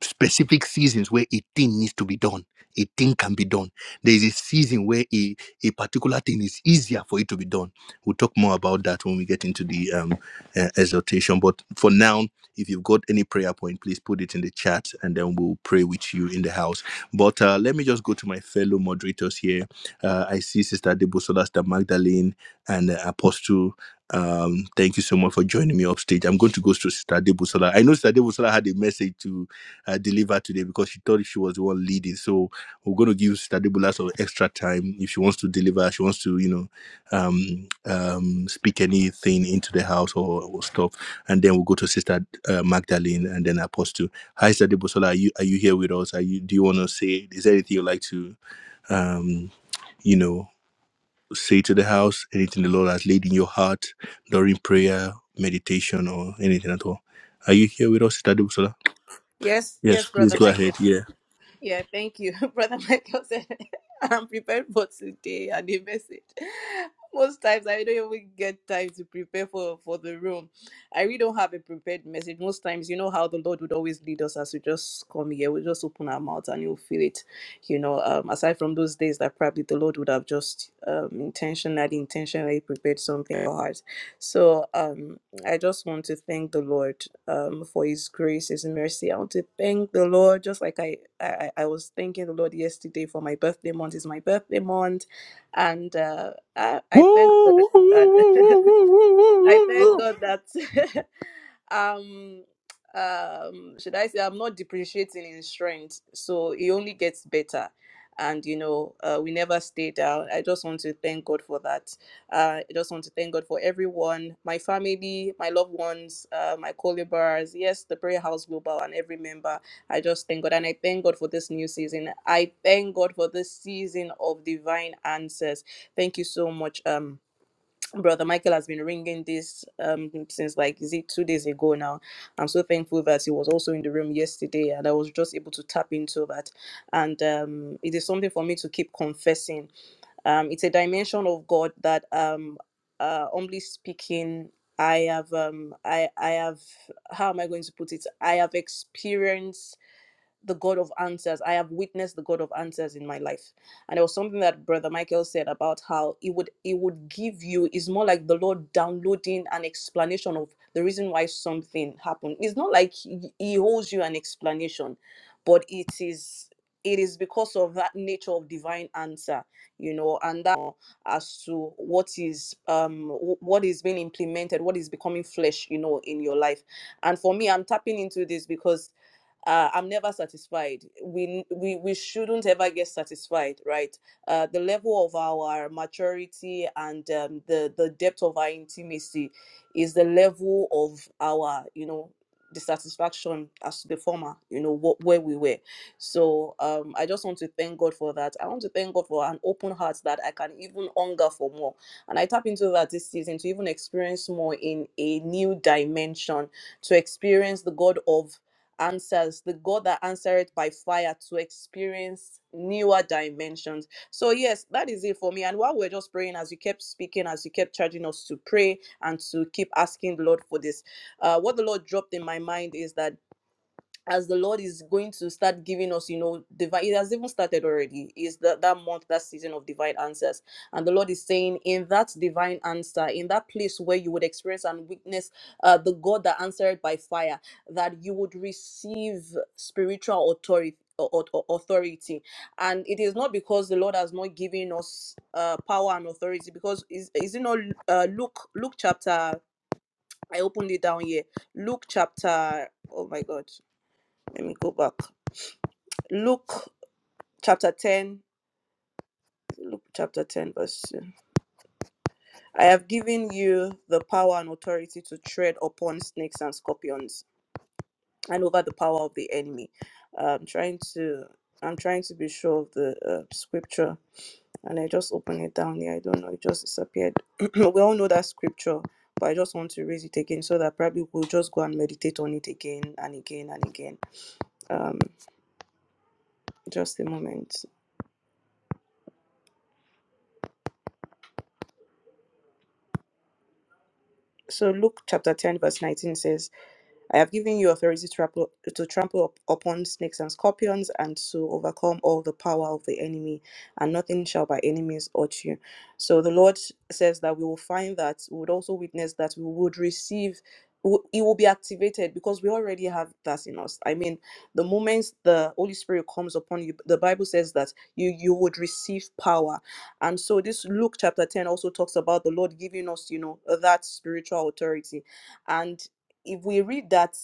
D: specific seasons where a thing needs to be done. A thing can be done. There is a season where a, a particular thing is easier for it to be done. We'll talk more about that when we get into the um, uh, exhortation. But for now, if you've got any prayer point, please put it in the chat and then we'll pray with you in the house. But uh, let me just go to my fellow moderators here. Uh, I see Sister Debosola, Sister Magdalene, and uh, Apostle. Um, thank you so much for joining me upstage. I'm going to go to Sister Debosola. I know Sister Debosola had a message to uh, deliver today because she thought she was the one leading. So we're going to give Sister Debosola some extra time if she wants to deliver. She wants to, you know, um, um, speak anything into the house or, or stuff. And then we'll go to Sister uh, Magdalene and then Apostle. Hi, Sadibosola. Are you are you here with us? Are you? Do you want to say? Is there anything you'd like to, um, you know, say to the house? Anything the Lord has laid in your heart during prayer, meditation, or anything at all? Are you here with us, Sadibosola?
B: Yes,
D: Yes.
B: yes,
D: Please
B: Brother
D: go
B: Michael.
D: ahead. Yeah.
B: Yeah, thank you. Brother Michael said, I'm prepared for today and the message. Most times I don't even get time to prepare for, for the room. I really don't have a prepared message. Most times, you know how the Lord would always lead us as we just come here. We just open our mouth and you'll feel it. You know, um, aside from those days that probably the Lord would have just um, intentionally, intentionally prepared something for us. So, um, I just want to thank the Lord um, for His grace, His mercy. I want to thank the Lord, just like I, I, I was thanking the Lord yesterday for my birthday month. It's my birthday month, and uh, I, I thank God. that I thank God that um um should I say I'm not depreciating in strength, so it only gets better. And you know, uh, we never stay down. I just want to thank God for that. Uh, I just want to thank God for everyone, my family, my loved ones, uh, my co-laborers, yes, the prayer house global, and every member. I just thank God, and I thank God for this new season. I thank God for this season of divine answers. Thank you so much, um, Brother Michael has been ringing this um since like is it two days ago now. I'm so thankful that he was also in the room yesterday, and I was just able to tap into that. And um, it is something for me to keep confessing. Um, it's a dimension of God that um, uh, humbly speaking, I have um, I I have how am I going to put it? I have experienced the God of answers. I have witnessed the God of answers in my life. And there was something that Brother Michael said about how it would it would give you is more like the Lord downloading an explanation of the reason why something happened. It's not like he, he holds you an explanation, but it is it is because of that nature of divine answer, you know, and that as to what is um wh- what is being implemented, what is becoming flesh, you know, in your life. And for me, I'm tapping into this because uh, I'm never satisfied. We, we we shouldn't ever get satisfied, right? Uh, the level of our maturity and um, the the depth of our intimacy is the level of our you know dissatisfaction as the former, you know what where we were. So um, I just want to thank God for that. I want to thank God for an open heart that I can even hunger for more, and I tap into that this season to even experience more in a new dimension to experience the God of answers, the God that answered by fire to experience newer dimensions. So, yes, that is it for me. And while we're just praying, as you kept speaking, as you kept charging us to pray and to keep asking the Lord for this, uh, what the Lord dropped in my mind is that as the Lord is going to start giving us, you know, divine, it has even started already. Is that that month, that season of divine answers? And the Lord is saying, in that divine answer, in that place where you would experience and witness uh, the God that answered by fire, that you would receive spiritual authority. au- au- Authority, and it is not because the Lord has not given us uh, power and authority. Because is is it not uh, Luke Luke chapter? I opened it down here. Luke chapter. Oh my God let me go back. Luke chapter 10, Luke chapter 10, verse 2. I have given you the power and authority to tread upon snakes and scorpions and over the power of the enemy. Uh, I'm trying to I'm trying to be sure of the uh, scripture and I just open it down here. I don't know, it just disappeared. we all know that scripture, but I just want to raise it again so that probably we'll just go and meditate on it again and again and again. Um, just a moment. So Luke chapter 10, verse 19 says, I have given you authority to trample, to trample up upon snakes and scorpions and to overcome all the power of the enemy, and nothing shall by any means hurt you. So the Lord says that we will find that, we would also witness that we would receive, w- it will be activated because we already have that in us. I mean, the moment the Holy Spirit comes upon you, the Bible says that you, you would receive power. And so this Luke chapter 10 also talks about the Lord giving us, you know, that spiritual authority. And if we read that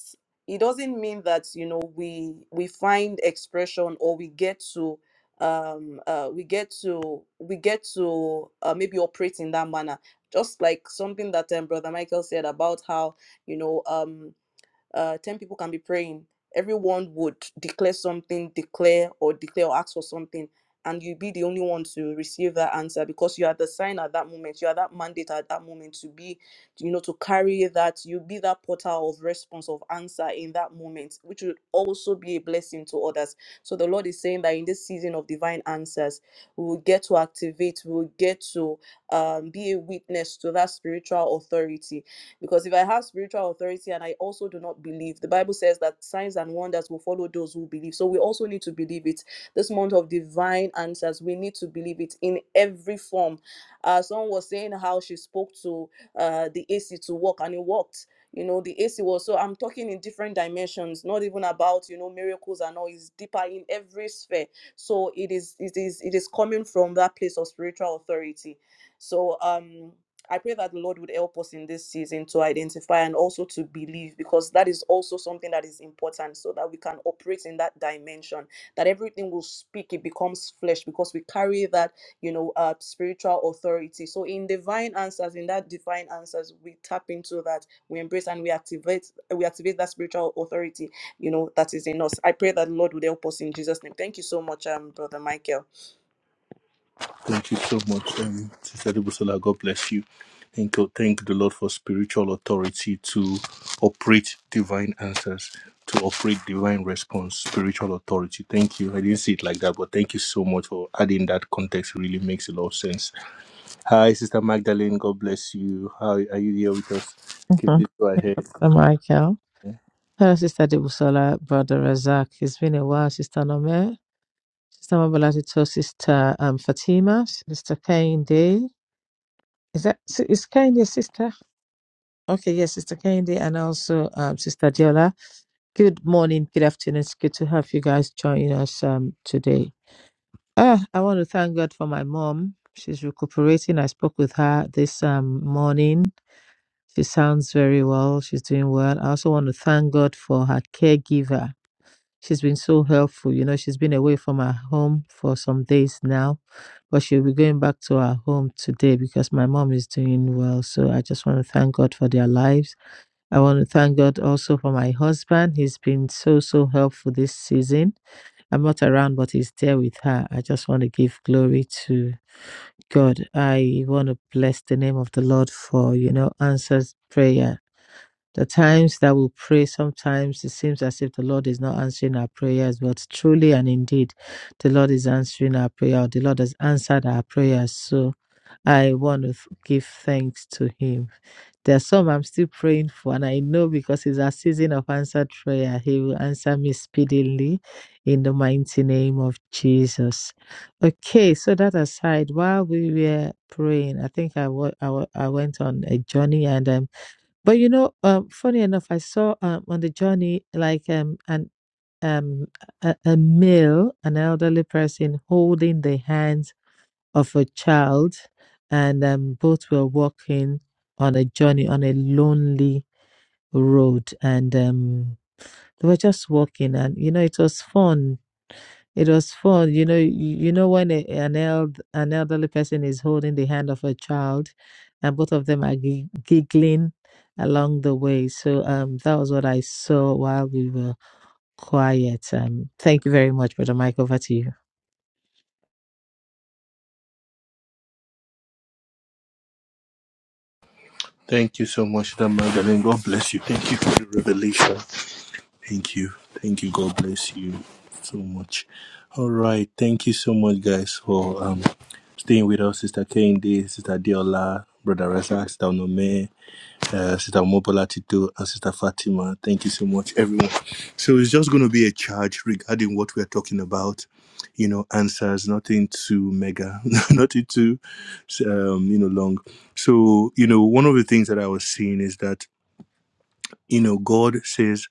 B: it doesn't mean that you know we we find expression or we get to um uh we get to we get to uh, maybe operate in that manner just like something that um, brother michael said about how you know um uh, 10 people can be praying, everyone would declare something, declare or declare or ask for something, and you'll be the only one to receive that answer because you are the sign at that moment, you are that mandate at that moment to be, you know, to carry that, you be that portal of response, of answer in that moment, which will also be a blessing to others. So the Lord is saying that in this season of divine answers, we will get to activate, we will get to um, be a witness to that spiritual authority because if I have spiritual authority and I also do not believe, the Bible says that signs and wonders will follow those who believe. So we also need to believe it. This month of divine answers, we need to believe it in every form. Uh, someone was saying how she spoke to uh, the AC to walk and it worked. You know, the AC was so I'm talking in different dimensions, not even about, you know, miracles and all, it's deeper in every sphere. So it is it is it is coming from that place of spiritual authority. So um I pray that the Lord would help us in this season to identify and also to believe because that is also something that is important so that we can operate in that dimension. That everything will speak, it becomes flesh because we carry that, you know, uh, spiritual authority. So in divine answers, in that divine answers, we tap into that, we embrace and we activate, we activate that spiritual authority, you know, that is in us. I pray that the Lord would help us in Jesus' name. Thank you so much, um, Brother Michael.
D: Thank you so much, um, Sister Debusola. God bless you. Thank you. Thank the Lord for spiritual authority to operate divine answers, to operate divine response, spiritual authority. Thank you. I didn't see it like that, but thank you so much for adding that context. It really makes a lot of sense. Hi, Sister Magdalene. God bless you. How are you here with us? Keep
C: Mhm.
D: it right ahead.
C: Hello, Michael. Hello, Sister Debusola, Brother Razak. It's been a while, Sister Nome, Sister Mabalatito, Sister um, Fatima, Sister Kainde. Is that si- is Kainde sister? Okay, yes, Sister Kainde, and also um, Sister Diola. Good morning, good afternoon. It's good to have you guys join us um, today. Ah, I want to thank God for my mom. She's recuperating. I spoke with her this um, morning. She sounds very well. She's doing well. I also want to thank God for her caregiver She's been so helpful. You know, she's been away from her home for some days now, but she'll be going back to her home today because my mom is doing well. So I just want to thank God for their lives. I want to thank God also for my husband. He's been so, so helpful this season. I'm not around, but he's there with her. I just want to give glory to God. I want to bless the name of the Lord for, you know, answers prayer the times that we pray, sometimes it seems as if the Lord is not answering our prayers, but truly and indeed, the Lord is answering our prayer. The Lord has answered our prayers. So I want to give thanks to Him. There are some I'm still praying for, and I know because it's a season of answered prayer, He will answer me speedily in the mighty name of Jesus. Okay, so that aside, while we were praying, I think I w- I w- I went on a journey and I'm. But you know, um, funny enough, I saw um, on the journey like um, an um, a, a male, an elderly person holding the hands of a child, and um, both were walking on a journey on a lonely road, and um, they were just walking, and you know, it was fun it was fun, you know. You, you know when a, an eld, an elderly person is holding the hand of a child, and both of them are gi- giggling along the way. So um, that was what I saw while we were quiet. Um, thank you very much, brother Mike. Over to you.
D: Thank you so much, Sister Magdalene. God bless you. Thank you for the revelation. Thank you. Thank you. God bless you so much. All right. Thank you so much, guys, for um staying with us, Sister Kende, Sister Diola, Brother Razak, Sister Onome, uh, Sister Mobola Tito, and Sister Fatima. Thank you so much, everyone. So it's just going to be a charge regarding what we're talking about. You know, answers, nothing too mega, nothing too, um, you know, long. So, you know, one of the things that I was seeing is that you know god says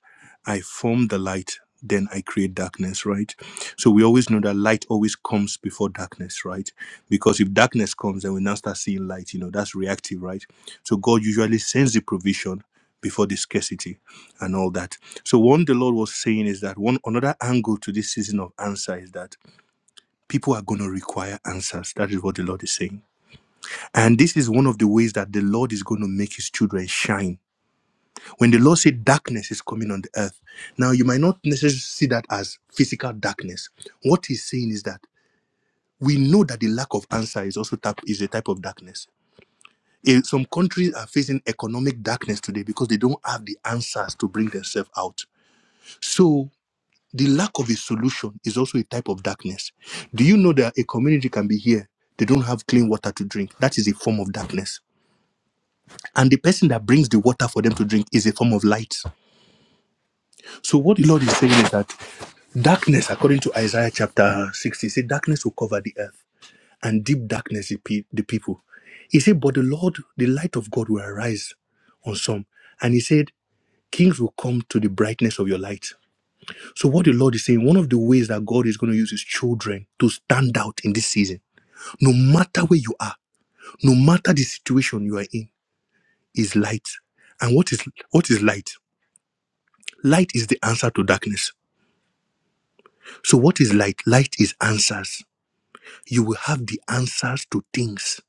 D: i form the light then i create darkness right so we always know that light always comes before darkness right because if darkness comes then we now start seeing light you know that's reactive right so god usually sends the provision before the scarcity and all that so one the lord was saying is that one another angle to this season of answer is that people are going to require answers that is what the lord is saying and this is one of the ways that the lord is going to make his children shine when the Lord said darkness is coming on the earth, now you might not necessarily see that as physical darkness. What he's saying is that we know that the lack of answer is also type, is a type of darkness. Eh, Some countries are facing economic darkness today because they don't have the answers to bring themselves out. So the lack of a solution is also a type of darkness. Do you know that a community can be here? They don't have clean water to drink. That is a form of darkness. And the person that brings the water for them to drink is a form of light. So what the Lord is saying is that darkness, according to Isaiah chapter 60, say darkness will cover the earth and deep darkness the, pe- the people. He said, but the Lord, the light of God will arise on some. And he said, kings will come to the brightness of your light. So what the Lord is saying, one of the ways that God is going to use his children to stand out in this season, no matter where you are, no matter the situation you are in, is light. And what is what is light? Light is the answer to darkness. So what is light? Light is answers. you will have the answers to things.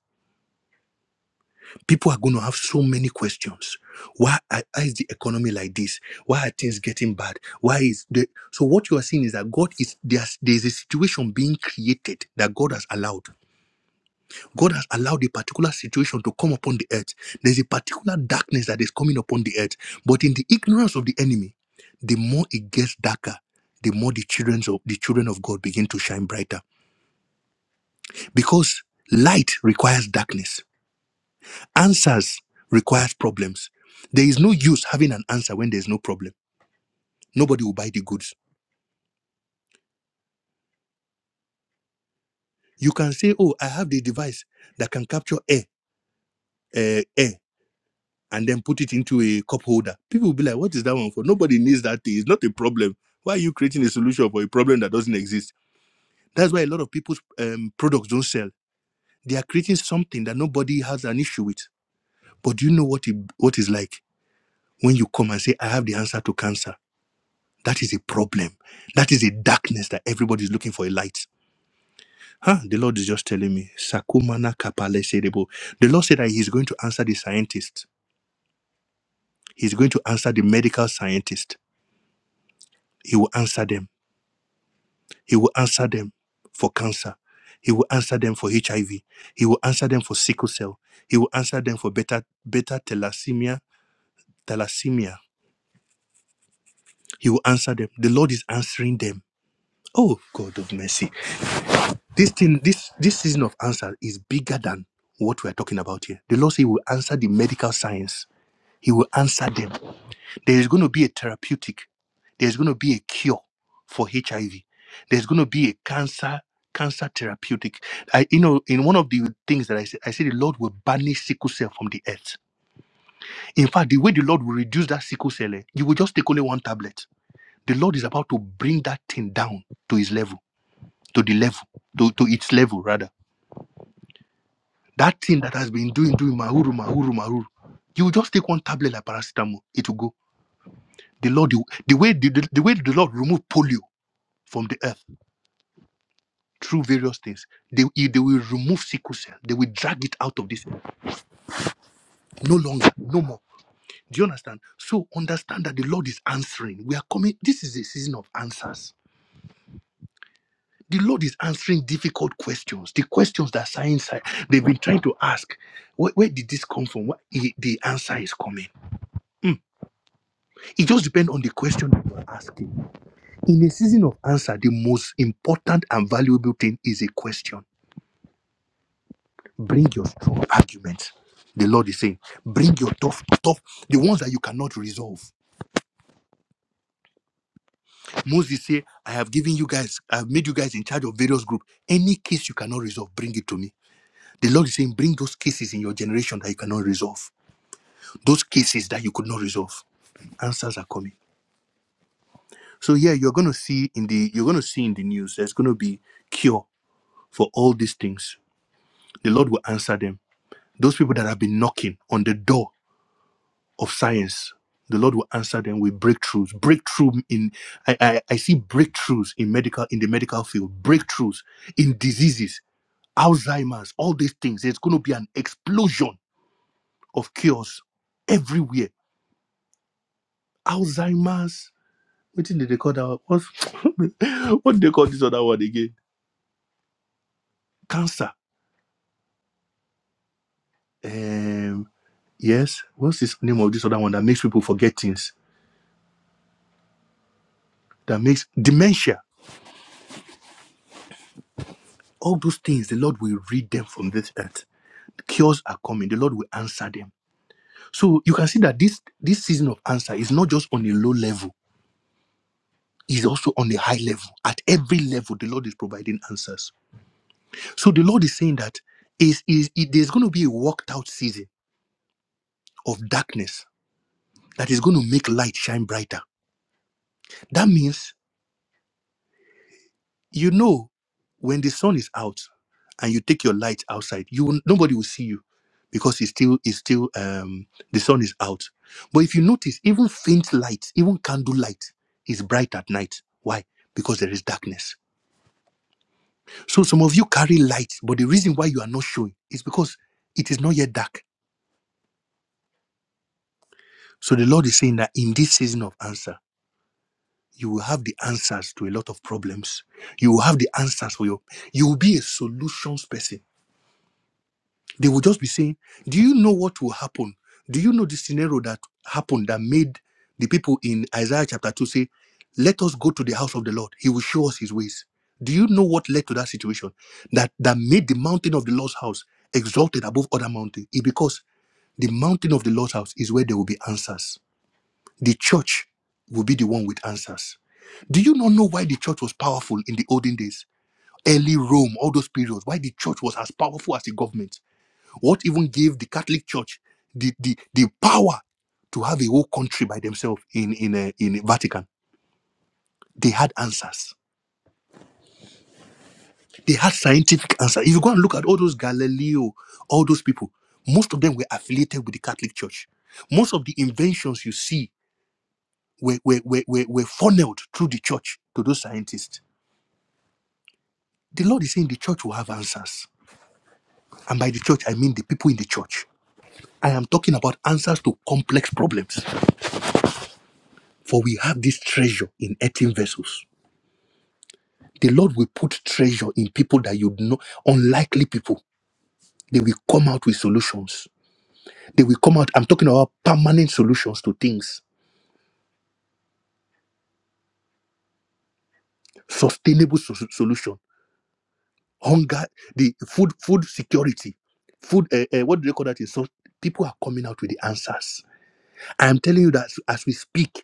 D: People are going to have so many questions. Why, are- why is the economy like this? Why are things getting bad? Why is the so? What you are seeing is that God is there's there's a situation being created that God has allowed. God has allowed a particular situation to come upon the earth. There's a particular darkness that is coming upon the earth. But in the ignorance of the enemy, the more it gets darker, the more the children of the children of God begin to shine brighter because light requires darkness Answers requires problems. There is no use having an answer when there's no problem. Nobody will buy the goods. You can say, Oh, I have the device that can capture air, uh, air, and then put it into a cup holder. People will be like, What is that one for? Nobody needs that thing. It's not a problem. Why are you creating a solution for a problem that doesn't exist? That's why a lot of people's um, products don't sell. They are creating something that nobody has an issue with. But do you know what it, what is like when you come and say, I have the answer to cancer? That is a problem. That is a darkness that everybody is looking for a light. Huh? The Lord is just telling me. Sakumana kapale serebo. The Lord said that He's going to answer the scientist. He's going to answer the medical scientist. He will answer them. He will answer them for cancer. He will answer them for HIV. He will answer them for sickle cell. He will answer them for beta beta thalassemia. Thalassemia. He will answer them. The Lord is answering them. Oh God of mercy. This thing, this this season of answer is bigger than what we are talking about here. The Lord say He will answer the medical science. He will answer them. There is going to be a therapeutic. There's going to be a cure for HIV. There's going to be a cancer cancer therapeutic. I, you know, in one of the things that I said, I said the Lord will banish sickle cell from the earth. In fact, the way the Lord will reduce that sickle cell, eh, you will just take only one tablet. The Lord is about to bring that thing down to His level, to the level, to, to its level rather That thing that has been doing, doing mahuru, mahuru, mahuru, you will just take one tablet like paracetamol, it will go. The Lord, the, the way the, the, the way the Lord removed polio from the earth through various things, they, they will remove sickle cell. They will drag it out of this. No longer, no more. Do you understand? So understand that the Lord is answering. We are coming. This is a season of answers. The Lord is answering difficult questions, the questions that science they've been trying to ask. Where, where did this come from? What, the answer is coming. Mm. It just depends on the question that you are asking. In a season of answer, the most important and valuable thing is a question. Bring your strong arguments. The Lord is saying, bring your tough, tough, the ones that you cannot resolve. Moses say, I have given you guys, I have made you guys in charge of various groups. Any case you cannot resolve, bring it to me. The Lord is saying, bring those cases in your generation that you cannot resolve. Those cases that you could not resolve answers are coming. So yeah, you're gonna see in the you're gonna see in the news there's gonna be cure for all these things. The Lord will answer them. Those people that have been knocking on the door of science, the Lord will answer them with breakthroughs. Breakthrough in I, I, I see breakthroughs in medical in the medical field, breakthroughs in diseases, Alzheimer's, all these things. There's gonna be an explosion of cures everywhere. Alzheimer's. What did they call that? What's, what did they call this other one again? Cancer. Um, yes. What's this name of this other one that makes people forget things? that makes dementia, all those things, the Lord will read them from this earth. Cures are coming, the Lord will answer them. So you can see that this this season of answer is not just on a low level, it's also on a high level. At every level, the Lord is providing answers. So the Lord is saying that is is it- there's going to be a walked out season of darkness that is going to make light shine brighter. That means You know, when the sun is out and you take your light outside, you will, nobody will see you because it's still it's still um, the sun is out. But if you notice, even faint light, even candle light, is bright at night. Why? Because there is darkness. So some of you carry light, but the reason why you are not showing is because it is not yet dark. So the Lord is saying that in this season of answer, you will have the answers to a lot of problems. You will have the answers for your. You will be a solutions person They will just be saying, Do you know what will happen? Do you know the scenario that happened that made the people in Isaiah chapter 2 say, Let us go to the house of the Lord. He will show us his ways. Do you know what led to that situation? That that made the mountain of the Lord's house exalted above other mountains. It because the mountain of the Lord's house is where there will be answers. The church will be the one with answers. Do you not know why the church was powerful in the olden days? Early Rome, all those periods, why the church was as powerful as the government? What even gave the Catholic Church the, the, the power to have a whole country by themselves in, in, uh, in Vatican? They had answers. They had scientific answers. If you go and look at all those Galileo, all those people, most of them were affiliated with the Catholic Church. Most of the inventions you see were, were, were, were, were funneled through the church to those scientists. The Lord is saying the church will have answers. And by the church, I mean the people in the church. I am talking about answers to complex problems. For we have this treasure in earthen vessels. The Lord will put treasure in people that you know, unlikely people. They will come out with solutions. They will come out. I'm talking about permanent solutions to things, sustainable so- so, solution. Hunger, the food, food security, food. Uh, uh, what do they call that? so people are coming out with the answers. I'm telling you that as we speak,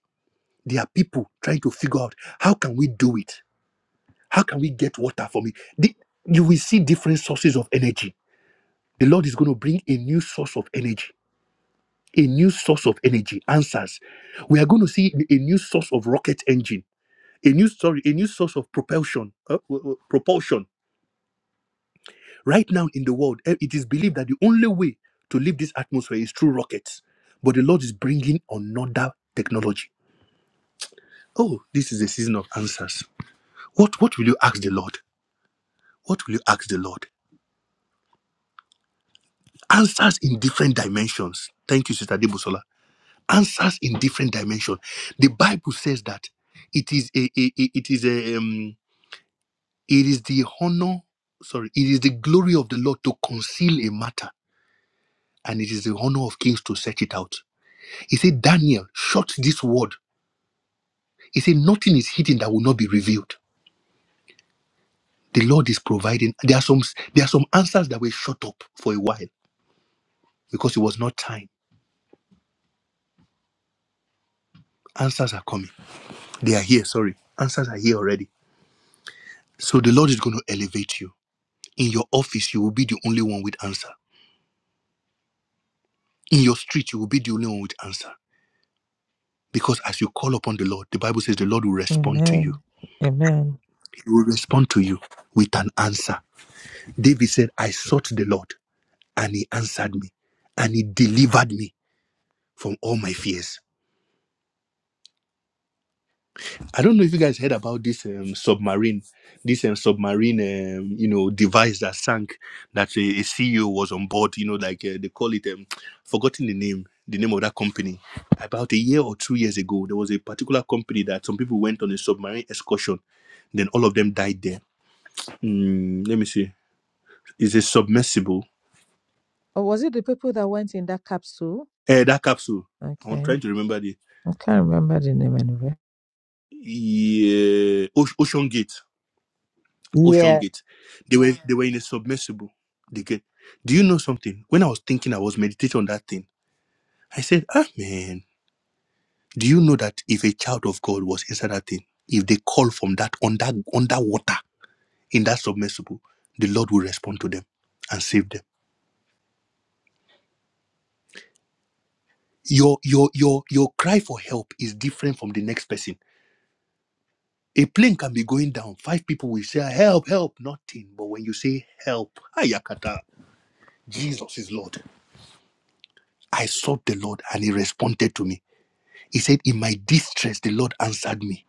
D: there are people trying to figure out how can we do it. How can we get water from it? The- you will see different sources of energy. The Lord is going to bring a new source of energy a new source of energy, answers. We are going to see a new source of rocket engine, a new story, a new source of propulsion, uh, w- w- propulsion. Right now in the world, eh, it is believed that the only way to leave this atmosphere is through rockets. But the Lord is bringing another technology. Oh, this is a season of answers. What what will you ask the Lord? What will you ask the Lord? Answers in different dimensions. Thank you, Sister Debusola. Answers in different dimensions. The Bible says that it is a, a- a- it is a, um, It is the honor, sorry, it is the glory of the Lord to conceal a matter, and it is the honor of kings to search it out. He said, Daniel, shut this word. He said, nothing is hidden that will not be revealed. The Lord is providing. There are some there are some answers that were shut up for a while because it was not time. Answers are coming. They are here, sorry. Answers are here already. So the Lord is going to elevate you. In your office, you will be the only one with answer. In your street, you will be the only one with answer. Because as you call upon the Lord, the Bible says the Lord will respond to you.
C: Amen. Amen.
D: He will respond to you with an answer. David said, I sought the Lord and he answered me and he delivered me from all my fears. I don't know if you guys heard about this um, submarine, this um, submarine, um, you know, device that sank, that a, CEO was on board, you know, like uh, they call it, um, forgotten the name, the name of that company. About a year or two years ago, there was a particular company that some people went on a submarine excursion. Then all of them died there. Mm, let me see. Is a submersible?
C: Or was it the people that went in that capsule?
D: Eh, that capsule. I'm
C: Okay.
D: trying to remember the
C: I can't remember the name anyway.
D: yeah, Oce- Ocean Gate. Ocean
C: Yeah.
D: Gate. They were they were in a submersible. They get. Do you know something? When I was thinking, I was meditating on that thing. I said, Ah man, do you know that if a child of God was inside that thing, if they call from that under underwater in that submersible, the Lord will respond to them and save them. Your your your your cry for help is different from the next person A plane can be going down. Five people will say, Help, help, nothing. But when you say help, Ayakata, Jesus is Lord. I sought the Lord and he responded to me. He said, In my distress, the Lord answered me.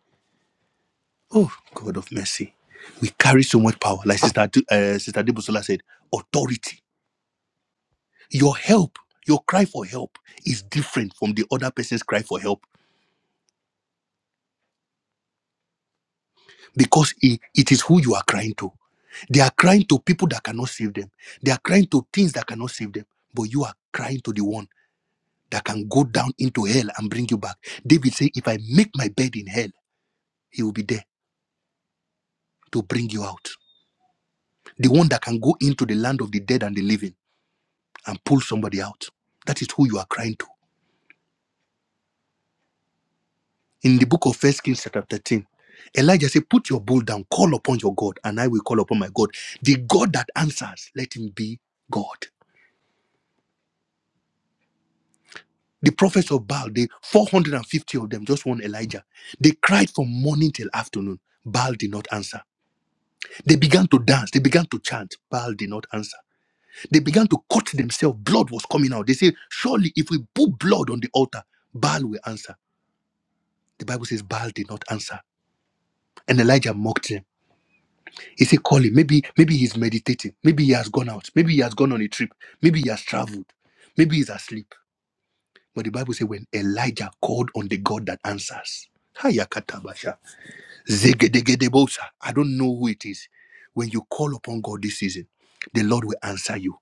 D: Oh, God of mercy. We carry so much power. Like Sister, Adu- uh, Sister Debosola said, authority. Your help, your cry for help is different from the other person's cry for help. because it, it is who you are crying to. They are crying to people that cannot save them. They are crying to things that cannot save them. But you are crying to the one that can go down into hell and bring you back. David said, If I make my bed in hell, he will be there to bring you out. The one that can go into the land of the dead and the living and pull somebody out. That is who you are crying to. In the book of First Kings, chapter 13, Elijah said, Put your bowl down, call upon your God, and I will call upon my God. The God that answers, let him be God. The prophets of Baal, the 450 of them, just one Elijah, they cried from morning till afternoon. Baal did not answer. They began to dance. They began to chant. Baal did not answer. They began to cut themselves. Blood was coming out. They said, Surely if we put blood on the altar, Baal will answer. The Bible says Baal did not answer. And Elijah mocked him. He said, Call him. Maybe, maybe he's meditating. Maybe he has gone out. Maybe he has gone on a trip. Maybe he has traveled. Maybe he's asleep. But the Bible says when Elijah called on the God that answers, Zegedegedebosa. I don't know who it is. When you call upon God this season, the Lord will answer you.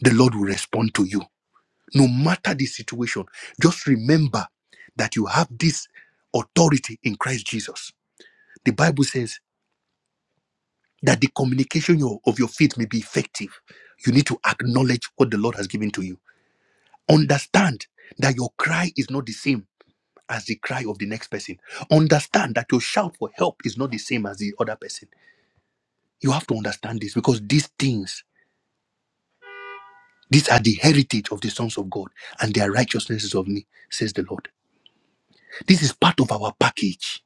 D: The Lord will respond to you. No matter the situation, just remember that you have this authority in Christ Jesus. The Bible says that the communication your- of your faith may be effective. You need to acknowledge what the Lord has given to you. Understand that your cry is not the same as the cry of the next person. Understand that your shout for help is not the same as the other person You have to understand this because these things, these are the heritage of the sons of God, and their righteousness is of me, says the Lord. This is part of our package.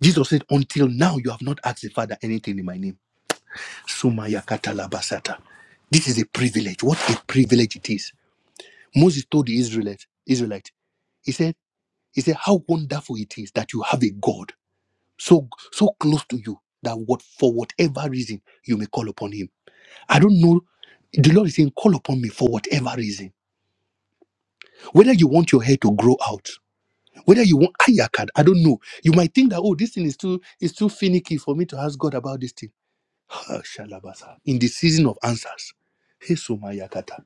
D: Jesus said, Until now, you have not asked the Father anything in my name. Sumaya katalabasata. This is a privilege. What a privilege it is. Moses told the Israelites, Israelites, he said, he said, How wonderful it is that you have a God so so close to you that what for whatever reason you may call upon him. I don't know. The Lord is saying, Call upon me for whatever reason whether you want your hair to grow out whether you want ayakad i don't know you might think that oh this thing is too is too finicky for me to ask god about this thing Ah, Shalabasa. in the season of answers hey, Somayakata.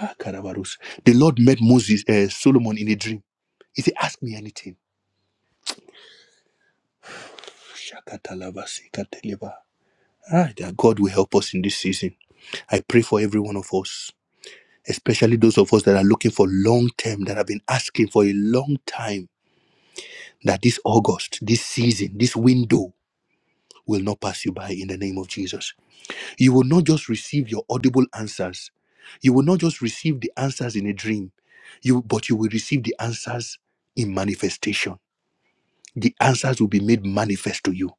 D: Ah, Karabarus. the lord met moses uh, solomon in a dream he said ask me anything Shakatalabasi kateleba. Ah, that god will help us in this season I pray for every one of us, especially those of us that are looking for long term, that have been asking for a long time that this August, this season, this window will not pass you by in the name of Jesus. You will not just receive your audible answers. You will not just receive the answers in a dream, you, but you will receive the answers in manifestation. The answers will be made manifest to you.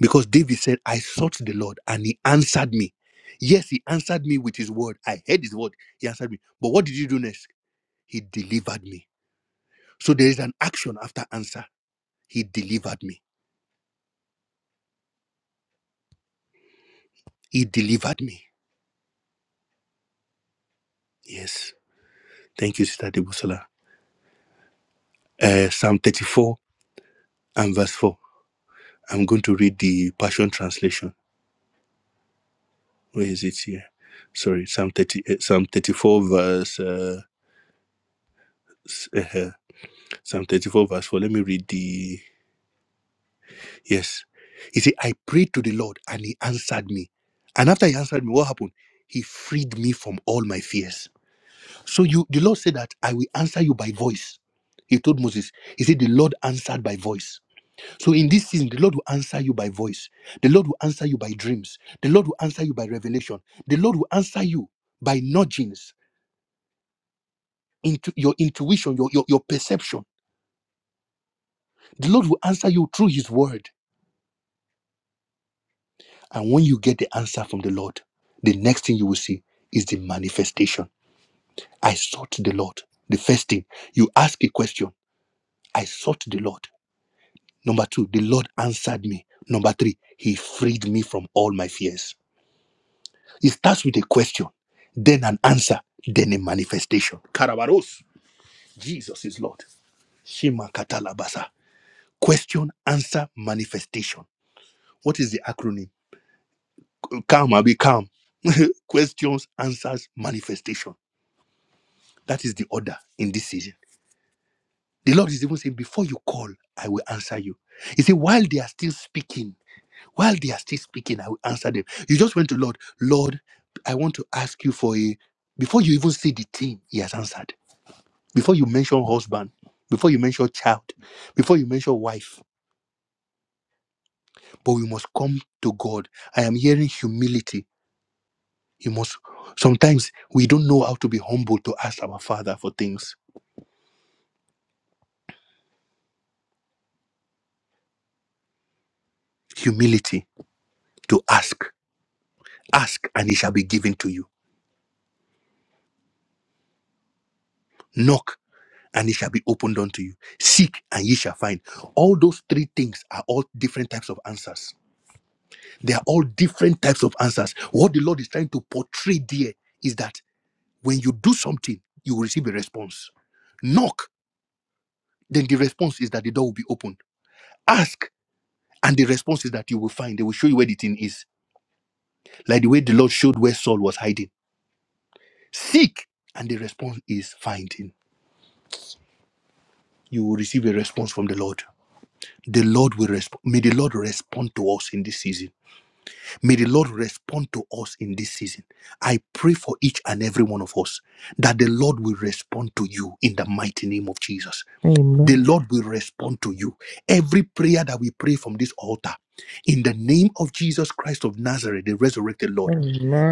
D: Because David said, I sought the Lord and he answered me. Yes, he answered me with his word. I heard his word. He answered me. But what did he do next? He delivered me. So there is an action after answer. He delivered me. He delivered me. Yes. Thank you, Sister Debosola. Uh, Psalm 34 and verse 4. I'm going to read the Passion Translation. Where is it here? Sorry, Psalm 30, uh, Psalm 34 verse uh, s- uh, uh, Psalm 34 verse 4. Let me read the yes. He said, I prayed to the Lord and he answered me. And after he answered me, what happened? He freed me from all my fears. So you the Lord said that I will answer you by voice. He told Moses, He said, The Lord answered by voice. So in this season, the Lord will answer you by voice. The Lord will answer you by dreams. The Lord will answer you by revelation. The Lord will answer you by nudgings into your intuition, your, your, your perception. The Lord will answer you through his word. And when you get the answer from the Lord, the next thing you will see is the manifestation. I sought the Lord. The first thing, you ask a question. I sought the Lord. Number two, the Lord answered me. Number three, he freed me from all my fears. It starts with a question, then an answer, then a manifestation. Karabaros, Jesus is Lord. Shima katalabasa. Question, answer, manifestation. What is the acronym? Calm, I'll be calm. Questions, answers, manifestation. That is the order in this season. The Lord is even saying, Before you call, I will answer you. He said, While they are still speaking, while they are still speaking, I will answer them. You just went to Lord, Lord, I want to ask you for a. Before you even see the thing, He has answered. before you mention husband, before you mention child, before you mention wife, but we must come to God. I am hearing humility. You must sometimes we don't know how to be humble to ask our Father for things. Humility to ask. Ask and it shall be given to you. Knock and it shall be opened unto you. Seek and ye shall find. All those three things are all different types of answers. They are all different types of answers. What the Lord is trying to portray there is that When you do something, you will receive a response. Knock, then the response is that the door will be opened. Ask, and the response is that you will find. They will show you where the thing is. Like the way the Lord showed where Saul was hiding. Seek, and the response is finding. You will receive a response from the Lord. The Lord will respond. May the Lord respond to us in this season. May the Lord respond to us in this season. I pray for each and every one of us that the Lord will respond to you in the mighty name of Jesus the
C: Amen.
D: Lord will respond to you. Every prayer that we pray from this altar, in the name of Jesus Christ of Nazareth, the resurrected Lord,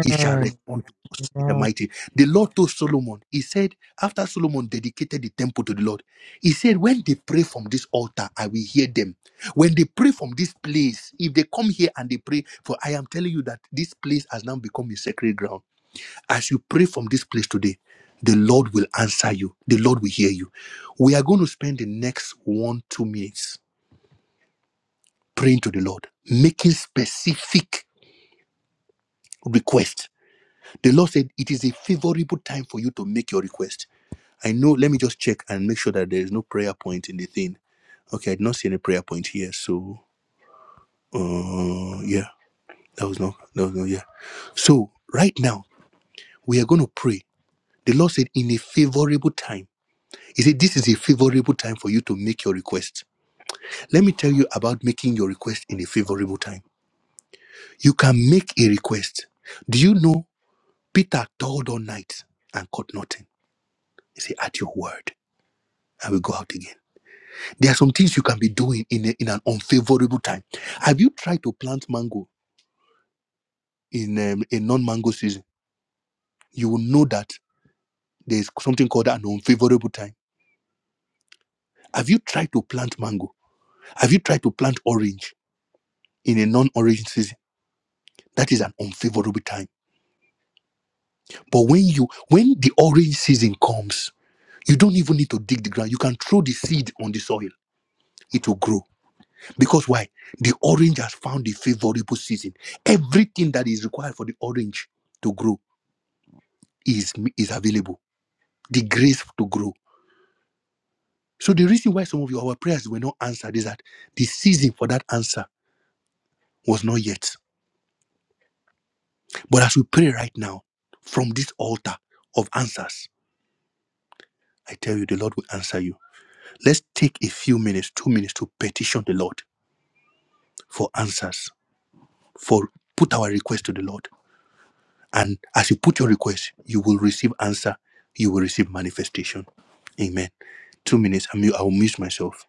D: He shall respond to us in the
C: Amen.
D: mighty. The Lord told Solomon, He said, after Solomon dedicated the temple to the Lord, He said, When they pray from this altar, I will hear them. When they pray from this place, if they come here and they pray, for I am telling you that this place has now become a sacred ground as you pray from this place today, the Lord will answer you. The Lord will hear you. We are going to spend the next one, two minutes praying to the Lord, making specific requests. The Lord said it is a favorable time for you to make your request. I know, let me just check and make sure that there is no prayer point in the thing. Okay, I did not see any prayer point here. So, uh, yeah, that was no, that was no, yeah. So, right now, we are going to pray. The Lord said, in a favorable time. He said, This is a favorable time for you to make your request. Let me tell you about making your request in a favorable time. You can make a request. Do you know Peter toiled all night and caught nothing? He said, At your word, I will go out again. There are some things you can be doing in, a- in an unfavorable time. Have you tried to plant mango in um, a non mango season? You will know that there's something called an unfavorable time. Have you tried to plant mango? Have you tried to plant orange in a non orange season? That is an unfavorable time But when you when the orange season comes, you don't even need to dig the ground. You can throw the seed on the soil. It will grow. Because why? The orange has found a favorable season. Everything that is required for the orange to grow is is available. The grace to grow. So the reason why some of your our prayers were not answered is that the season for that answer was not yet. But as we pray right now from this altar of answers, I tell you the Lord will answer you. Let's take a few minutes, two minutes to petition the Lord for answers, for put our request to the Lord. And as you put your request, you will receive answer, you will receive manifestation. Amen. Two minutes, I'm, I will mute myself.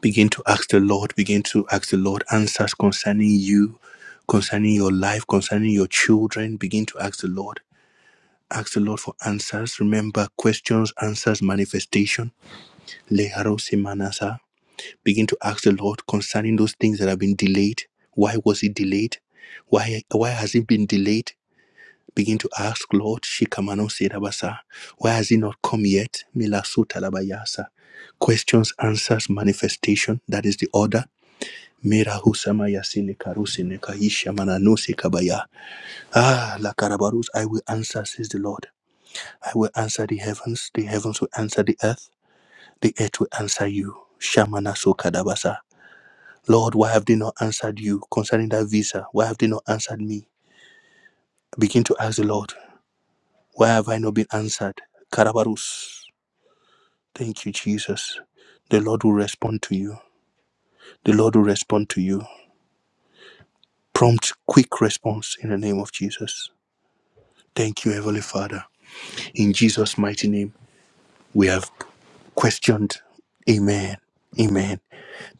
D: Begin to ask the Lord, begin to ask the Lord answers concerning you, concerning your life, concerning your children. Begin to ask the Lord. Ask the Lord for answers. Remember questions, answers, manifestation. Leharo semanasa. Begin to ask the Lord concerning those things that have been delayed. Why was it delayed? Why why has it been delayed? Begin to ask, Lord, Shikamano Sedabasa, why has it not come yet? Milasuta Labayasa. Questions, answers, manifestation. That is the order. Mira husama yasine karusine kahisha mananose kabaya. Ah, la karabarus, I will answer, says the Lord. I will answer the heavens, the heavens will answer the earth, the earth will answer you. Shamana so kadabasa. Lord, why have they not answered you concerning that visa? Why have they not answered me? Begin to ask the Lord, why have I not been answered? Karabarus. Thank you, Jesus. The Lord will respond to you. The Lord will respond to you. Prompt, quick response in the name of Jesus. Thank you, Heavenly Father. In Jesus' mighty name, we have questioned. Amen. Amen.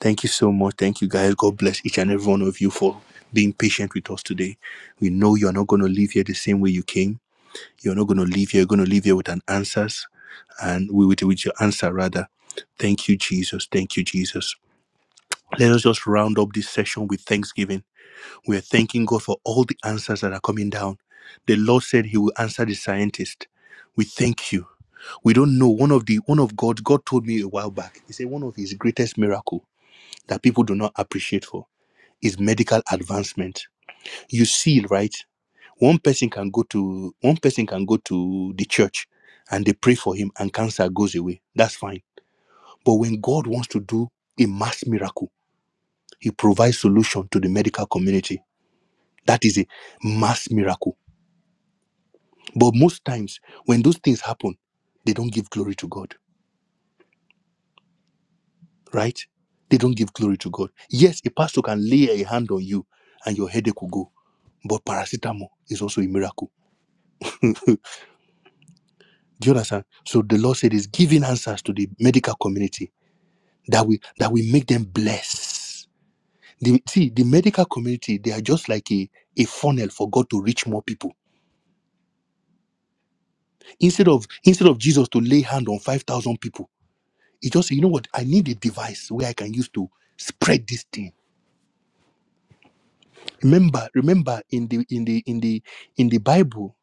D: Thank you so much. Thank you, guys. God bless each and every one of you for being patient with us today. We know you're not going to leave here the same way you came You're not going to leave here. You're going to leave here with an answers and we with, with your answer rather. Thank you, Jesus. Thank you, Jesus. Let us just round up this session with thanksgiving. We are thanking God for all the answers that are coming down. The Lord said He will answer the scientist. We thank you. We don't know one of the one of God. God told me a while back. He said one of His greatest miracle that people do not appreciate for is medical advancement. You see, right? One person can go to one person can go to the church and they pray for him and cancer goes away. That's fine. But when God wants to do a mass miracle, he provides solution to the medical community. That is a mass miracle. But most times when those things happen, they don't give glory to God, right? They don't give glory to God. Yes, a pastor can lay a hand on you and your headache will go. But paracetamol is also a miracle. Do you understand? So the Lord said He's giving answers to the medical community that will that will make them bless. The, see, the medical community, they are just like a, a funnel for God to reach more people. Instead of instead of Jesus to lay hand on five thousand people, he just say, you know what? I need a device where I can use to spread this thing. Remember, remember in the in the in the in the Bible,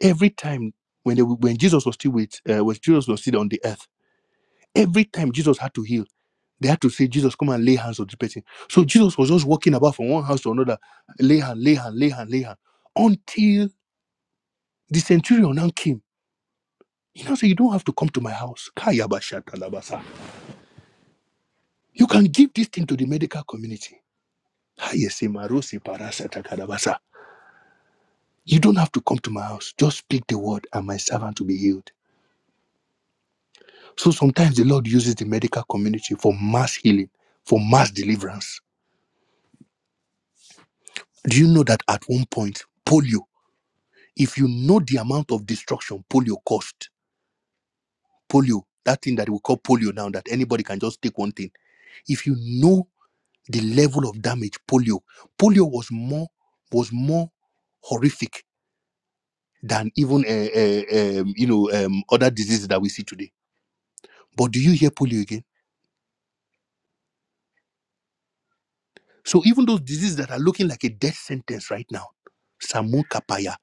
D: every time when they, when Jesus was still with uh, when Jesus was still on the earth, every time Jesus had to heal They had to say, Jesus, come and lay hands on the person. So Jesus was just walking about from one house to another, lay hand, lay hand, lay hand, lay hand, until the centurion now came. He now said, You don't have to come to my house. Kayabashatalabasa. You can give this thing to the medical community. Hayesimarosi parasatakadabasa. You don't have to come to my house. Just speak the word, and my servant will be healed. So sometimes the Lord uses the medical community for mass healing, for mass deliverance. Do you know that at one point, polio? If you know the amount of destruction polio caused, polio, that thing that we call polio now, that anybody can just take one thing. If you know the level of damage polio, polio was more was more horrific than even uh, uh, um, you know um, other diseases that we see today. But do you hear polio again? So even those diseases that are looking like a death sentence right now, Samu Kapaya,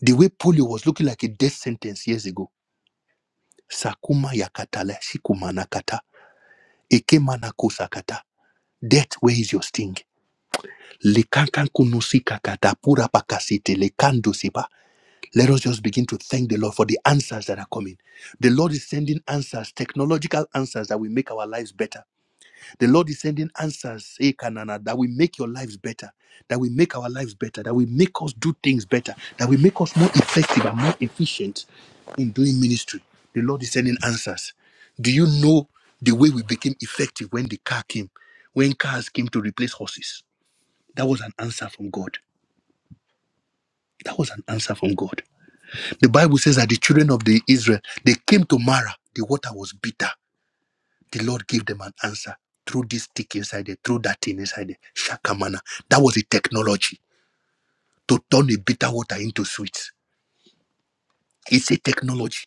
D: the way polio was looking like a death sentence years ago, Sakuma Yakatala Shikumanakata, Ekemanakusakata. Death, where is your sting? Lekankan kunusika katapura pakasite, lekando sipa. Let us just begin to thank the Lord for the answers that are coming. The Lord is sending answers, technological answers that will make our lives better. The Lord is sending answers, eh, Kanana, that will make your lives better, that will make our lives better, that will make us do things better, that will make us more effective and more efficient in doing ministry. The Lord is sending answers. Do you know the way we became effective when the car came? When cars came to replace horses? That was an answer from God. That was an answer from God. The Bible says that the children of the Israel, they came to Mara. The water was bitter. The Lord gave them an answer. Through this stick inside there, through that thing inside there. Shakamana. That was a technology to turn a bitter water into sweet. It's a technology.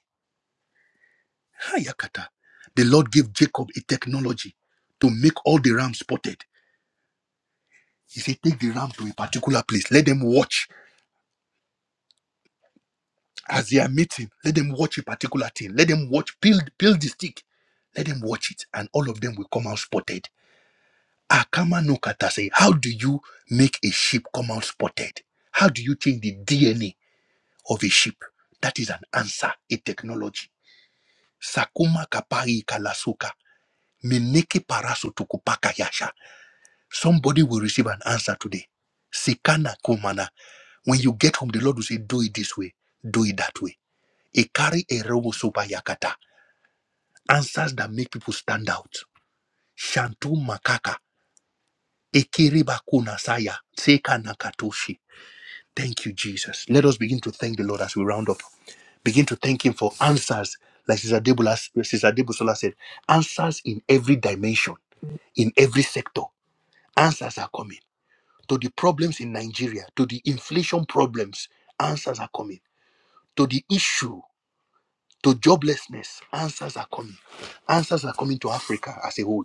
D: Hayakata. The Lord gave Jacob a technology to make all the rams spotted. He said, Take the ram to a particular place. Let them watch As they are meeting, let them watch a particular thing. Let them watch, peel, peel the stick. Let them watch it, and all of them will come out spotted. Akama no kata say, how do you make a sheep come out spotted? How do you change the DNA of a sheep? That is an answer, a technology. Sakuma kapari kalasuka. Miniki parasu tukupaka yasha. Somebody will receive an answer today. Sikana kumana when you get home, the Lord will say, Do it this way, do it that way. Ikari eromo soba yakata. answers that make people stand out. Shantu Makaka, Ekiriba Kunasaya, Seka Nakatoshi. Thank you, Jesus. Let us begin to thank the Lord as we round up. Begin to thank Him for answers, like Sister Debola, Sister Debola said, answers in every dimension, in every sector. Answers are coming to the problems in Nigeria, to the inflation problems. Answers are coming to the issue, to joblessness. Answers are coming. Answers are coming to Africa as a whole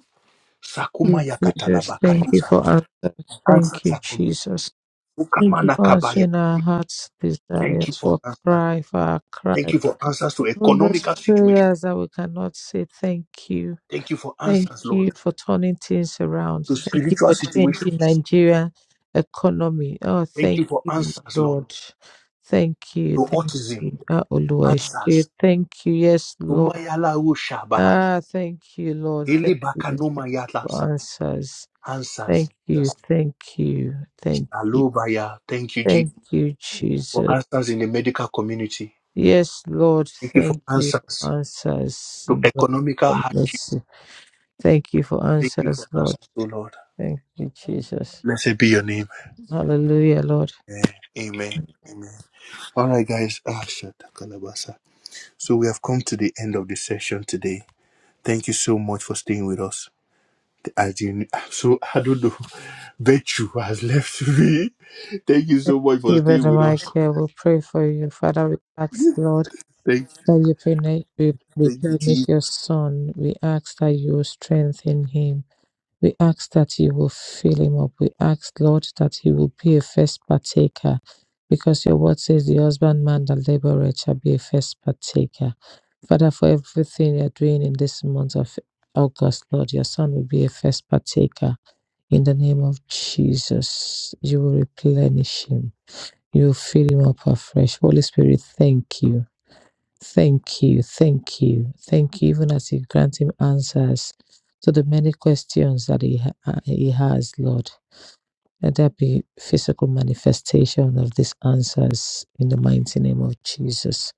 D: Sakuma
C: Thank you, Jesus, thank you
D: yakatalabakatusa.
C: for answers. Thank
D: Answers
C: you,
D: are coming.
C: Jesus. Thank
D: Ukama
C: you for
D: nakabaya.
C: answering our hearts'
D: Thank you
C: desires,
D: for
C: for
D: answers.
C: cry, for our
D: Thank
C: cry.
D: you for answers to
C: Even those
D: economical situations.
C: prayers that we cannot say thank you.
D: Thank you for
C: Thank
D: answers, Lord,
C: you for turning things around.
D: to
C: Thank you
D: spiritual
C: for changing
D: situations.
C: Nigeria economy. Oh,
D: Thank
C: thank
D: you for
C: you,
D: answers, Lord,
C: Lord. Thank you.
D: to
C: Thank
D: autism.
C: you. Ah, Oluwaseun.
D: Answers.
C: Thank you. Yes, Lord.
D: Umayala ushaba.
C: Ah, thank you, Lord. Thank you. Thank you
D: Ilibakanuma
C: for
D: yalasa.
C: answers.
D: Answers.
C: Thank you.
D: Jesus.
C: Thank you. Thank you.
D: Shalobaya. Thank you, Jesus,
C: Thank you,
D: for
C: Jesus.
D: answers in the medical community.
C: Yes, Lord.
D: Thank you for
C: Thank you
D: answers
C: for answers
D: to
C: in the name
D: economical
C: of
D: hardship.
C: mercy. Thank you for
D: Thank you for
C: answers,
D: answers,
C: Lord.
D: O Lord.
C: Thank you, Jesus.
D: Blessed be your name.
C: Hallelujah, Lord.
D: Yeah. Amen. Amen. All right, guys. Ah, shatakalabasa. So we have come to the end of the session today. Thank you so much for staying with us. As you, so I don't know, Betchu has left me. Thank you so much for
C: Dear
D: staying
C: Brother
D: with us.
C: Michael, we pray for you. Father, we ask, Lord,
D: Thank,
C: that you pene- re-
D: thank
C: replenish
D: you,
C: your son. We ask that you will strengthen him. We ask that you will fill him up. We ask, Lord, that he will be a first partaker. Because your word says the husbandman that laboreth shall be a first partaker. Father, for everything you're doing in this month of August, Lord, your son will be a first partaker. In the name of Jesus, you will replenish him. You will fill him up afresh. Holy Spirit, thank you. Thank you. Thank you. Thank you, even as you grant him answers to the many questions that he, ha- uh, he has, Lord. Let there be physical manifestation of these answers in the mighty name of Jesus.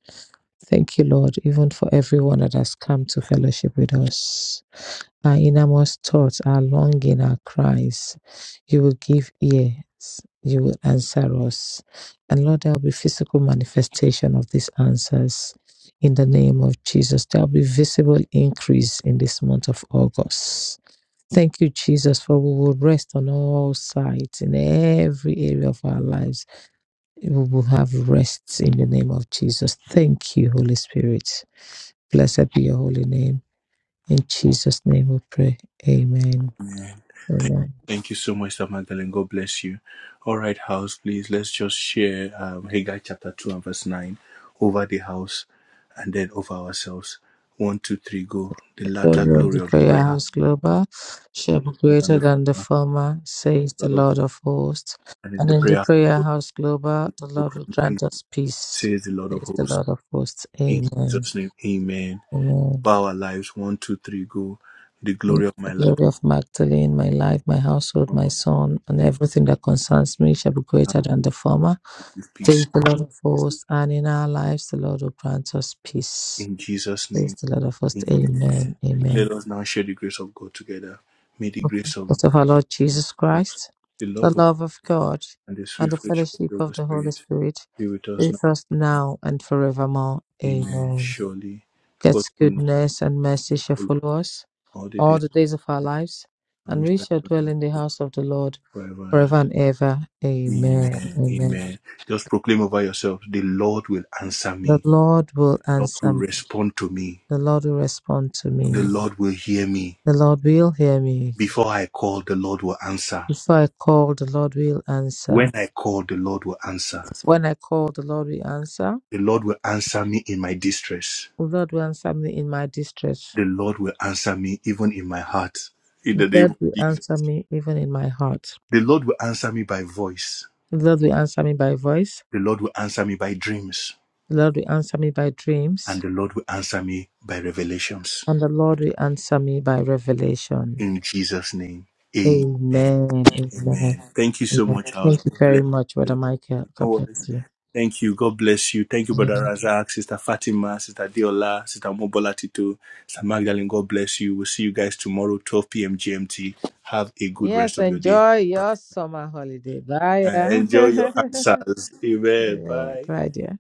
C: Thank you, Lord, even for everyone that has come to fellowship with us. Our innermost thoughts, our longing, our cries. You will give ears. You will answer us. And Lord, there will be physical manifestation of these answers in the name of Jesus. There will be visible increase in this month of August. Thank you, Jesus, for we will rest on all sides in every area of our lives. We will have rest in the name of Jesus. Thank you, Holy Spirit. Blessed be your holy name. In Jesus' name we pray. Amen.
D: Amen. Thank,
C: Amen.
D: thank you so much, Sister Magdalene. God bless you. All right, house, please let's just share um, Haggai chapter 2 and verse 9 over the house and then over ourselves. One, two, three, go. The latter
C: Children of the
D: glory of the
C: Prayer
D: prayer
C: House Global shall be
D: and
C: greater
D: the
C: than the
D: former,
C: former, says the
D: Lord of,
C: Lord of hosts.
D: and in
C: And
D: the
C: in the
D: prayer
C: Prayer
D: of
C: House Global, the
D: the
C: Lord will
D: grant peace,
C: grant us peace, says the
D: saves
C: Lord of hosts.
D: in
C: Amen. Amen.
D: bow the
C: The
D: latter
C: glory of Magdalene, my life, my household, my son, and
D: promises
C: everything that concerns me shall be
D: have
C: greater than the former,
D: with
C: says
D: peace.
C: the Lord of hosts. And in our lives, the Lord will grant us peace,
D: In Jesus'
C: says
D: name,
C: the Lord of hosts.
D: amen.
C: Amen. Amen.
D: Let us of God together. May the peace of
C: Lord of our Lord
D: Jesus
C: Jesus
D: Christ,
C: Christ,
D: the
C: the
D: love of
C: love of God,
D: and the
C: and
D: sweet
C: the
D: fellowship of
C: fellowship
D: the
C: of
D: Holy
C: the Holy
D: Spirit
C: Spirit
D: be with
C: be
D: us
C: with us
D: now.
C: now and forevermore.
D: Amen.
C: Amen.
D: Surely God
C: God's
D: will not
C: goodness and mercy shall
D: follow us
C: follow us
D: all the
C: all
D: days,
C: the days of our lives,
D: and
C: and
D: we
C: we
D: shall
C: shall
D: dwell
C: dwell
D: in
C: in the
D: the
C: house of the Lord
D: Lord forever.
C: forever and ever. Amen.
D: Amen.
C: Amen.
D: Amen. Just proclaim over yourself: the Lord will answer
C: The
D: me.
C: Lord will
D: The Lord
C: answer
D: will
C: me.
D: respond to me.
C: The Lord will respond to
D: The
C: me.
D: Lord will hear me.
C: The Lord will hear me.
D: Before I call, the Lord will answer.
C: Before I call, the Lord will
D: When
C: answer.
D: I call, the Lord will answer.
C: When I call, the Lord will answer.
D: The Lord will answer me in my distress.
C: O Lord, will answer me in my distress.
D: The Lord will answer me even in my heart. In
C: The
D: the name
C: Lord
D: of
C: will
D: Jesus.
C: answer me even in my heart.
D: The Lord will answer me by voice
C: The Lord will answer me by voice.
D: The Lord will answer me by dreams,
C: The Lord will answer me by dreams.
D: and the Lord will answer me by revelations.
C: And the Lord will answer me by revelation.
D: In Jesus' name, amen.
C: Amen. Amen.
D: Amen. Thank you so
C: Amen.
D: much, Charles.
C: Thank you
D: God Bless.
C: very much, Brother
D: you.
C: Michael.
D: No
C: God bless
D: worries.
C: you.
D: Thank you. God bless you. Thank you, Brother
C: Amen.
D: Razak, Sister Fatima, Sister Diola, Sister Mobola Tito, Sister Magdalene. God bless you. We'll see you guys tomorrow, 12 p.m. GMT. Have a good rest
C: Yes,
D: of your day.
C: enjoy
D: Bye.
C: your summer holiday. Bye.
D: Uh,
C: yeah.
D: enjoy your answers. Amen.
C: Yeah,
D: Bye.
C: Bye. yeah.